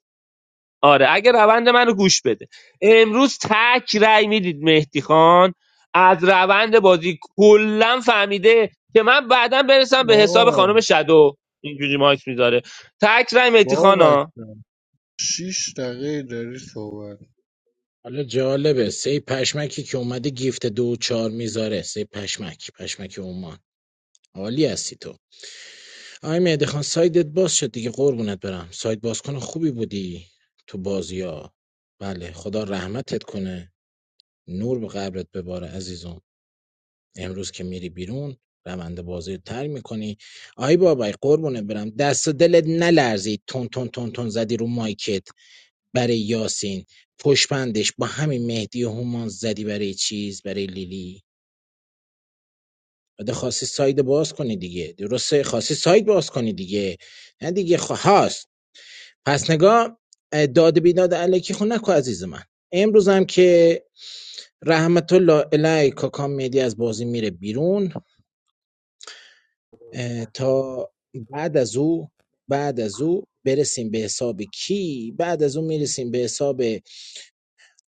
F: آره اگه روند منو گوش بده امروز تک رأی میدید مهدی خان از روند بازی کلا فهمیده که من بعدا برسم به حساب خانم
I: آه،
F: شادو اینجوری مایک میذاره تک رأی مهدی
I: بابک
F: خانا
I: جان. شیش دقیقه داری صحبت
D: حالا جالبه سه پشمکی که اومده گیفت دو و چهار میذاره سه پشمک پشمک عمان عالی هستی تو آی مهدی خان سایدت باز شد دیگه قربونت برم ساید بازکن خوبی بودی تو بازیا بله خدا رحمتت کنه نور به قبرت بباره عزیزم امروز که میری بیرون روند بازی رو تر میکنی آی بابای قربونت برم دست و دلت نلرزید تون تون تون تون زدی رو مایکت برای یاسین پشپندش با همین مهدی و هومان زدی برای چیز برای لیلی بعد خاصی ساید باز کنی دیگه درسته خاصی ساید باز کنی دیگه نه دیگه خ... هاست پس نگاه داد بیداد علیکی خون نکن عزیز من امروز هم که رحمت الله علیه کاکام مهدی از بازی میره بیرون تا بعد از او بعد از او برسیم به حساب کی بعد از اون میرسیم به حساب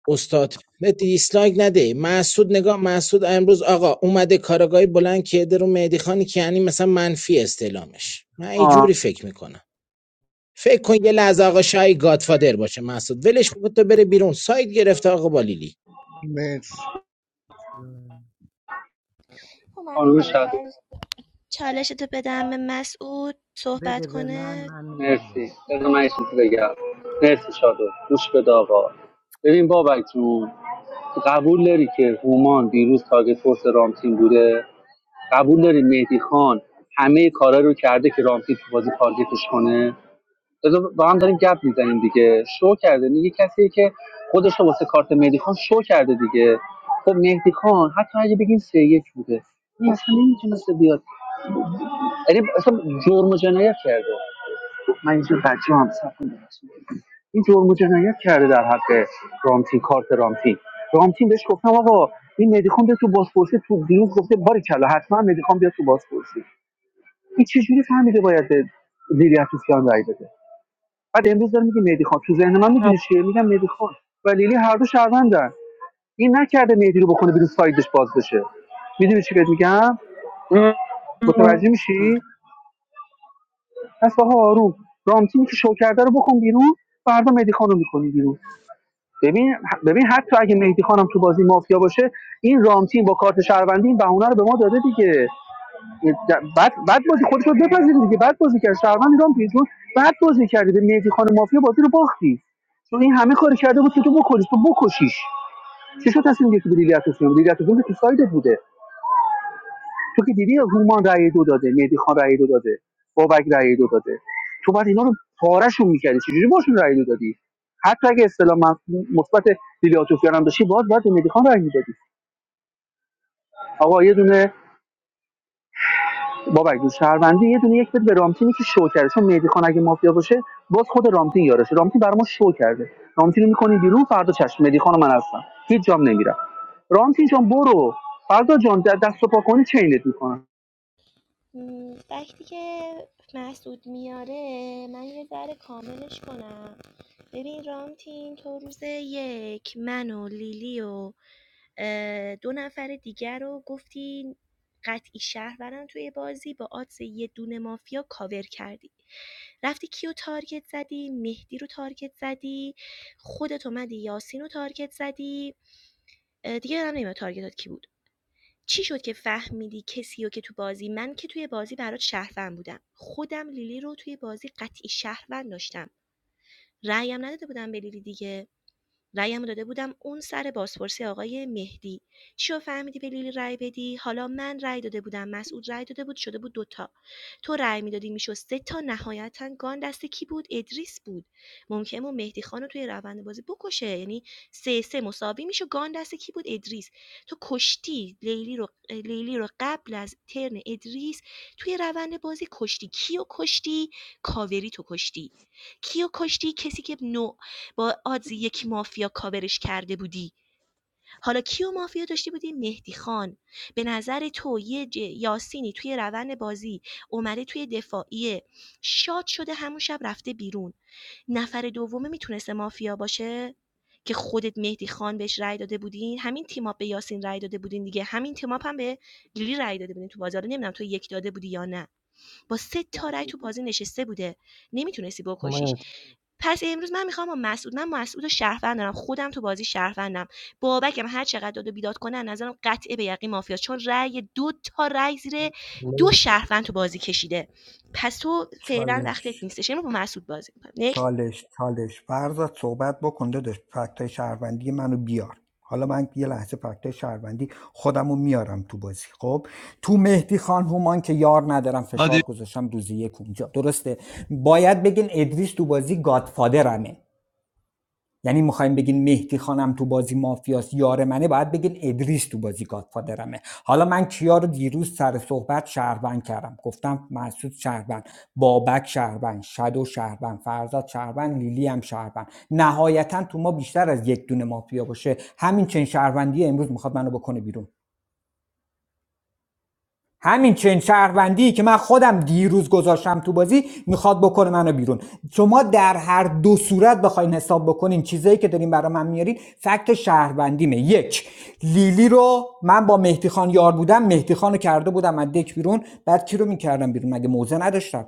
D: استاد نه دیسلایک نده محسود نگاه محسود امروز آقا اومده کارگاهی بلند کرده رو مهدی خانی که یعنی مثلا منفی استعلامش من اینجوری فکر میکنم فکر کن یه لحظه آقا شاهی گادفادر باشه مسعود ولش کن تو بره بیرون سایت گرفته آقا با لیلی
I: مرسی
L: هما
C: خانم
L: میذاری
C: شادو
L: چالشتو بدم به مسعود
B: بده
L: صحبت
B: به من
L: کنه
B: من میدم
C: مرسی
B: بهش
C: بده من یه چیزی بگم مرسی شادو گوش بده آقا ببین بابک جون قبول داری که هومان دیروز تاگت فورس رامتین بوده قبول دارین مهدی خان همه کارا رو کرده که رامتین تو بازی تارگتش کنه بذار با هم داریم گپ میزنیم دیگه شو کرده میگه کسی که خودش رو واسه کارت مهدی خان شو کرده دیگه خب مهدی خان حتی اگه بگین سه یک بوده این اصلا نمیتونسته بیاد یعنی اصلا جرم و جنایت کرده من اینجا بچه هم صف کنم. این جرم و جنایت کرده در حق رامتین کارت رامتین رامتین بهش گفتم آقا این مهدی خان بیاد تو بازپرسی تو دیروز گفته باری کلا حتما مهدی خان بیاد تو بازپرسی این چجوری فهمیده باید به لیلی افروسیان رای بده بعد امروز داره میگه مهدی خان تو ذهن من میدونی چیه میگم مهدی خان و لیلی هر دو شهروندن این نکرده مهدی رو بکنه بیرون سایدش باز بشه میدونی چی بهت میگم متوجه میشی پس آقا آروم رامتینی که شو کرده رو بکن بیرون فردا مهدی خان رو میکنی بیرون ببین ببین حتی اگه مهدی خانم تو بازی مافیا باشه این رامتین با کارت شهروندی این بهونه رو به ما داده دیگه بعد بعد بازی خودت رو بپذیری دیگه بعد بازی کرد شهروند ایران پیش بعد بازی کردی به مهدی خان مافیا بازی رو باختی چون این همه کاری کرده بود که تو بکنی تو بکشیش چه شد تصمیم گرفتی به لیلی اتوسیان لیلی اتوسیان تو سایدت بوده تو که دیدی رومان رأی دو داده مهدی خان رأی دو داده بابک رأی دو داده تو بعد اینا رو پارهشون میکردی چجوری باشون رأی دو دادی حتی اگه اصطلاح مثبت لیلی اتوسیان هم داشتی باز باید مهدی خان رأی میدادی آقا یه دونه بابک جون شهروندی یه دونه یک بده به رامتینی که شو کرده چون مهدی خان اگه مافیا باشه باز خود رامتین یارشه رامتین برای ما شو کرده رامتین رو میکنی بیرون فردا چشم مهدی خان و من هستم هیچ جام نمیرم رامتین جان برو فردا جان د- دست و پا کنی چینت میکنم
L: وقتی که مسعود میاره من یه ذره کاملش کنم ببین رامتین تو روز یک من و لیلی و دو نفر دیگر رو گفتی قطعی شهرورن توی بازی با آدز یه دونه مافیا کاور کردی رفتی کیو تارگت زدی مهدی رو تارگت زدی خودت اومدی یاسین رو تارگت زدی اه، دیگه هم نمیدونم تارگتات کی بود چی شد که فهمیدی کسی رو که تو بازی من که توی بازی برات شهروند بودم خودم لیلی رو توی بازی قطعی شهروند داشتم رأیم نداده بودم به لیلی دیگه رأیمو داده بودم اون سر بازپرسی آقای مهدی. چیا فهمیدی به لیلی رأی بدی؟ حالا من رأی داده بودم، مسعود رأی داده بود، شده بود دوتا. تو رأی میدادی میشد سه تا نهایتا گان دست کی بود؟ ادریس بود. ممکن بود مهدی خان رو توی روند بازی بکشه. یعنی سه سه مساوی میشه گان دست کی بود؟ ادریس. تو کشتی لیلی رو لیلی رو قبل از ترن ادریس توی روند بازی کشتی کیو کشتی؟ کاوری تو کشتی. کیو کشتی کسی که نو با آدز یک مافیا کاورش کرده بودی حالا کیو مافیا داشتی بودی مهدی خان به نظر تو یه ج- یاسینی توی روند بازی اومده توی دفاعیه شاد شده همون شب رفته بیرون نفر دومه میتونسته مافیا باشه که خودت مهدی خان بهش رای داده بودین همین تیماپ به یاسین رای داده بودین دیگه همین تیماپ هم به لیلی رای داده بودین تو بازار نمیدونم تو یک داده بودی یا نه با سه تا رای تو بازی نشسته بوده نمیتونستی بکشیش
I: مرسی
L: پس امروز من میخوام با مسعود من مسعود و شهروند دارم خودم تو بازی شهروندم بابکم هر چقدر داد و بیداد کنه از نظرم قطعه به یقین مافیاست چون رأی دو تا رأی زیر دو
I: مرسی.
L: شهروند تو بازی کشیده پس تو فعلا
E: چاله
L: وقتت نیستش امروز با مسعود بازی میکنم
E: چالش چالش فرضت صحبت بکن داداش فکتای شهروندی منو بیار حالا من یه لحظه فکتای شهروندی خودمو میارم تو بازی خب تو مهدی خان هومان که یار ندارم
K: بیرون.
E: فشار گذاشتم روزی یک اونجا درسته باید بگین ادریس تو بازی گادفادرمه یعنی میخوایم بگین مهدی خانم تو بازی مافیاس یار منه باید بگین ادریس تو بازی گادفادرمه حالا من کیا رو دیروز سر صحبت شهروند کردم گفتم مسعود شهروند بابک شهروند شادو شهروند فرزاد شهروند لیلی هم شهروند نهایتا تو ما بیشتر از یک دونه مافیا باشه همین چنین شهروندی امروز میخواد منو بکنه بیرون همین چنین شهروندی که من خودم دیروز گذاشتم تو بازی میخواد بکنه منو بیرون شما در هر دو صورت بخواین حساب بکنین چیزایی که دارین برای من میارین فکت شهروندیمه یک لیلی رو من با مهدی خان یار بودم مهدی خان کرده بودم از دک بیرون بعد کی رو میکردم بیرون مگه موزه نداشتم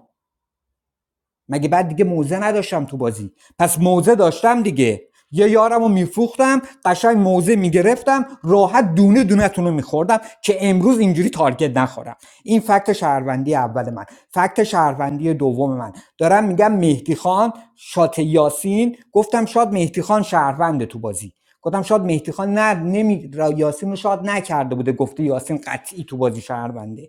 E: مگه بعد دیگه موزه نداشتم تو بازی پس موزه داشتم دیگه یه یارمو رو میفروختم قشنگ موزه میگرفتم راحت دونه دونه تونو میخوردم که امروز اینجوری تارگت نخورم این فکت شهروندی اول من فکت شهروندی دوم من دارم میگم مهدی خان شات یاسین گفتم شاد مهدی خان شهرونده تو بازی گفتم شاد مهدی خان نه نمی... را- یاسین رو شاد نکرده بوده گفته یاسین قطعی تو بازی شهرونده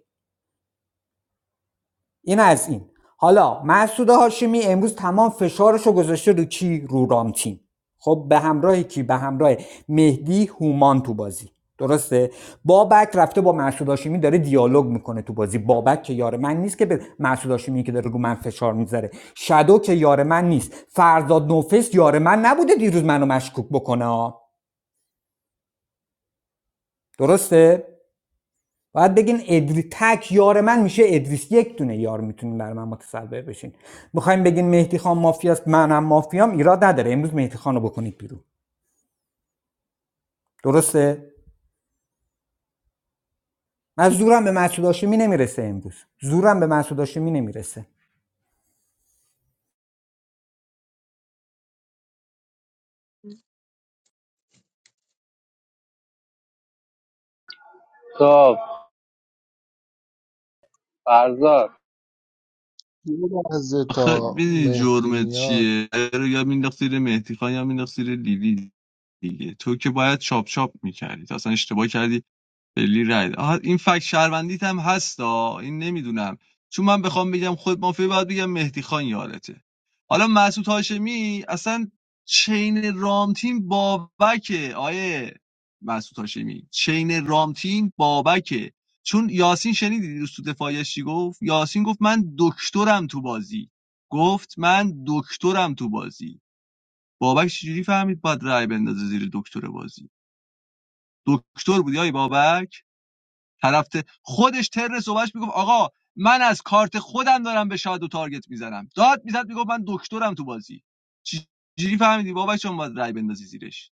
E: این از این حالا مسعود هاشمی امروز تمام فشارشو گذاشته رو کی رو رامتین خب به همراه کی به همراه مهدی هومان تو بازی درسته بابک رفته با مسعود هاشمی داره دیالوگ میکنه تو بازی بابک که یار من نیست که به مسعود هاشمی که داره رو من فشار میذاره شادو که یار من نیست فرزاد نوفس یار من نبوده دیروز منو مشکوک بکنه ها. درسته باید بگین ادری تک یار من میشه ادریس یک دونه یار میتونین بر من متصور بشین میخوایم بگین مهدی خان مافیاست منم مافیام ایراد نداره امروز مهدی خان رو بکنید بیرون درسته من زورم به مسعود هاشمی نمیرسه امروز زورم به مسعود هاشمی نمیرسه
C: خب فرزاد
I: یه لحظه
K: آخه
I: تا
K: میدونی
I: مهدی
K: جرمت
I: میاد
K: چیه رو یا مینداخت زیر مهدی خان یا مینداخت زیر لیلی دیگه تو که باید چاپ چاپ میکردی اصلا اشتباه کردی خیلی رای ده. آها، این فکت شهروندیت هم هستا این نمیدونم چون من بخوام بگم خود مافیا باید بگم مهدی خان یارته حالا مسعود هاشمی اصلا چین رامتین بابکه آیه مسعود هاشمی چین رامتین بابکه چون یاسین شنیدی روز تو دفاعیش چی گفت یاسین گفت من دکترم تو بازی گفت من دکترم تو بازی بابک چجوری فهمید باید رای بندازه زیر دکتر بازی دکتر بودی آیه بابک طرف خودش تر صحبتش میگفت آقا من از کارت خودم دارم به شادو تارگت میزنم داد میزد میگفت من دکترم تو بازی چی- چجوری فهمیدی بابا چون باید رای بندازی زیرش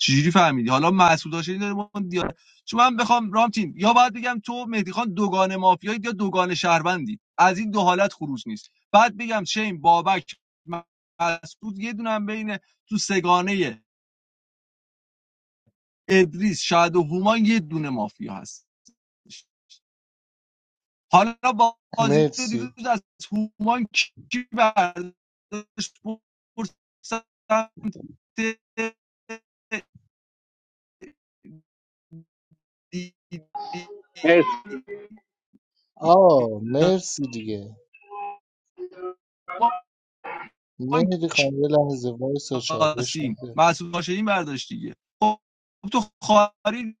K: چجوری فهمیدی حالا مسئول داشتی داره من دیار چون من بخوام رام تیم. یا باید بگم تو مهدی خان دوگان مافیایی یا دوگان شهروندی از این دو حالت خروج نیست بعد بگم چه این بابک مسعود یه دونه هم بین تو سگانه ادریس شادو و هومان یه دونه مافیا هست Hala bazı dilde
I: مرسی
K: insan şu anki bir spor sahasında
C: مرسی
K: diyorlar.
I: آه مرسی دیگه مهدی خان یه لحظه وایس چالش
K: سیاسیم
I: نده
K: مسعود هاشمی برداشت دیگه خب تو خاری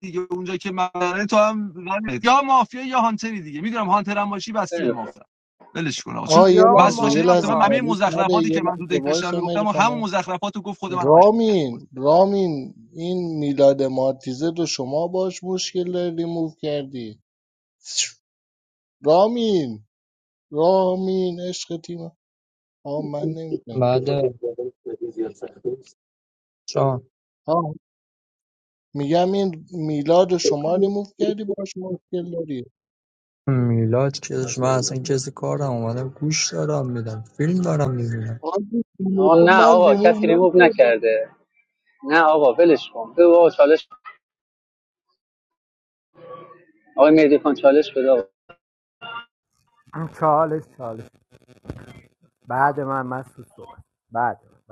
K: دیگه اونجا که مدنه تو هم رنه. یا مافیا یا هانتری دیگه میدونم هانتر هم باشی بستی به
C: خیلی خوب.
K: مافیا ولش کن آقا چون
I: آه یه
B: سیاه
K: مسعود
I: لحظه یه
K: هاشمی مثلا
I: لحظه
K: من
B: مافیا.
K: همه
I: چالش نده
K: مزخرفاتی
I: یه
K: که من تو
I: لحظه
K: دک
I: وایس
K: داشتم
I: مهدی
K: میگفتم و
I: خان
K: همون مزخرفاتو گفت خود منو مشکوک کرد بود
I: رامین رامین این میلاد مارتیزه رو شما باش مشکل داری ریموو کردی رامین رامین عشق تیم آه من نمیدونم
A: بعد
I: آه میگم این میلاد رو شما ریموو کردی باش مشکل داری
A: میلاد چیزش من اصلا کسی کارم اومدم گوش دارم میدم فیلم دارم میبینم
I: آه،
C: آقا نه
I: من
C: آقا کسی
I: ریموو
C: ریموو نکرده نه آقا ولش کن بگو آقا چالش آقای مهدی خان چالش بده آقا
B: چالش چالش بعد من مسعود صحبت بعد من.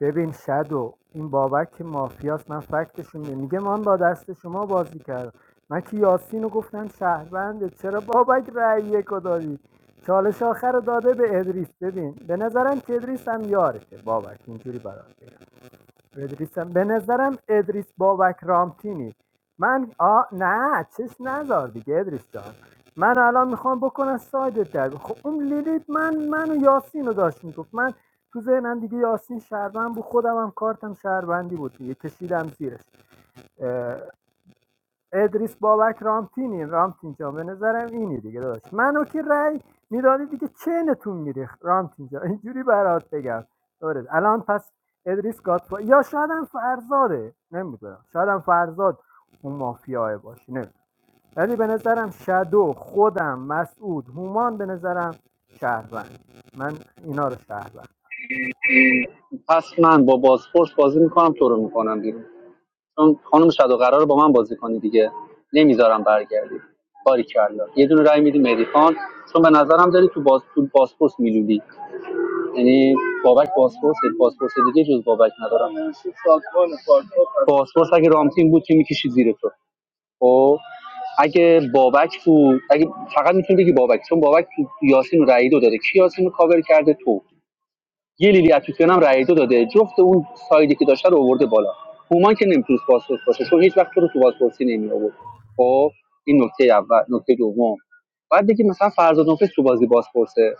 B: ببین شدو این بابک که مافیاست من فکتشون می- میگه من با دست شما بازی کردم من که یاسین رو گفتم شهرونده چرا بابک رأی یکو دادی چالش آخر رو داده به ادریس ببین به نظرم که ادریس هم یارشه بابک اینجوری برات ادریسم به نظرم ادریس بابک رامتینی من آ نه چش نذار دیگه ادریس جان من الان میخوام بکنم سایدت در خب اون لیلیت من منو یاسین رو داشت میگفت من تو ذهنم دیگه یاسین شهروند بود خودم هم کارتم شهروندی بود دیگه کشیدم زیرش ادریس بابک رامتینی رامتین جان به نظرم اینی دیگه داشت منو که رأی میدادی دیگه چینتون میریخت رامتین جان اینجوری برات بگم درست الان پس ادریس گاتفا یا شاید هم فرزاده نمیدونم شاید هم فرزاد اون مافیاه باشه نه ولی به نظرم شدو خودم مسعود هومان به نظرم شهروند من اینا رو شهروند
C: م، پس من با بازپورس بازی میکنم تو رو میکنم بیرون چون خانم شادو قرار با من بازی کنی دیگه نمیذارم برگردی باری کلا یه دونه رای میدی مهدی خان چون به نظرم داری تو باز تو بازپرس میلودی یعنی بابک بازپرس بازپرس دیگه جز بابک ندارم بازپرس اگه رامتین بود که میکشی زیر تو خب اگه بابک بود اگه فقط میتونی بگی بابک چون بابک تو یاسین و رعیدو داده کی یاسین رو کاور کرده تو یه لیلی اتوسیان هم رأی دو داده جفت اون سایدی که داشته رو آورده بالا هومان که نمیتونست بازپرس باشه چون هیچ وقت تو رو تو بازپرسی نمی آورد خب این نکته اول نکته دوم بعد دیگه مثلا فرزاد نفس تو بازی بازپرسه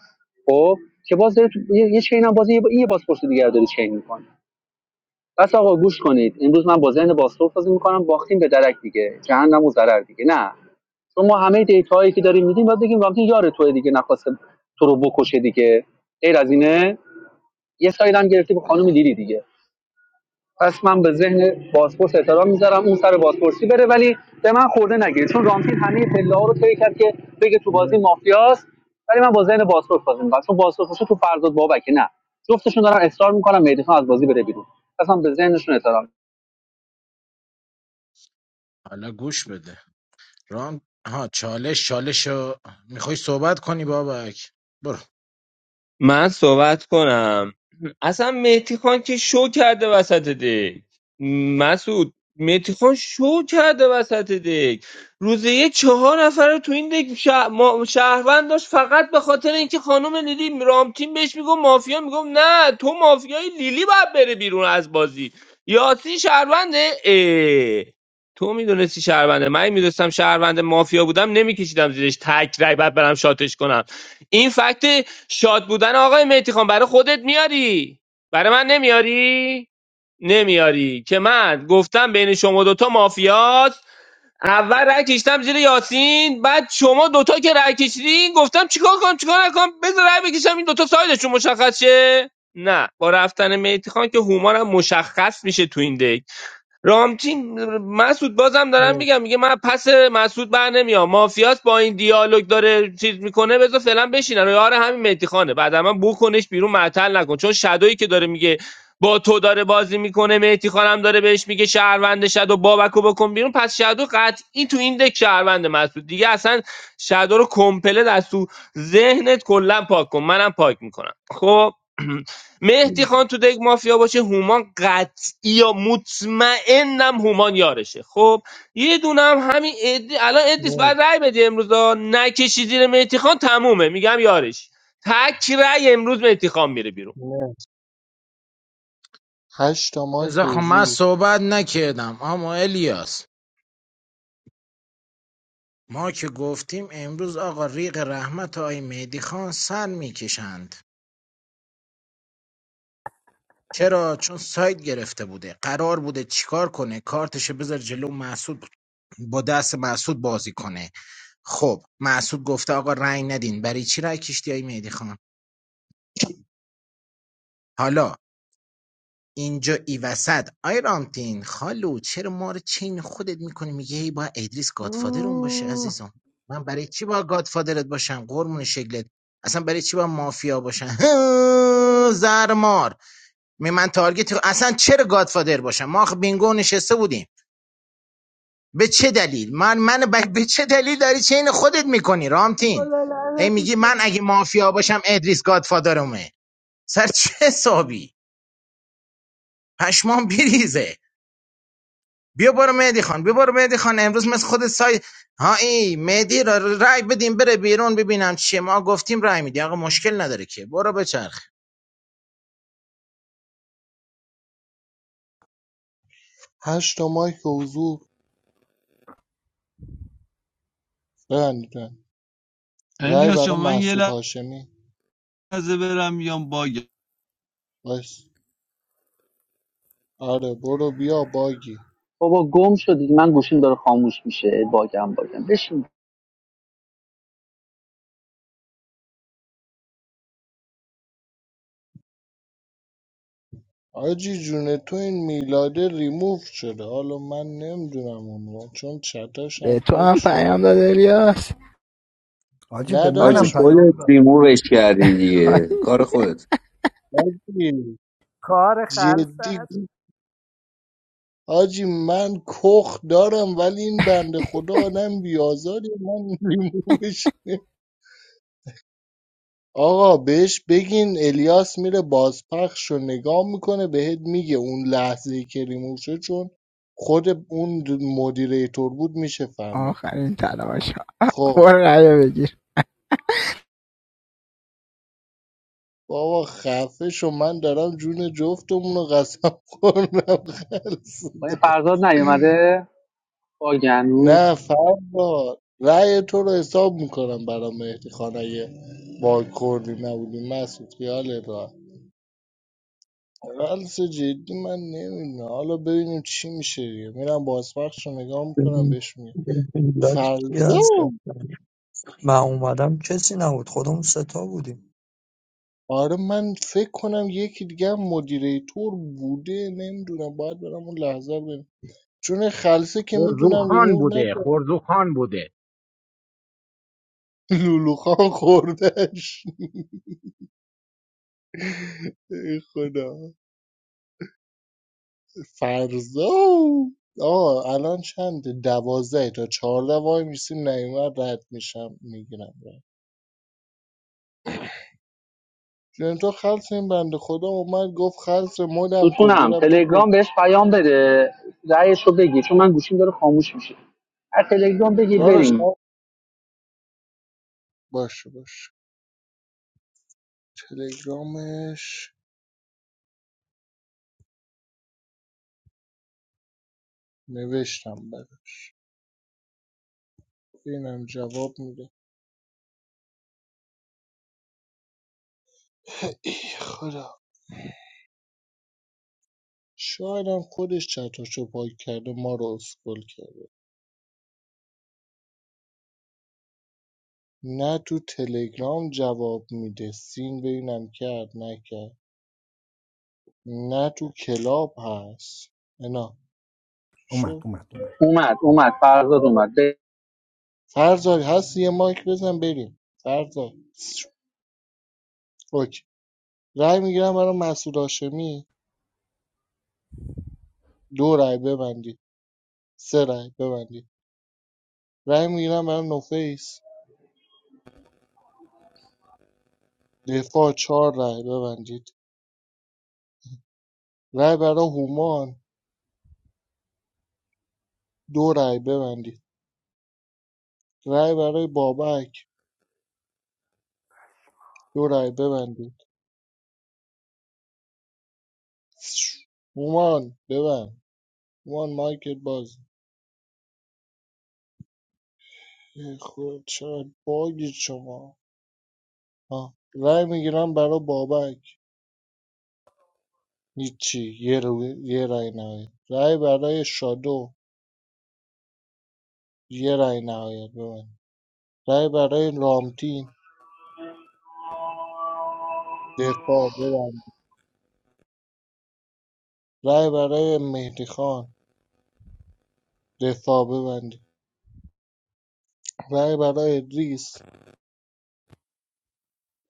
C: خب که باز داره تو- یه یه چین هم بازی یه, یه بازپرس دیگه رو داره چین میکنه پس آقا گوش کنید امروز من با ذهن بازپرس بازی میکنم باختیم به درک دیگه جهنم و ضرر دیگه نه شما همه دیتا که داریم میدیم بعد بگیم وقتی یار توه دیگه نخواسته تو رو بکشه دیگه غیر از اینه یه سایدم گرفتی به خانم لیلی دیگه پس من به ذهن بازپرس احترام میذارم اون سر بازپرسی بره ولی به من خورده نگیره چون رامتین همه پله رو طی کرد که بگه تو
I: نکردم
C: بازی مافیاست ولی من با ذهن بازپرس بازی میکنم چون بازپرس تو فرزاد بابکه نه جفتشون دارن اصرار میکنم مهدی خان از بازی بره بیرون پس من به ذهنشون احترام
D: حالا گوش بده ران ها چالش چالش میخوای صحبت کنی بابک برو
F: من صحبت کنم اصلا مهدی خان که شو کرده وسط دک مسعود مهدی خان شو کرده وسط دک روزه یه چهار نفر رو تو این دک شه- ما- شهروند داشت فقط به خاطر اینکه خانم لیلی رامتین بهش میگم مافیا میگم نه تو مافیای لیلی باید بره بیرون از بازی یاسی شهرونده اه. تو میدونستی شهرونده من میدونستم شهرونده مافیا بودم نمیکشیدم زیرش تک رای بعد برم شاتش کنم این فکت شاد بودن آقای مهدی خان برای خودت میاری برای من نمیاری نمیاری که من گفتم بین شما دوتا مافیاست اول رأی کشیدم زیر یاسین بعد شما دوتا که رأی کشیدین گفتم چیکار کنم چیکار نکنم بذار رأی بکشم این دوتا سایدشون مشخص شه نه با رفتن مهدی خان که هومانم مشخص میشه تو این دک رامتین مسعود بازم دارم میگم میگه من پس مسعود بر نمیام مافیاس با این دیالوگ داره چیز میکنه بذار فعلا بشینن یار همین مهدی خانه بعد من بکنش بیرون معطل نکن چون شدویی که داره میگه با تو داره بازی میکنه مهدی خانم داره بهش میگه شهروند شدو بابکو بکن بیرون پس شدو قطعی تو این دک شهروند مسعود دیگه اصلا شدو رو کمپله از تو ذهنت کلا پاک کن منم پاک میکنم خب مهدی خان تو دک مافیا باشه هومان قطعی یا مطمئنم هومان یارشه خب یه دونه هم همین ادی الان ادیس
I: نه
F: بعد رای بدی امروز ها. نکشی زیر مهدی خان تمومه میگم یارش تک رای امروز مهدی خان میره بیرون
I: نه هشت تا مایک
D: ازا خب من
I: حضور
D: صحبت نکردم اما الیاس ما که گفتیم امروز آقا ریق رحمت و آی مهدی خان سر میکشند چرا؟ چون ساید گرفته بوده قرار بوده چیکار کنه کارتش بذاره جلو محسود با دست محسود بازی کنه خب محسود گفته آقا رنگ ندین برای چی رای کشتی های مهدی خان حالا اینجا ای وسط آی رامتین خالو چرا ما رو چین خودت میکنی میگه ای با ادریس گادفادر اون باشه
B: مم،
D: عزیزم من برای چی با گادفادرت باشم قرمون شکلت اصلا برای چی با مافیا باشم <laughs> زرمار می من تارگت رو- اصلا چرا گادفادر باشم ما آخه بینگو نشسته بودیم به چه دلیل من من ب... به چه دلیل داری چین خودت میکنی رامتین
B: خدا
D: هی
B: لعنتت
D: میگی من
B: کنه.
D: اگه مافیا باشم ادریس گادفادرمه سر چه حسابی پشمام بریزه بیا برو مهدی خان بیا برو مهدی خان امروز مثل خود سای ها ای مهدی را رای بدیم بره بیرون ببینم چیه ما گفتیم رای میدی آقا مشکل نداره که برو بچرخ
I: هشت تا مایک حضور ببندید ببندید. رای
K: الیاس جان
I: برای
K: من یه
I: محسود هاشمی
K: لحظه برم میام باگ
I: بس آره برو بیا باگی
C: بابا گم شدی من گوشیم داره خاموش میشه باگم باگم بشین
I: آجی جونه تو این میلاده ریموف شده حالا من نمیدونم اون رو، چون چتاش
J: به
I: هم
J: تو
I: پاک
J: هم
I: شده
J: پیام داد الیاس
E: آجی به
I: نه
H: آجی
E: منم
I: داداش
E: پیام
H: خودت
E: داد
H: ریمووش کردی دیگه کار خودت
I: آجی
B: کار
I: جدی
B: خلص
I: آجی من کخ دارم ولی این بنده خدا آدم بیازاری من <laughs> ریموفش آقا بهش بگین الیاس میره بازپخش رو نگاه میکنه بهت میگه اون لحظه که ریموو شد چون خود اون مدیریتور بود میشه فهمید
J: آخرین تلاش ها
I: خب
J: برو رأیو بگیر
I: بابا خفه شو من دارم جون جفتمون رو قسم خورم
C: با این
I: خلصده.
C: فرزاد نیومده باگنوز
I: نه فردا رأی تو رو حساب میکنم برام مهدی خان اگه با کردی نبودی مسعود خیالت ولسه جدی من نمیدونم حالا ببینیم چی میشه دیگه میرم بازپخش رو نگاه میکنم بهش میگم
A: میلاد کی
I: فردا
A: هست من اومدم کسی نبود خودمون ستا بودیم
I: آره من فکر کنم یکی دیگه هم مدیریتور بوده نمیدونم باید برم اون لحظه رو ببینم چون خلصه که میدونم
D: خورزوخان
I: ریموو
D: بوده
I: نکرد
D: خورزوخان بوده
I: <laughs> لولوخان خوردش ای خدا فرزا آه الان چنده دوازده تا چهارده وای میسیم نیومد رد میشم میگیرم لنتو خلص این بنده خدا اومد گفت خلص مدم کن
C: ستونم
I: دیدم تو پشت
C: تلگرام بهش پیام بده رأیش رو بگی چون من گوشیم داره خاموش میشه از تلگرام بگی
I: دارش
C: بریم
I: باشه باشه تلگرامش نوشتم براش اینم جواب میده ای خدا شایدم خودش چتاشو پاک کرده ما رو اسکل کرده نه تو تلگرام جواب میده سین ببینم کرد نکرد نه تو کلاب هست نه
E: اومد
I: شو.
E: اومد اومد
C: اومد اومد فرزاد اومد به
I: فرزاد هست یه مایک بزن بریم فرزاد اوکی رای میگیرم برای مسعود هاشمی دو رای ببندید سه رای ببندید رای میگیرم برای نوفیس دفاع چهار رای ببندید رای برای هومان دو رای ببندید رای برای بابک دو رای ببندید هومان ببند هومان مایکت باز ای خود چقدر باگید شما آه. رای میگیرم برای بابک هیچی یه, رو... یه رای نهایت رای برای شادو یه رای نهایت ببند رای برای لامتین دفاع ببندید رای برای مهدی خان دفاع ببندید رای برای ریس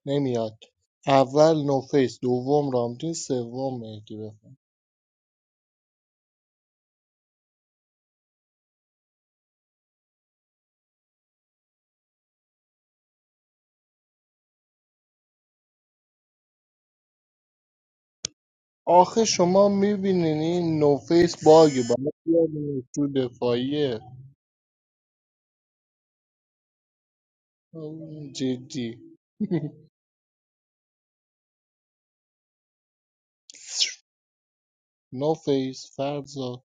I: نمیاد اول نوفیس دوم رامتین سوم مهدی بفن. آخه شما میبینین این نوفیس باگه باید بیاد تو دفاعیه آه، جدی <laughs> نوفیس فرزاد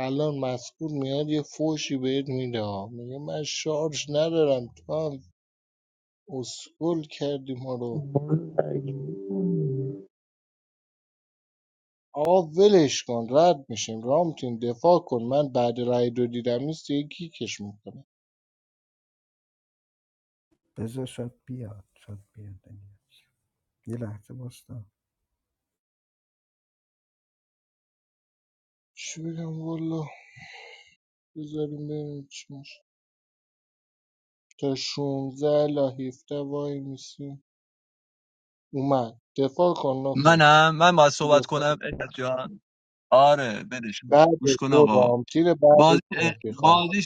I: الان مسئول میاد یه فوشی بهت میده ها. میگه من شارژ ندارم تو هم اسکول کردی ما رو آقا ولش کن رد میشیم رامتین دفاع کن من بعد رای دو دیدم نیست دیگه کیکش میکنم
E: بذار شاید بیاد شاید بیاد یه لحظه باستا
I: چی بگم والا بذاریم ببینیم چی میشه تا 16 الا 17 وای میسیم اومد دفاع کن نفیس
K: منم من باید
I: تو
K: صحبت
I: دفاع
K: کنم الیاس جان آره ولش کن
I: بعد
K: گوش کن
I: تو
K: آقا
I: رامتین بعد
K: بازی
I: مهدی خان
K: بازی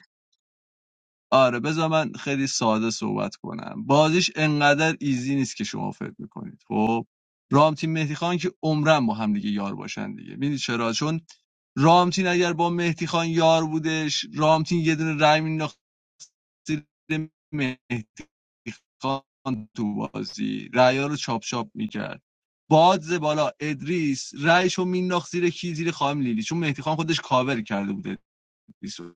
K: آره بذار من خیلی ساده صحبت کنم بازیش انقدر ایزی نیست که شما فکر میکنید خب رامتین تیم مهدی خان که عمرن با هم دیگه یار باشن دیگه میدید چرا چون رامتین اگر با مهدی خان یار بودش رامتین یه دونه رای مینداخت زیر مهدی خان تو بازی رأیا رو چاپ چاپ میکرد بادز بالا ادریس رایشو مینداخت زیر کی زیر خانم لیلی چون مهدی خان خودش کاور کرده بود ادریس رو.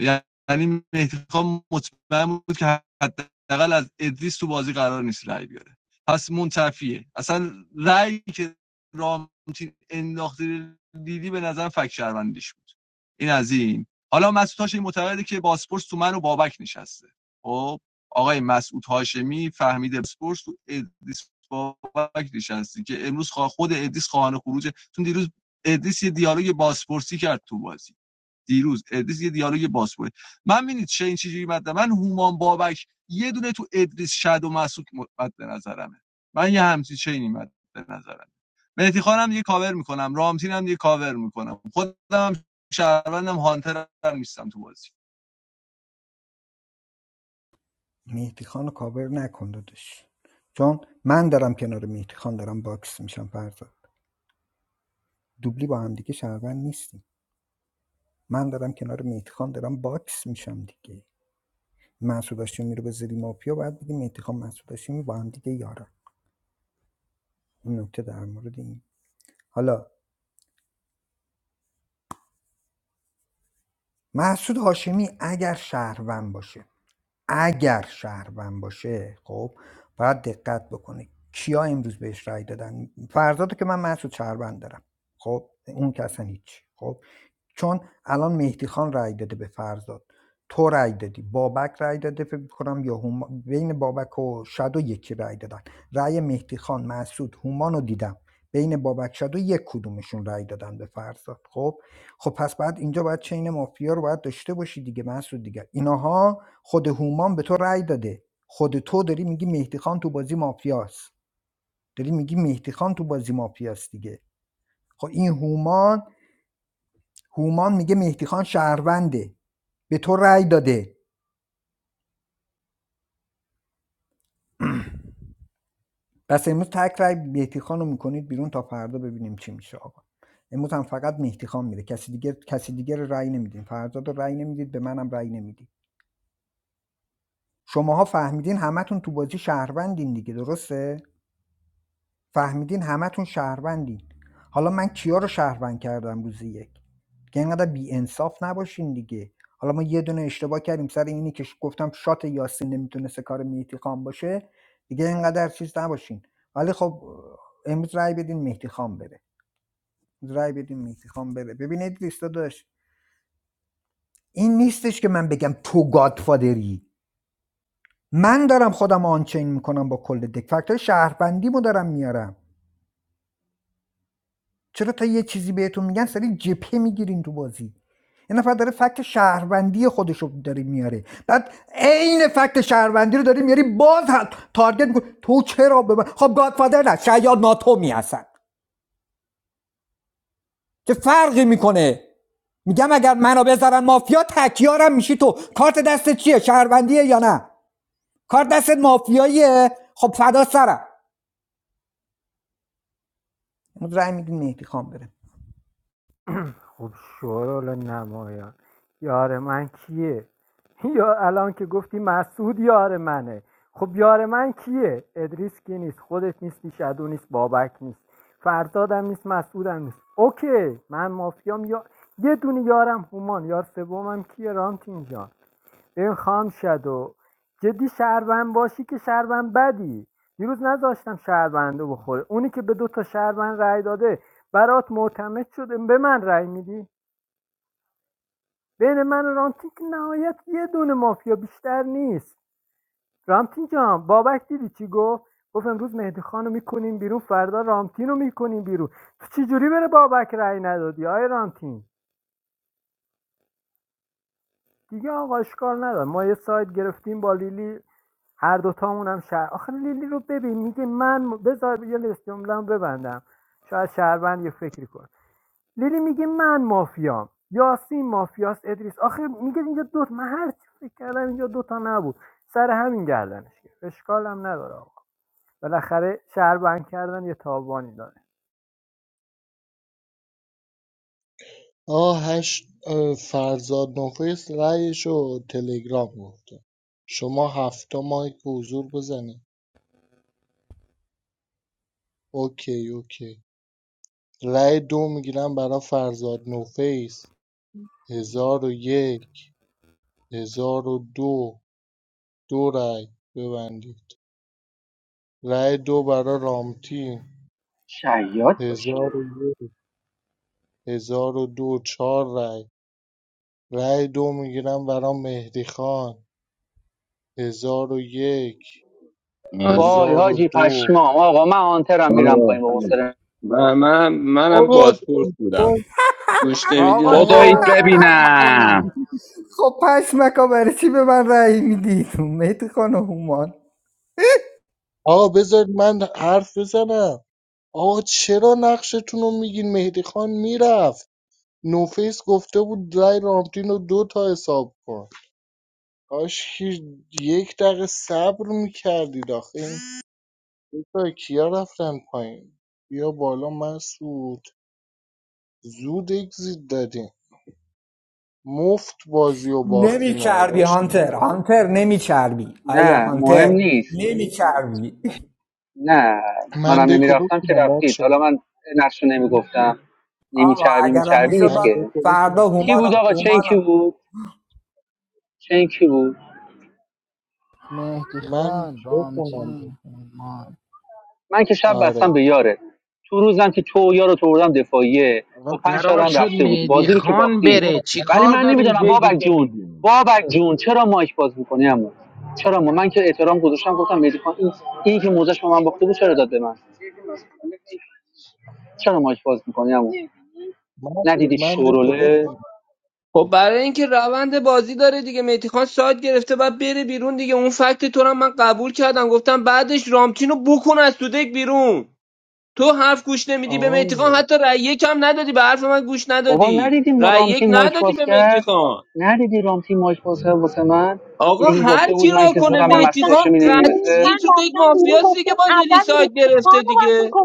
K: یعنی مهدی خان مطمئن بود که حداقل از ادریس تو بازی قرار نیست رأی بیاره پس منتفیه اصلا رأی که رامتین انداخته دیدی به نظر فک شهروندیش بود این از این حالا مسعود هاشمی معتقده که باسپورس تو من و بابک نشسته خب آقای مسعود هاشمی فهمیده باسپورس تو ادریس بابک نشسته که امروز خوا- خود ادریس خواهان خروجه چون دیروز ادریس یه دیالوگ باسپورسی کرد تو بازی دیروز ادریس یه دیالوگ باز کنه من ببینید چه این چیزی مد من هومان بابک یه دونه تو ادریس شد و مسعود مد به نظرمه من یه همچین چینی مد به نظرم مهدی خانم یه کاور میکنم رامتین هم یه کاور میکنم خودم هم شهروندم هانتر هم نیستم تو بازی
E: مهدی خان رو کاور نکن چون من دارم کنار مهدی خان دارم باکس میشم فرزاد دوبلی با هم دیگه شهروند نیستیم من دارم کنار میتخان دارم باکس میشم دیگه محسود هاشمی رو بذاری مافیا باید بگی میتخان محسود هاشمی با هم دیگه یارن این نکته در مورد این حالا محسود هاشمی اگر شهروند باشه اگر شهروند باشه خب باید دقت بکنه کیا امروز بهش رأی دادن فرزادو که من محسود شهروند دارم خب اون که اصلا هیچ خب چون الان مهدی خان رأی داده به فرزاد تو رای دادی بابک رای داده فکر کنم یا هما... بین بابک و شادو یکی رای دادن رای مهدی خان مسعود هومان رو دیدم بین بابک شادو یک کدومشون رای دادن به فرزاد خب خب پس بعد اینجا باید چین مافیا رو باید داشته باشی دیگه مسعود دیگه اینها خود هومان به تو رای داده خود تو داری میگی مهدی خان تو بازی مافیاست داری میگی مهدی خان تو بازی مافیاست دیگه خب این هومان هومان میگه مهدی خان شهرونده به تو رأی داده پس امروز تک رأی مهدی خان رو میکنید بیرون تا فردا ببینیم چی میشه آقا امروز هم فقط مهدی خان میره کسی دیگه کسی دیگه رو رأی نمیدین فرزاد رو رأی نمیدید به منم رأی نمیدید شماها فهمیدین همتون تو بازی شهروندین دیگه درسته فهمیدین همتون شهروندین حالا من کیا رو شهروند کردم روزی یک دیگه اینقدر بی انصاف نباشین دیگه حالا ما یه دونه اشتباه کردیم سر اینی که ش- گفتم شات یاسین نمیتونست کار مهدی خان باشه دیگه اینقدر چیز نباشین ولی خب امروز رای بدین مهدی خان بره امروز رای بدین مهدی خان بره ببینید لیستا داشت این نیستش که من بگم تو گادفادری من دارم خودم آنچین میکنم با کل دک فکتای شهروندیمو دارم میارم چرا تا یه چیزی بهتون میگن سری جبهه میگیرین تو بازی یه نفر داره فکت شهروندی خودش داره میاره بعد عین فکت شهروندی رو داری میاری باز تارگت میکنه تو چرا به من خب گادفادر نه شاید ناتومی هستن چه فرقی میکنه میگم اگر منو بذارن مافیا تکیارم میشی تو کارت دستت چیه شهروندیه یا نه کارت دستت مافیاییه خب فدا سرم رأی میدین مهدی خان بره
B: خب شورال نمایان یار من کیه <laughs> یا الان که گفتی مسعود یار منه خب یار من کیه ادریس کی نیست خودت نیستی شدو نیست بابک نیست فرزادم نیست مسعودم نیست اوکی من مافیام یا یه دونه یارم هومان یار سومم کیه رامتین جان این خام شدو جدی شهروند باشی که شهروند بدی دیروز نذاشتم شهرونده بخوره اونی که به دو تا شهروند رأی داده برات معتمد شده به من رأی میدی بین من و رامتین که نهایت یه دونه مافیا بیشتر نیست رامتین جان بابک دیدی چی گفت گفت امروز مهدی خان رو میکنیم بیرون فردا رامتین رو میکنیم بیرون تو چجوری بره بابک رأی ندادی آی رامتین دیگه آقا اشکال نداره ما یه سایت گرفتیم با لیلی هر دوتامون هم شهر آخه لیلی رو ببین میگه من بذار یه لیست جمله ببندم شاید شهروند یه فکری کنه لیلی میگه من مافیام یاسین مافیاست ادریس آخه میگه اینجا دوت من هر چی فکر کردم اینجا دوتا نبود سر همین گردنش گرفت اشکال هم نداره آقا بالاخره شهر بند کردن یه تاوانی داره
I: آه هشت اه، فرزاد نفیس رایشو تلگرام گفته شما هفته مایک حضور بزنید اوکی اوکی رای دو میگیرم برای فرزاد نوفیس هزار و یک هزار و دو دو رای ببندید رای دو برای رامتین
C: شیاد باشه
I: هزار و یک هزار و دو چهار رای رای دو میگیرم برای مهدی خان هزار و یک
F: آره
C: وای
I: هزار و
C: حاجی
I: دو
C: پشمام آقا من آنترم میرم
F: آره،
C: پایین با
F: آره.
C: حوصله
F: من من منم
I: آقا
F: بازپرس بودم گوش
B: آقا
F: نمیدینم
H: خداییت
B: چرا
I: آقا
B: خراب
H: ببینم
B: میکنی
E: خب پشمکا برای چی به من رأی میدید مهدی خان و هومان
I: آقا بذارید من حرف بزنم آقا چرا نقشتون رو میگین مهدی خان میرفت نوفیس گفته بود رأی رامتین رو دو تا حساب کن کاش که یک دقیقه صبر میکردید آخه این دو تا کیا رفتن پایین بیا بالا مسعود زود اگزیت دادیم مفت بازی و
E: نمی
I: باختین ها
E: نمیچربی هانتر
I: داشتیم
E: هانتر نمی نمیچربی آیه
C: نه مهم
E: هانتر
C: نیست
E: نمیچربی
C: نه
I: من
C: منم
I: دکو
C: نمیرفتم که
I: بکنم
C: رفتید
I: بچه
C: حالا من نقش رو نمیگفتم
E: آقا
C: نمیچربی
E: اگرم
C: میچربی
E: میشد
C: نیست
I: من
E: با
C: که
I: دکو بکنم
E: فردا
C: کی
E: هومان
C: بود
E: و-
C: آقا
E: هومان
C: چنکی بود چنکی بود
J: مهدی
I: من
J: خان
I: بخونم دکو.
J: رامتین هومان
C: من که شب بستم
I: آره
C: به یاره تو روزم که تو و یارو تو بردم دفاعیه
D: آقا
C: با پنج
D: قرار
C: تا هم
D: شد
C: رفته بود
D: مهدی
C: بازی رو که
D: خان
C: باختی
I: آقا،
D: بره چی
C: ولی
D: کار
C: من
D: دارین
C: نمیدونم
D: جای
C: بابک
D: دیگه
C: جون
D: میبینیم
C: بابک جون چرا مایک باز میکنی اما چرا ما من که احترام گذاشتم گفتم مهدی خان این این که موزش به من باخته بود چرا داد به من چرا مایک باز میکنی اما
I: مسعود
C: ندیدی
I: من دکو
C: شوروله
I: بخونم
F: خب برای اینکه روند بازی داره دیگه مهدی خان سایت گرفته بعد بره بیرون دیگه اون فکت تو رو هم من قبول کردم گفتم بعدش رامتین رو بکن از تو دک بیرون تو حرف گوش نمیدی به
I: آه
F: مهدی خان حتی رأی یک هم ندادی به حرف من گوش
C: بابا
F: ندادی
C: ندیدی مرامتی
F: رأی
C: رامتی
F: یک
C: مایک
F: ندادی
C: باز
F: به مهدی
C: کرد
F: خان
C: ندیدی رامتی مایک باز کرد واسه من
F: آقا
C: اینی که
F: هر
C: گفته بود
F: کی
C: من
F: را
C: که
F: کنه
C: زورم به
F: مهدی
C: مسعود
F: خان
C: هاشمی نمیرسه
F: قطعی تو یک مافیاست دیگه با لیلی سایت گرفته دیگه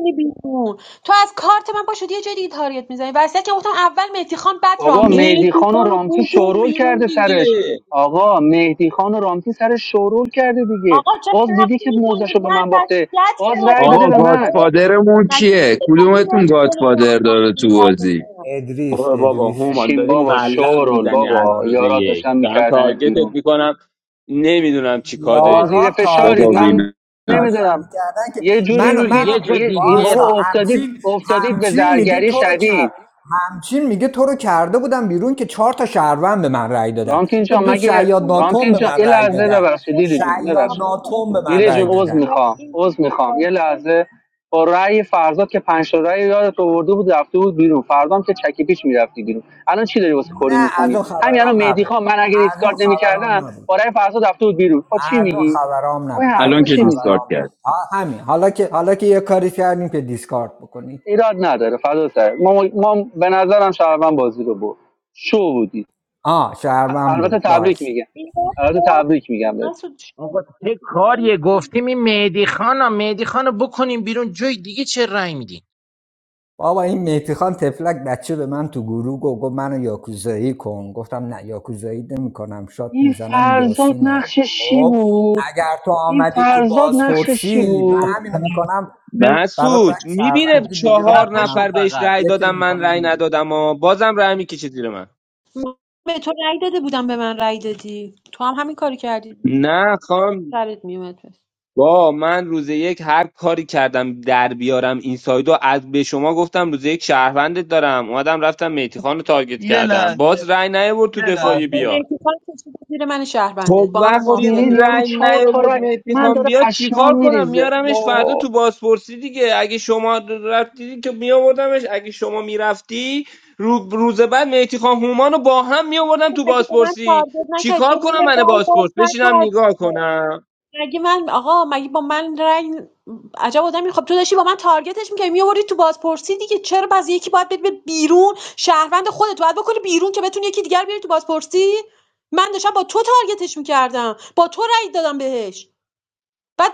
C: بابا مهدی
F: مهدی
C: خان و
F: خان رو
C: رامتی
F: بکن
C: شورول
F: بیرون
C: کرده سرش
F: دیگه
C: آقا مهدی خان و رامتی سرش شورول کرده دیگه باز دیدی که موزش رو به من باخته باز رأی داده
H: آقا
C: به من
H: گادفادرمون کیه کدومتون گادفادر داره تو بازی
E: ادریس
F: آه بابا
E: ادریس
F: هومان
C: بشین
F: داری
C: بابا
E: ادریس
F: ملق
C: شورول
F: میزنی از
C: بابا
F: روز
C: یارات
F: یک
C: داشتن
F: دارم
C: میکردن
F: تارگتت
C: بیرون
F: میکنم نمیدونم چی کار
C: بابا
F: دارید
C: زیر
E: یاران
F: میکنم
C: فشارید
H: خدا
E: تارگت
C: من
E: هم
H: بینه
E: داشتن
C: نمیدونم
E: میکردن که
C: یه جوری
E: منو
D: چرا
C: میگید
E: منو
D: یه جا
C: یه... یه-
D: دیگه
E: واسه
D: ر-
C: بابا افتادید
E: همچین
C: افتادید به
E: همچین میگه
C: زرگری
E: تو رو کرد
C: شدید
E: همچین میگه تو رو کرده بودم بیرون که چهار تا شهروند به من رأی دادن
C: رامتین
E: دو
C: جان
E: دو
C: مگه
E: شیاد ناتوم
C: رامتین
E: به
C: جان
E: من
C: یه
E: رأی
C: لحظه
E: دادن
C: ببخشید دیدی جون
E: شیاد ناتوم به من
C: لیلی
E: رأی
C: جون عوض
E: دادن
C: میخوام عوض میخوام یه لحظه با رأی فرزاد که پنج تا رأی یادت آورده بود رفته بود بیرون فردام که چکی پیچ میرفتی بیرون الان چی داری واسه کری
E: نه از
C: میکنی
E: اون
C: همین
E: خبرام
C: الان مهدی
E: نبود
C: خان من اگه
E: از اون
C: ریسکارد
E: خبرام
C: نمیکردم
E: نبود
C: با رأی فرزاد رفته بود بیرون خب چی
E: از اون
C: میگی
E: خبرام
C: اون
E: نبود از
H: الان
C: حرفا
E: اون
H: که
C: چی
H: دیسکارد
C: میزنی
E: خبرام
H: کرد
E: نبود آه، همین حالا که حالا که یه کاری کردیم که دیسکارد بکنی
C: ایراد نداره فدا سر ما, ما به نظرم شهروند بازی رو برد شو بودی
E: آه شهرمن
C: البته
E: برد
C: تبریک
E: باشه
C: میگم البته تبریک میگم بهت
D: آقا چه کاریه گفتیم این مهدی خان مهدی خان بکنیم بیرون جای دیگه چه رأی میدین
E: بابا این مهدی خان تفلک بچه به من تو گروه گفت گفت منو یاکوزایی کن گفتم نه یاکوزایی نمیکنم شات
C: این
E: میزنم
C: فرزاد
E: یاسینو
C: نقشش چی
E: خب
C: بود
E: اگر تو
C: این
E: آمدی تو
C: فرزاد نقشش چی
E: بازپرسی من
C: بود
E: همینو میکنم برات
F: مسعود
E: فکر
F: میبینه
E: شهروندی
K: تو
E: لیلی رو
F: چهار نفر
E: میکنم
F: بهش رأی
E: یکی رو
F: دادم من رأی
E: میکنم
F: ندادم و بازم رأی میکشه زیر من نه خان با من روز یک هر کاری کردم در بیارم این سایدو از به شما گفتم روز یک شهروندت دارم اومدم رفتم میتی خان رو تارگت
K: یه
F: کردم باز رأی نیاورد تو دفاعی بیاد خب
C: بابا
F: وقتی این
C: دیدید یارو
F: رأی
C: چهار تا
F: نیاورد
C: رای
F: مهدی
C: من
F: خان
C: داره
F: بیاد چیکار
C: پشمام
F: کنم
C: میریزه
F: میارمش فردا
C: با
F: تو بازپرسی دیگه اگه شما رفتی که میآوردمش اگه شما میرفتی رو روز بعد مهدی خان هومان رو با هم میآوردم تو
M: من فکر
F: بازپرسی
M: نکردم
F: چیکار کنم من بازپرس بشینم نگاه کنم
M: مگه من آقا مگه با من رنگ عجب آدمی خب تو داشتی با من تارگتش میکردی میآوردی تو بازپرسی دیگه چرا باز یکی باید بری به بیرون شهروند خودت باید بکنی بیرون که بتونی یکی دیگر بیاری تو بازپرسی من داشتم با تو تارگتش میکردم با تو رای بعد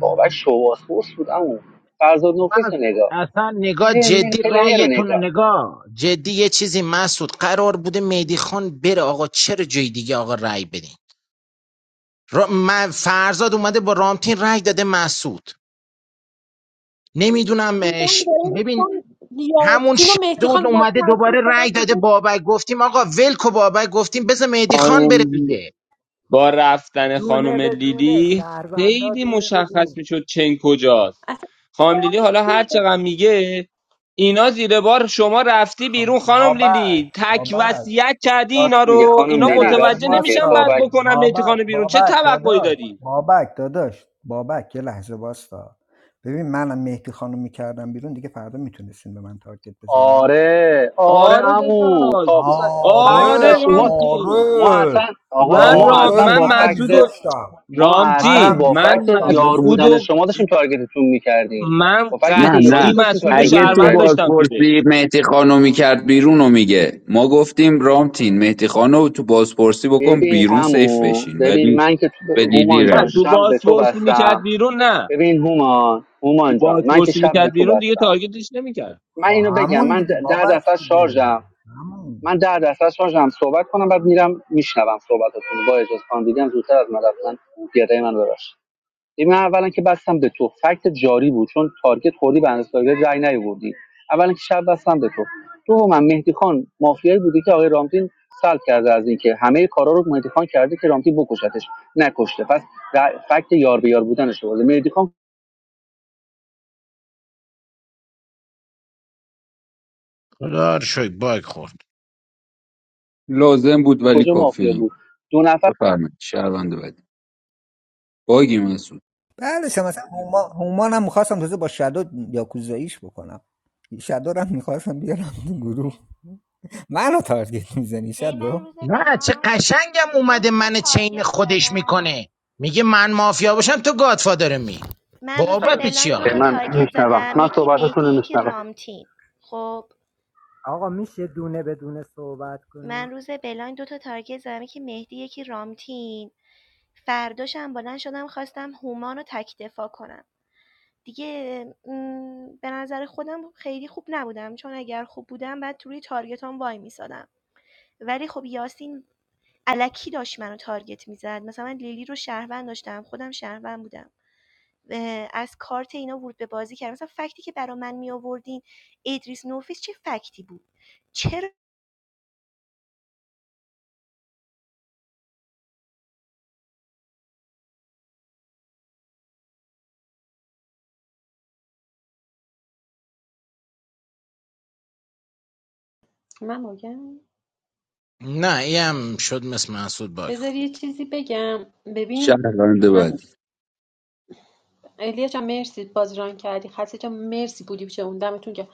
C: بابا شواس بوس بود اون فرزاد
D: من
C: نفیس رو
D: از-
C: نگاه
D: اصلا نگاه
C: نه- نه،
D: جدی
C: پلیر رو
D: رأیتون رو
C: نگاه
D: نگاه جدی یه چیزی مسعود قرار بوده مهدی خان بره آقا چرا جای دیگه آقا رأی بدین را... من فرزاد اومده با رامتین رأی داده مسعود نمیدونم ببین همون شدود اومده دوباره رأی داده بابک گفتیم آقا ولکو بابک گفتیم بذار مهدی خان بره
F: خانم
D: دیگه
F: با رفتن
B: دونه
F: خانم
B: به دونه
F: لیلی
B: شهروندا
F: خیلی
B: دونه به دونه
F: مشخص میشد چنگ کجاست خانم لیلی حالا هر چقدر میگه اینا زیر بار شما رفتی
E: خب
F: بیرون خانم
E: بابک
F: لیلی تک
E: بابک
F: وصیت کردی اینا
C: راست میگه
F: رو
C: خانم
F: اینا
E: یه
C: لیلی
E: لحظه
F: متوجه
C: راست میگه
F: نمیشن بعد
E: باستا
C: بابک
F: بکنن میتی
E: بابک
F: خانه بیرون چه
E: بابک
F: توقعی
E: داداش
F: داری
E: بابک داداش بابک یه لحظه باستا ببین منم مهدی خانم میکردم بیرون دیگه فردا میتونستین به من تارگت بزنین
C: آره آره
F: آره
C: امو
F: داداش
C: تا فکت
E: آره
F: آره
C: داشت ما
F: رامتین
C: ما اصلا
E: آره
C: آقا
F: من
C: ما
F: رام...
C: اصلا
E: آره
F: من
C: با
E: منم
F: مسعود
C: فکت
F: و
E: میذاشتم
C: ما اصلا
F: رامتین
E: منم
C: با
F: من
C: فکت
E: میذاشتم
C: یار
F: مسعود
E: بزن
C: بودن
F: و
C: شما داشتیم تارگتتون میکردیم
F: من
C: با فکتی که
H: نه
C: یاری
F: قطعی
H: نه
C: داشتیم
F: مسعود و
H: اگه
C: تارگتتون
H: تو
F: شهروند
C: میکردیم
F: داشتم تو دک
H: بازپرسی مهدی خانو کرد بیرون رو میگه ما گفتیم رامتین مهدی خانو تو بازپرسی بکن
C: ببین
H: بیرون سیف
C: امو
H: بشین
C: ببین
H: ولی
C: من که
H: به
C: تو-
H: لیلی
C: هومان
H: رای
F: نه
C: جان
H: داد.
F: تو
C: شب به تو
F: بازپرسی میکرد
C: بستم
F: بیرون نه
C: ببین هومان
F: تو
C: هومان جان من که
F: بازپرسی
C: شب به
F: میکرد
C: تو
F: بیرون دیگه
C: بستم
F: تارگتش نمیکرد
C: من
E: خب
C: اینو بگم
E: همون
C: من
E: دیگه
C: د- در
E: بابک
C: درصد
E: دیگه
C: شارژم
E: همون
C: من در درصد شارژم صحبت کنم بعد میرم میشنوم صحبتتون با اجازه خان دیدم زودتر از من رفتن گدای من ببخشید ببین، من اولا که بستم به تو فکت جاری بود چون تارگت خوردی به اندازه تارگت رای نیاوردی اولا که شب بستم به تو تو من مهدی خان مافیایی بوده که آقای رامتین سلب کرده از اینکه همه کارا رو مهدی خان کرده که رامتین بکشتش نکشته پس ر- فکت یار به یار بودنش بود مهدی خان
D: خدا رو شکر باگ خورد
H: لازم بود ولی
C: کجا
H: کافی
C: مافیا بود
H: نبود
C: دو نفر
H: بفرمایید شهروند بعدی باگی مسعود
E: بله شما مثلا هومان هومان هم میخواستم تازه با شادو یاکوزاییش بکنم شادو رو هم میخواستم بیارم تو گروه منو تارگت میزنی
L: به من
E: شادو
L: روز
D: نه چه
L: بلایند
D: قشنگم
L: دو
D: اومده
L: تا
D: من چین
L: تارگت
D: خودش
L: زدم
D: میکنه میگه من مافیا باشم تو گادفادر می
L: من روز
D: بابت چی
L: بلاین دو
C: به
L: تا
D: آخه
C: من
L: تارگت
C: میشنوم
L: زدم
C: من
L: یکی
C: صحبتتون
L: مهدی
C: رو
L: یکی
C: میشنوم
L: رامتین خب
B: آقا میشه دونه به دونه صحبت کنی
L: من روز بلاین 2 تا تارگت زدم یکی مهدی یکی رامتین فرداشم بلند شدم خواستم هومان رو تک دفاع کنم دیگه م، به نظر خودم خیلی خوب نبودم چون اگر خوب بودم بعد توی تارگتام وای میسادم ولی خب یاسین علکی داشت منو تارگت میزد مثلا من لیلی رو شهروند داشتم خودم شهروند بودم اه، از کارت اینا ورود به بازی کردم مثلا فکتی که برا من می آوردین ادریس نوفیس چه فکتی بود چرا
M: من میگم
D: نه ایم شد مثل محسود باگ
M: بذار
D: خورد
M: یه چیزی بگم ببین
H: شهروند
M: من-
H: بعدی
M: الیا جان مرسی باز ران کردی خسته جان مرسی بودی چه اون دمتون که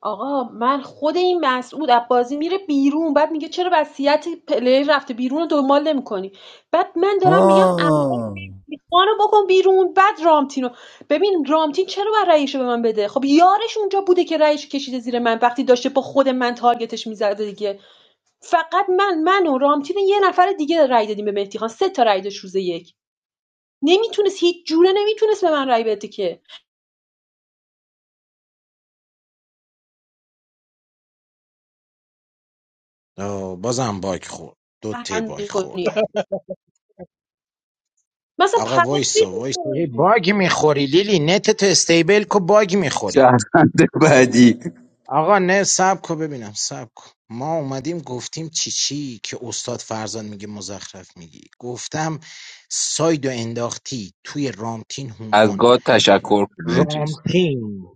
M: آقا من خود این مسعود از بازی میره بیرون بعد میگه چرا وصیت پلیر رفته بیرون رو دنبال نمیکنی بعد من دارم میگم
E: آه.
M: خانو بکن بیرون بعد رامتینو ببین رامتین چرا باید رأیشو به من بده خب یارش اونجا بوده که رأیش کشیده زیر من وقتی داشته با خود من تارگتش میزده دیگه فقط من من و رامتین و یه نفر دیگه رأی دادیم به مهدی خان سه تا رأی داشت روز یک نمیتونست هیچ جوره نمیتونست به من رای بده که
D: آه، بازم باگ خورد دو تی باگ
M: بندش کنی
D: خوردم
M: مثلا
D: آقا
M: پر
D: وایسا وایسا یه باگ میخوری لیلی نت تو استیبل کو باگ میخوری
H: شهروند بعدی
D: آقا نه سب کن ببینم سب کن ما اومدیم گفتیم چی چی که استاد فرزان میگه مزخرف میگی گفتم سایدو انداختی توی رامتین
H: از
D: هومان
H: گاد تشکر کنه چیز
D: رامتین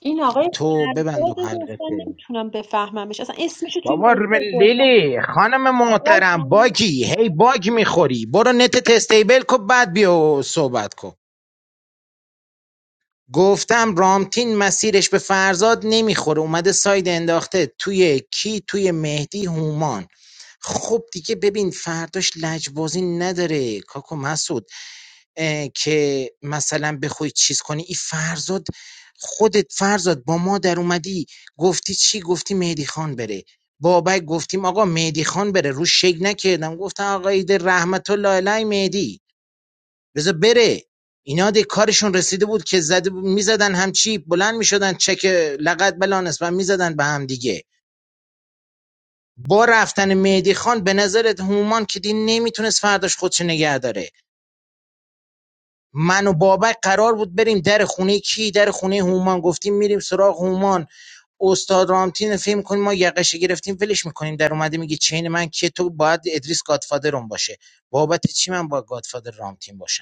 M: این آقای
D: تو ببند و
M: خود اصلا
D: حلقته
M: نمیتونم بفهممش اصلا اسمشو تو این
D: بابا
M: بازی
D: ر- لیلی خانم محترم باگی هی باگ میخوری برو نت تستیبل کن بعد بیا و صحبت کن گفتم رامتین مسیرش به فرزاد نمیخوره اومده ساید انداخته توی کی توی مهدی هومان خب دیگه ببین فرداش لجبازی نداره کاکو مسعود اه، که مثلا بخوای چیز کنی این فرزاد خودت فرزاد با ما در اومدی گفتی چی گفتی مهدی خان بره بابک گفتیم آقا مهدی خان بره رو شک نکردم گفتم آقا ایده رحمت الله علی مهدی بذار بره اینا دیگه کارشون رسیده بود که زده بود میزدن هم چی بلند میشدن چک لقد بلانس و میزدن به هم دیگه با رفتن مهدی خان به نظرت هومان که دین نمیتونست فرداش خودش نگه داره من و بابک قرار بود بریم در خونه کی در خونه هومان گفتیم میریم سراغ هومان استاد رامتین فیلم کنیم ما یقشه گرفتیم ولش میکنیم در اومده میگه چین من که تو باید ادریس گادفادرم باشه بابت چی من با گادفادر رامتین باشم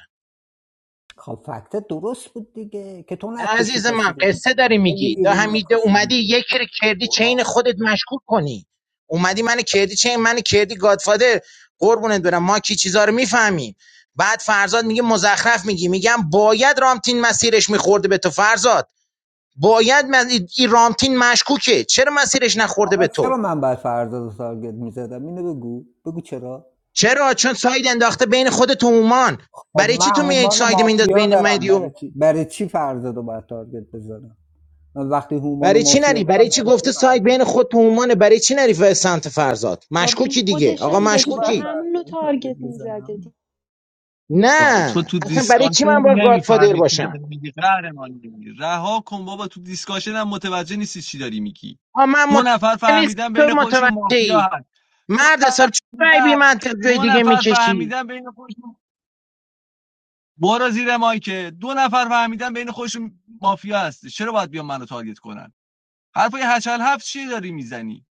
E: خب فکت درست بود دیگه که تو
D: نه
E: نکشی
D: عزیز
E: کسی
D: من
E: رو
D: قصه
E: دیگه
D: داری
E: تو
D: میگی
E: میری
D: دا
E: رو
D: همیده
E: نکشی
D: اومدی
E: دیگه
D: یکی رو کردی چین
E: آقا
D: خودت مشکوک کنی اومدی من کردی چین من کردی گادفادر قربونت برم ما کی چیزا رو میفهمیم بعد فرزاد میگه مزخرف میگی میگم باید رامتین مسیرش میخورده به تو فرزاد باید من این رامتین مشکوکه چرا مسیرش نخورده
E: آقا
D: به
E: چرا
D: تو
E: من باید فردا رو تارگت میزدم اینو بگو بگو چرا
D: چرا چون ساید انداخته بین خودت و هومان
E: خب
D: برای چی
E: من
D: تو میای
E: هومان و
D: ساید مینداز
E: مافیا
D: بین
E: دارم برای
D: مدیوم
E: چی برای چی فردا رو باید تارگت بزنم من وقتی هومان و
D: برای چی
E: مافیا
D: نری برای
E: دارم
D: چی
E: برای چی
D: گفته سایت
E: فردا
D: بین خود و هومانه برای چی نری به سمت فرزاد
M: خب این
D: مشکوکی
E: خب
D: دیگه
M: خودشم
D: آقا
M: هم
E: برای چی
M: داشته
E: باید
D: مشکوکی
M: همونو
E: فردا تارگت
M: تارگت میزده
E: بزنم
K: تو
D: نه
K: تو
D: اصلا برای
K: دیسکاشن
D: چی من باید گادفادر
K: نمیفهمی چی داری
D: باشم
K: میگی قهرمان دیگه. رها کن بابا تو دیسکاشن هم متوجه نیستی چی داری میگی
D: آ من
K: دو
D: مت...
K: نفر
D: نیست
K: فهمیدن
D: تو
K: بین خودشون
D: متوجهی
K: مافیا دو
D: مرد
K: نفر
D: حساب چرا رای بی
K: بودن،
D: منطق جای
K: دو
D: دیگه
K: نفر
D: میکشی
K: فهمیدن بین خودشون برو زیر مایکه دو نفر فهمیدن بین خودشون مافیا هست چرا باید بیان منو تارگت کنن حرفای هشل هفت چی داری میزنی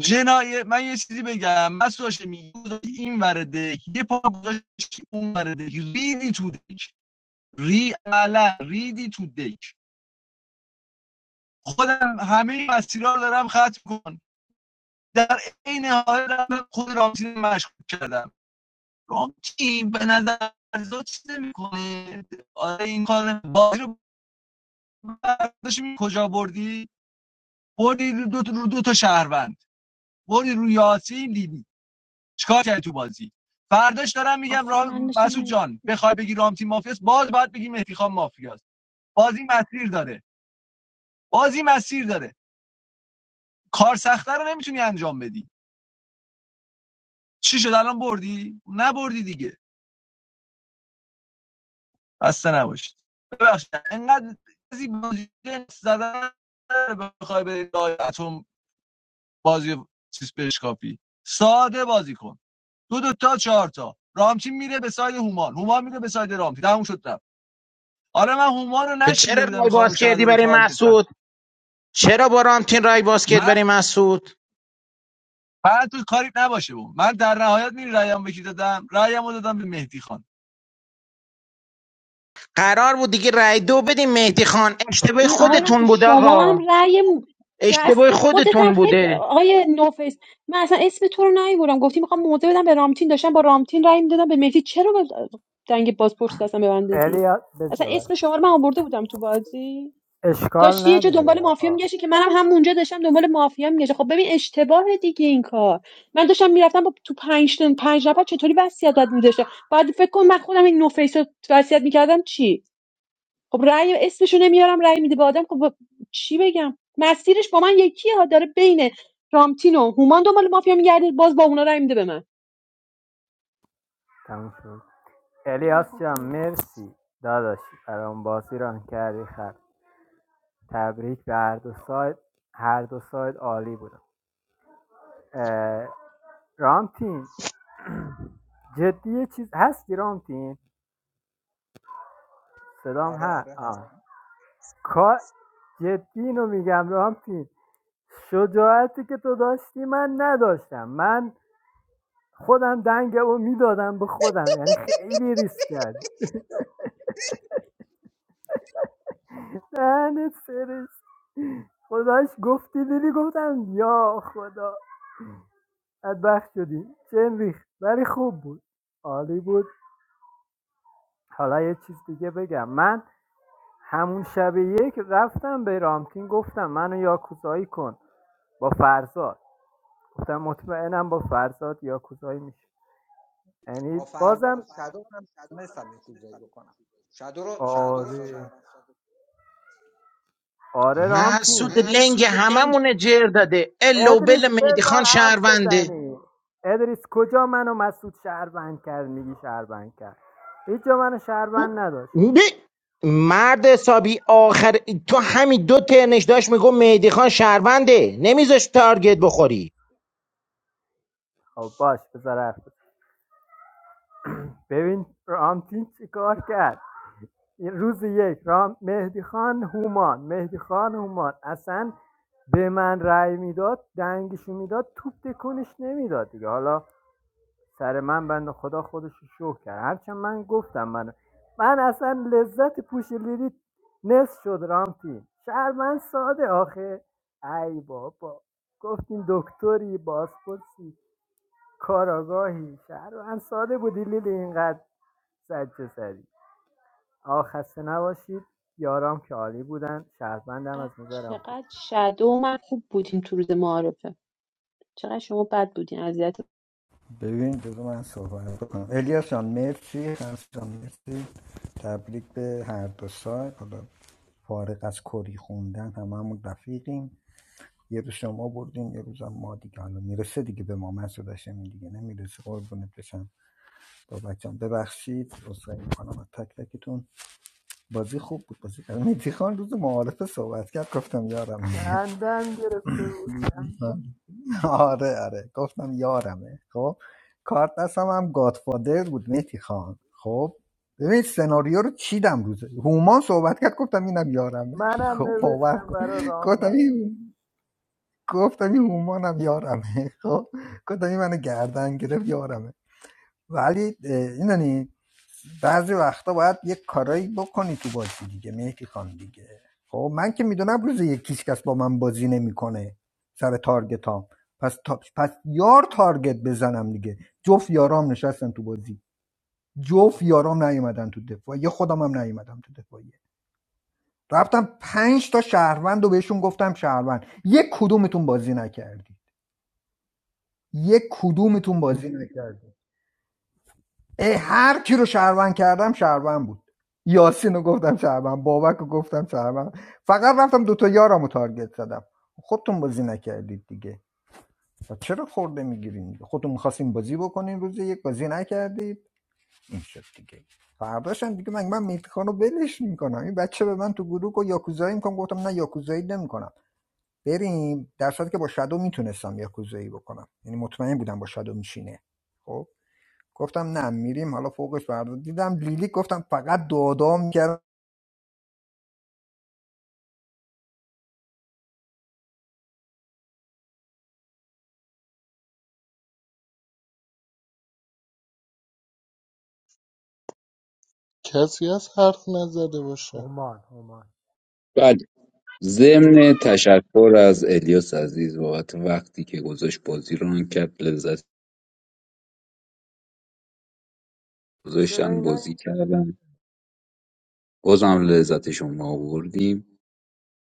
K: جنایه من یه چیزی بگم من سوشه میگوز این ورده یه پا گذاشت اون ورده ریدی تو دک ری علا ریدی تو دک خودم همه مسیرها رو دارم ختم کن در عین حال دارم خود رامتین مشغول کردم رام تیم به نظر تو چیز میکنه آره این کار بازی رو برداشت کجا بردی بردی رو دو, تا- رو دو تا شهروند بردی رو یاسین لیلی چیکار کردی تو بازی فرداش دارم میگم
M: اصلا
K: را...
M: من داشتم
K: مسعود جان بخوای بگی رام تیم مافیاست باز باید بگی مهدی خان مافیاست بازی مسیر داره بازی مسیر داره کار سخته رو نمیتونی انجام بدی چی شد الان بردی نبردی دیگه خسته نباشید ببخشید انقدر بازی بازی جنس زدن نداره بخوای به اتم بازی چیز بهش کاپی ساده بازی کن دو دو تا چهار تا رامتین میره به ساید هومان هومان میره به ساید رامتین تموم شد رفت آره من هومان رو
D: به چرا
K: نشیده بودم
D: رای
K: میخوام
D: باز
K: شهر
D: کردی
K: رو
D: برای
K: تارگت کنم
D: مسعود چرا با رامتین رای باز کرد
K: من
D: برای مسعود
K: فقط تو کاری نباشه بود من در نهایت می رایم بکی دادم رایم دادم به مهدی خان
D: قرار بود دیگه رای دو بدیم مهدی خان اشتباه
M: این آقای رو تو
D: خودتون بود
M: شما
D: آقا
M: هم رأی
D: اشتباه
M: دست خودت هم
D: خودتون
M: خیلی
D: بوده
M: آقای نوفیس من اصلا اسم تو رو نمیبرم گفتی میخوام موضع بدم به رامتین داشتم با رامتین رأی میدادم به مهدی چرا به دنگ بازپرس دستم به من دادی
B: الیاس
M: اصلا
B: بذار
M: اسم شما رو من آورده بودم تو بازی
B: اشکال
M: داشتی یه جا
B: نداره
M: دنبال مافیا
B: آقا
M: میگشتی که منم همونجا داشتم دنبال مافیا میگشتم خب ببین اشتباه دیگه این کار من داشتم میرفتم با تو پنج تا- پنج نفر چطوری وصیت داد میذاشته بعد فکر کن من خودم این نوفیس رو وصیت میکردم چی خب رأی اسمشو نمیارم رأی میده به آدم خب با- چی بگم مسیرش با من یکی ها داره بین رامتین و هومان دنبال مافیا میگرده باز با اونا رأی میده به من
B: تموم شد الیاس جان
M: چقدر
B: مرسی داداشی برام بازی ران کردی خر تبریک به هر دو سایت هر دو سایت عالی بودن رام تیم جدی یه چیز هستی رام تیم صدام
E: آره آره هست
B: ها کار جدی اینو میگم رام تیم شجاعتی که تو داشتی من نداشتم من خودم دنگ رو میدادم به خودم یعنی خیلی ریسک کرد دهنت سرش خداش گفتی دیدی گفتم یا خدا بدبخت شدی چه ریخت ولی خوب بود عالی بود حالا یه چیز دیگه بگم من همون شب یک رفتم به رامتین گفتم منو یاکوزایی کن با فرزاد گفتم مطمئنم با فرزاد یاکوزایی میشه
E: با
B: یعنی بازم
E: فرزاد شادو من تونستم یه کوزایی بکنم شادو رو شهروند ساده
B: آره آره رامتین
D: محسود لنگ هممونه جر داده الا و
B: ادریس
D: بل مهدی
B: بذار
D: خان
B: حرف
D: شهرونده
B: بزنیم ادریس کجا منو مسعود شهروند کرد میگی شهروند کرد هیچ جا منو شهروند نداشت
D: ب... مرد حسابی آخر تو همین دو ترنش داشت میگو مهدی خان شهرونده نمیذاش تارگت بخوری
B: خب باش بذار حرف بزن. ببین رامتین چیکار کرد روز یک را مهدی خان هومان مهدی خان هومان اصلا به من رأی میداد دنگشو میداد توپ تکونش نمیداد دیگه حالا سر من بنده خدا خودش رو شوه کرد هرچند من گفتم من من اصلا لذت پوش لیلی نصف شد رامتین شهر من ساده آخه ای بابا گفتین دکتری بازپرسی کاراگاهی شهر من ساده بودی لیلی اینقدر سجه سری آقا خسته نباشید یارام که عالی بودن شهروندم از نظرم خوب
M: چقدر شدو من خوب بودیم تو روز معارفه چقدر شما بد بودین اذیت
E: ببین بذار من صحبت بکنم الیاس جان مرسی خمس جان مرسی تبریک به هر دو سایت حالا فارغ از کری خوندن هممون رفیقیم یه روز شما بردین یه روزم ما دیگه حالا میرسه دیگه به ما من داشتم این دیگه نمیرسه قربونت بشم بابا جان ببخشید عذرخواهی میکنم از تک تکتون بازی خوب بود بازی کرد میتیخان روز معارفه صحبت کرد گفتم یارمه
B: خندم گرفته بود
E: <laughs> آره آره گفتم یارمه خب کارت دستم هم گادفادر بود مهدی خان خب ببین سناریو رو چیدم روزه هومان صحبت کرد گفتم اینم یارمه <laughs>
B: منم
E: خب باور
B: نوشتم
E: کن
B: برا
E: گفتم
B: رامین
E: این گفتم این هومانم یارمه <laughs> خب گفتم این منو گردن گرفت یارمه ولی اه، این بعضی وقتا باید یک کارایی بکنی تو بازی دیگه مهدی خان دیگه خب من که میدونم روز یکیش کس با من بازی نمیکنه سر تارگت هم پس, تا... پس یار تارگت بزنم دیگه جفت یارام نشستن تو بازی جفت یارام نیومدن تو دفاعیه خودم هم نیومدم تو دفاعیه رفتم پنج تا شهروند و بهشون گفتم شهروند یک کدومتون بازی نکردی یک کدومتون بازی نکردی ای هر کی رو شهروند کردم شهروند بود یاسین رو گفتم شهروند بابک رو گفتم شهروند فقط رفتم دوتا یارم رو تارگت زدم خودتون بازی نکردید دیگه و چرا خورده میگیرین خودتون میخواستین بازی بکنین روز یک بازی نکردید این شد دیگه فرداشم دیگه من من میتخان رو بلش میکنم این بچه به من تو گروه و یاکوزایی میکنم گفتم نه یاکوزایی نمیکنم بریم در صورتی که با شادو میتونستم یاکوزایی بکنم یعنی مطمئن بودم با شادو میشینه گفتم نه میریم حالا فوقش فردا دیدم لیلی گفتم فقط دو دو میکرد
I: کسی از حرف نزده باشه
B: همان همان
H: ضمن تشکر از الیاس عزیز بابت وقتی که گذاشت بازی ران کرد لذت
B: چرا
H: گذاشتن
B: اینا
H: بازی
B: این
H: کردن بازم لذت شما آوردیم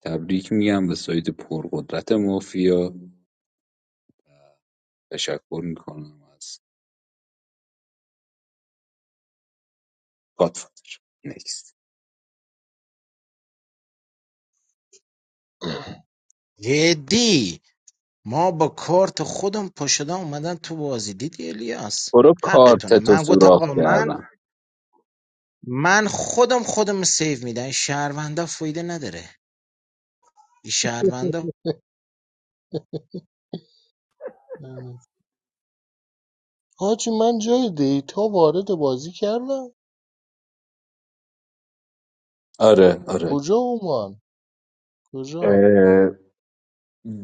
H: تبریک میگم به سایت پرقدرت مافیا تشکر میکنم از گادفادر نکست
D: جدی ما با کارت خودم پشدم اومدم تو بازی دیدی الیاس
H: برو
D: حقتونه
H: کارتتو
D: من گفتم
H: سوراخ
D: آقا من
H: کردم
D: من خودم خودم سیو میدم این شهروندا فایده نداره این شهروندا
I: <clears throat> حاجی من جای دیتا وارد بازی کردم
H: آره آره
I: کجا اومان کجا
H: اه،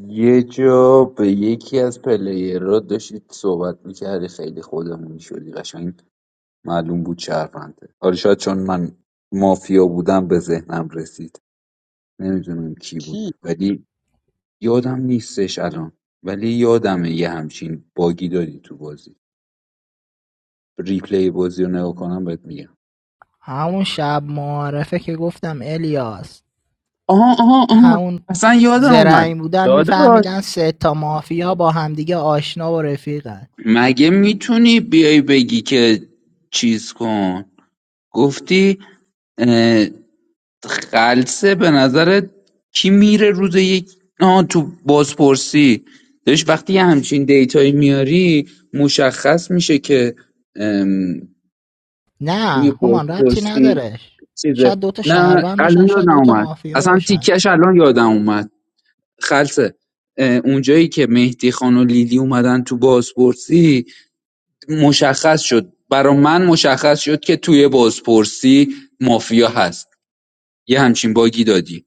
H: یه جا به یکی از پلیرها داشتید صحبت میکردی خیلی خودمونی شدی قشنگ معلوم بود شهرونده حالا شاید چون من مافیا بودم به ذهنم رسید نمیدونم کی
I: کی
H: بود ولی یادم نیستش الان ولی یادمه یه همچین باگی دادی تو بازی ریپلی بازی رو نگاه کنم بهت میگم
J: همون شب معارفه که گفتم الیاس
H: آها آها آها
J: همون
H: اصلا یادم اومد
J: زرنگ بودن
H: داداش
J: میفهمیدن سه تا مافیا با همدیگه آشنا و رفیقن
H: مگه میتونی بیای بگی که چیز کن گفتی خلصه به نظرت کی میره روز یک آه تو بازپرسی داشت وقتی یه همچین دیتایی میاری مشخص میشه که ام، توی
J: نه هومان ربطی
H: بازپرسی
J: نداره
H: چیزه
J: شاید دوتا
H: نه
J: شهروند باشن
H: الان
J: شاید
H: یادم
J: دوتا
H: اومد
J: مافیا
H: اصلا
J: باشن
H: تیکش الان یادم اومد خلصه اه، اونجایی که مهدی خان و لیلی اومدن تو بازپرسی مشخص شد برا من مشخص شد که توی بازپرسی مافیا هست یه همچین باگی دادی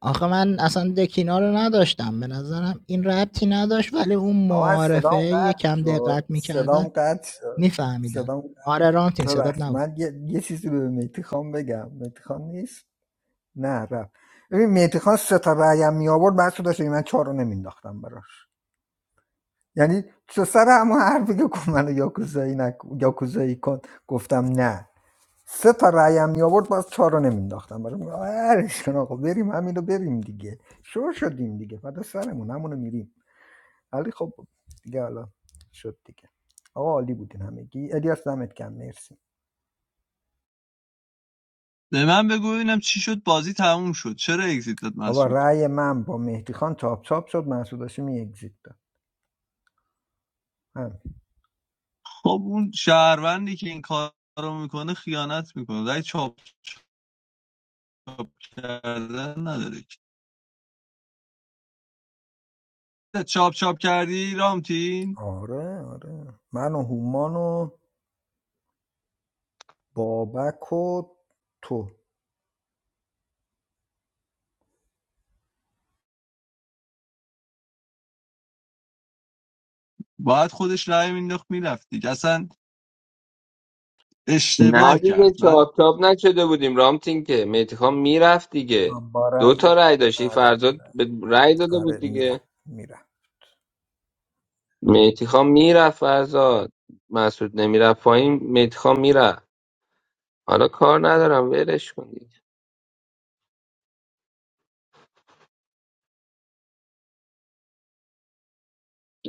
J: آخه من اصلا دکینا رو نداشتم به نظرم این ربطی نداشت ولی اون
E: آقا من
J: معارفه
E: صدام
J: یه
E: قطع
J: کم
E: شد
J: دقت
E: صدام
J: میکردن
E: قطع شد
J: میفهمیدن
E: صدام قطع
J: آره رامتین صدات
E: ببخشید
J: نبود
E: من یه, یه چیزی رو به مهدی خان بگم مهدی خان نیست نه رفت ببین مهدی خان سه تا رأی می آورد بعد شده شده من چهار رو نمینداختم براش یعنی تو سر همون حرفی که گفت منو یاکوزایی, نکن یاکوزایی کن گفتم نه سه تا رأی هم میآورد باز چهار رو نمینداختم برای من ولش کن آقا بریم همین رو بریم دیگه شور شدیم دیگه فدا سرمون همونو میریم ولی خب دیگه حالا شد دیگه آقا عالی بودین همگی الیاس دمت کم مرسی
K: به من بگو ببینم چی شد بازی تموم شد چرا اگزیت داد
E: بابا
K: مسعود
E: رأی من با مهدی خان تاپ تاپ شد محسود هاشمی اگزیت داد همین.
K: خب اون شهروندی که این کار رو میکنه خیانت میکنه ولی چاپ چاپ کردن نداره که. چاپ چاپ کردی رامتین
E: آره آره من و هومان و بابک و تو
K: باید خودش رأی مینداخت میرفت دیگه اصلا
F: نه
K: اشتباه کرد
F: دیگه
K: من
F: چاپ چاپ نشده بودیم رامتین که مهدی خان میرفت دیگه
E: من با
F: دو
E: رأی
F: تا رأی داشتی
E: آره
F: فرزاد به رأی داده
E: آره
F: بود
E: میرم
F: دیگه
E: میرم
F: رفت فرزاد مسعود نمیرفت پایین مهدی خان میرفت حالا هم ولش کن دیگه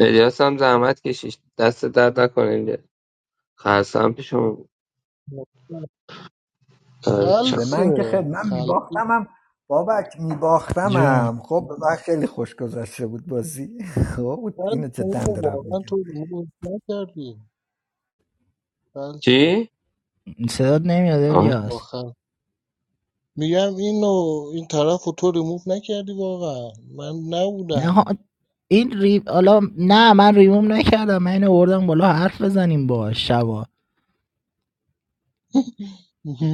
F: الیاس هم زحمت کشید دست درد نکنه اینجا خرسم پیشون آره،
E: به
F: چا-
I: خلصه
E: من که خیلی من
I: خلصه
E: میباختمم بابک
J: جون
E: میباختمم خب به من خیلی خوش گذشته بود بازی <laughs> خب اینو
I: خلصه
E: جدا
I: اینو
E: دارم
I: واقعا
E: میگم
I: تو ریمووش نکردی خلصه
F: چی؟
J: صدات نمیاد
I: با
J: الیاس
I: خل میگم اینو این طرف رو تو ریموف نکردی واقعا من
J: نه
I: نبودم
J: ها- این ری... حالا نه من ریموم نکردم من اینو بردم بالا حرف بزنیم باش شبا.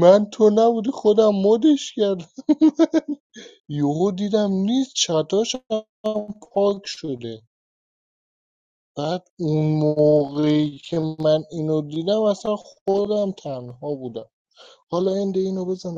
I: من تو نبودی خودم مدش کردم <laughs> یهو دیدم نیست چتاش هم پاک شده بعد اون موقعی که من اینو دیدم اصلا خودم تنها بودم حالا این اینو بزن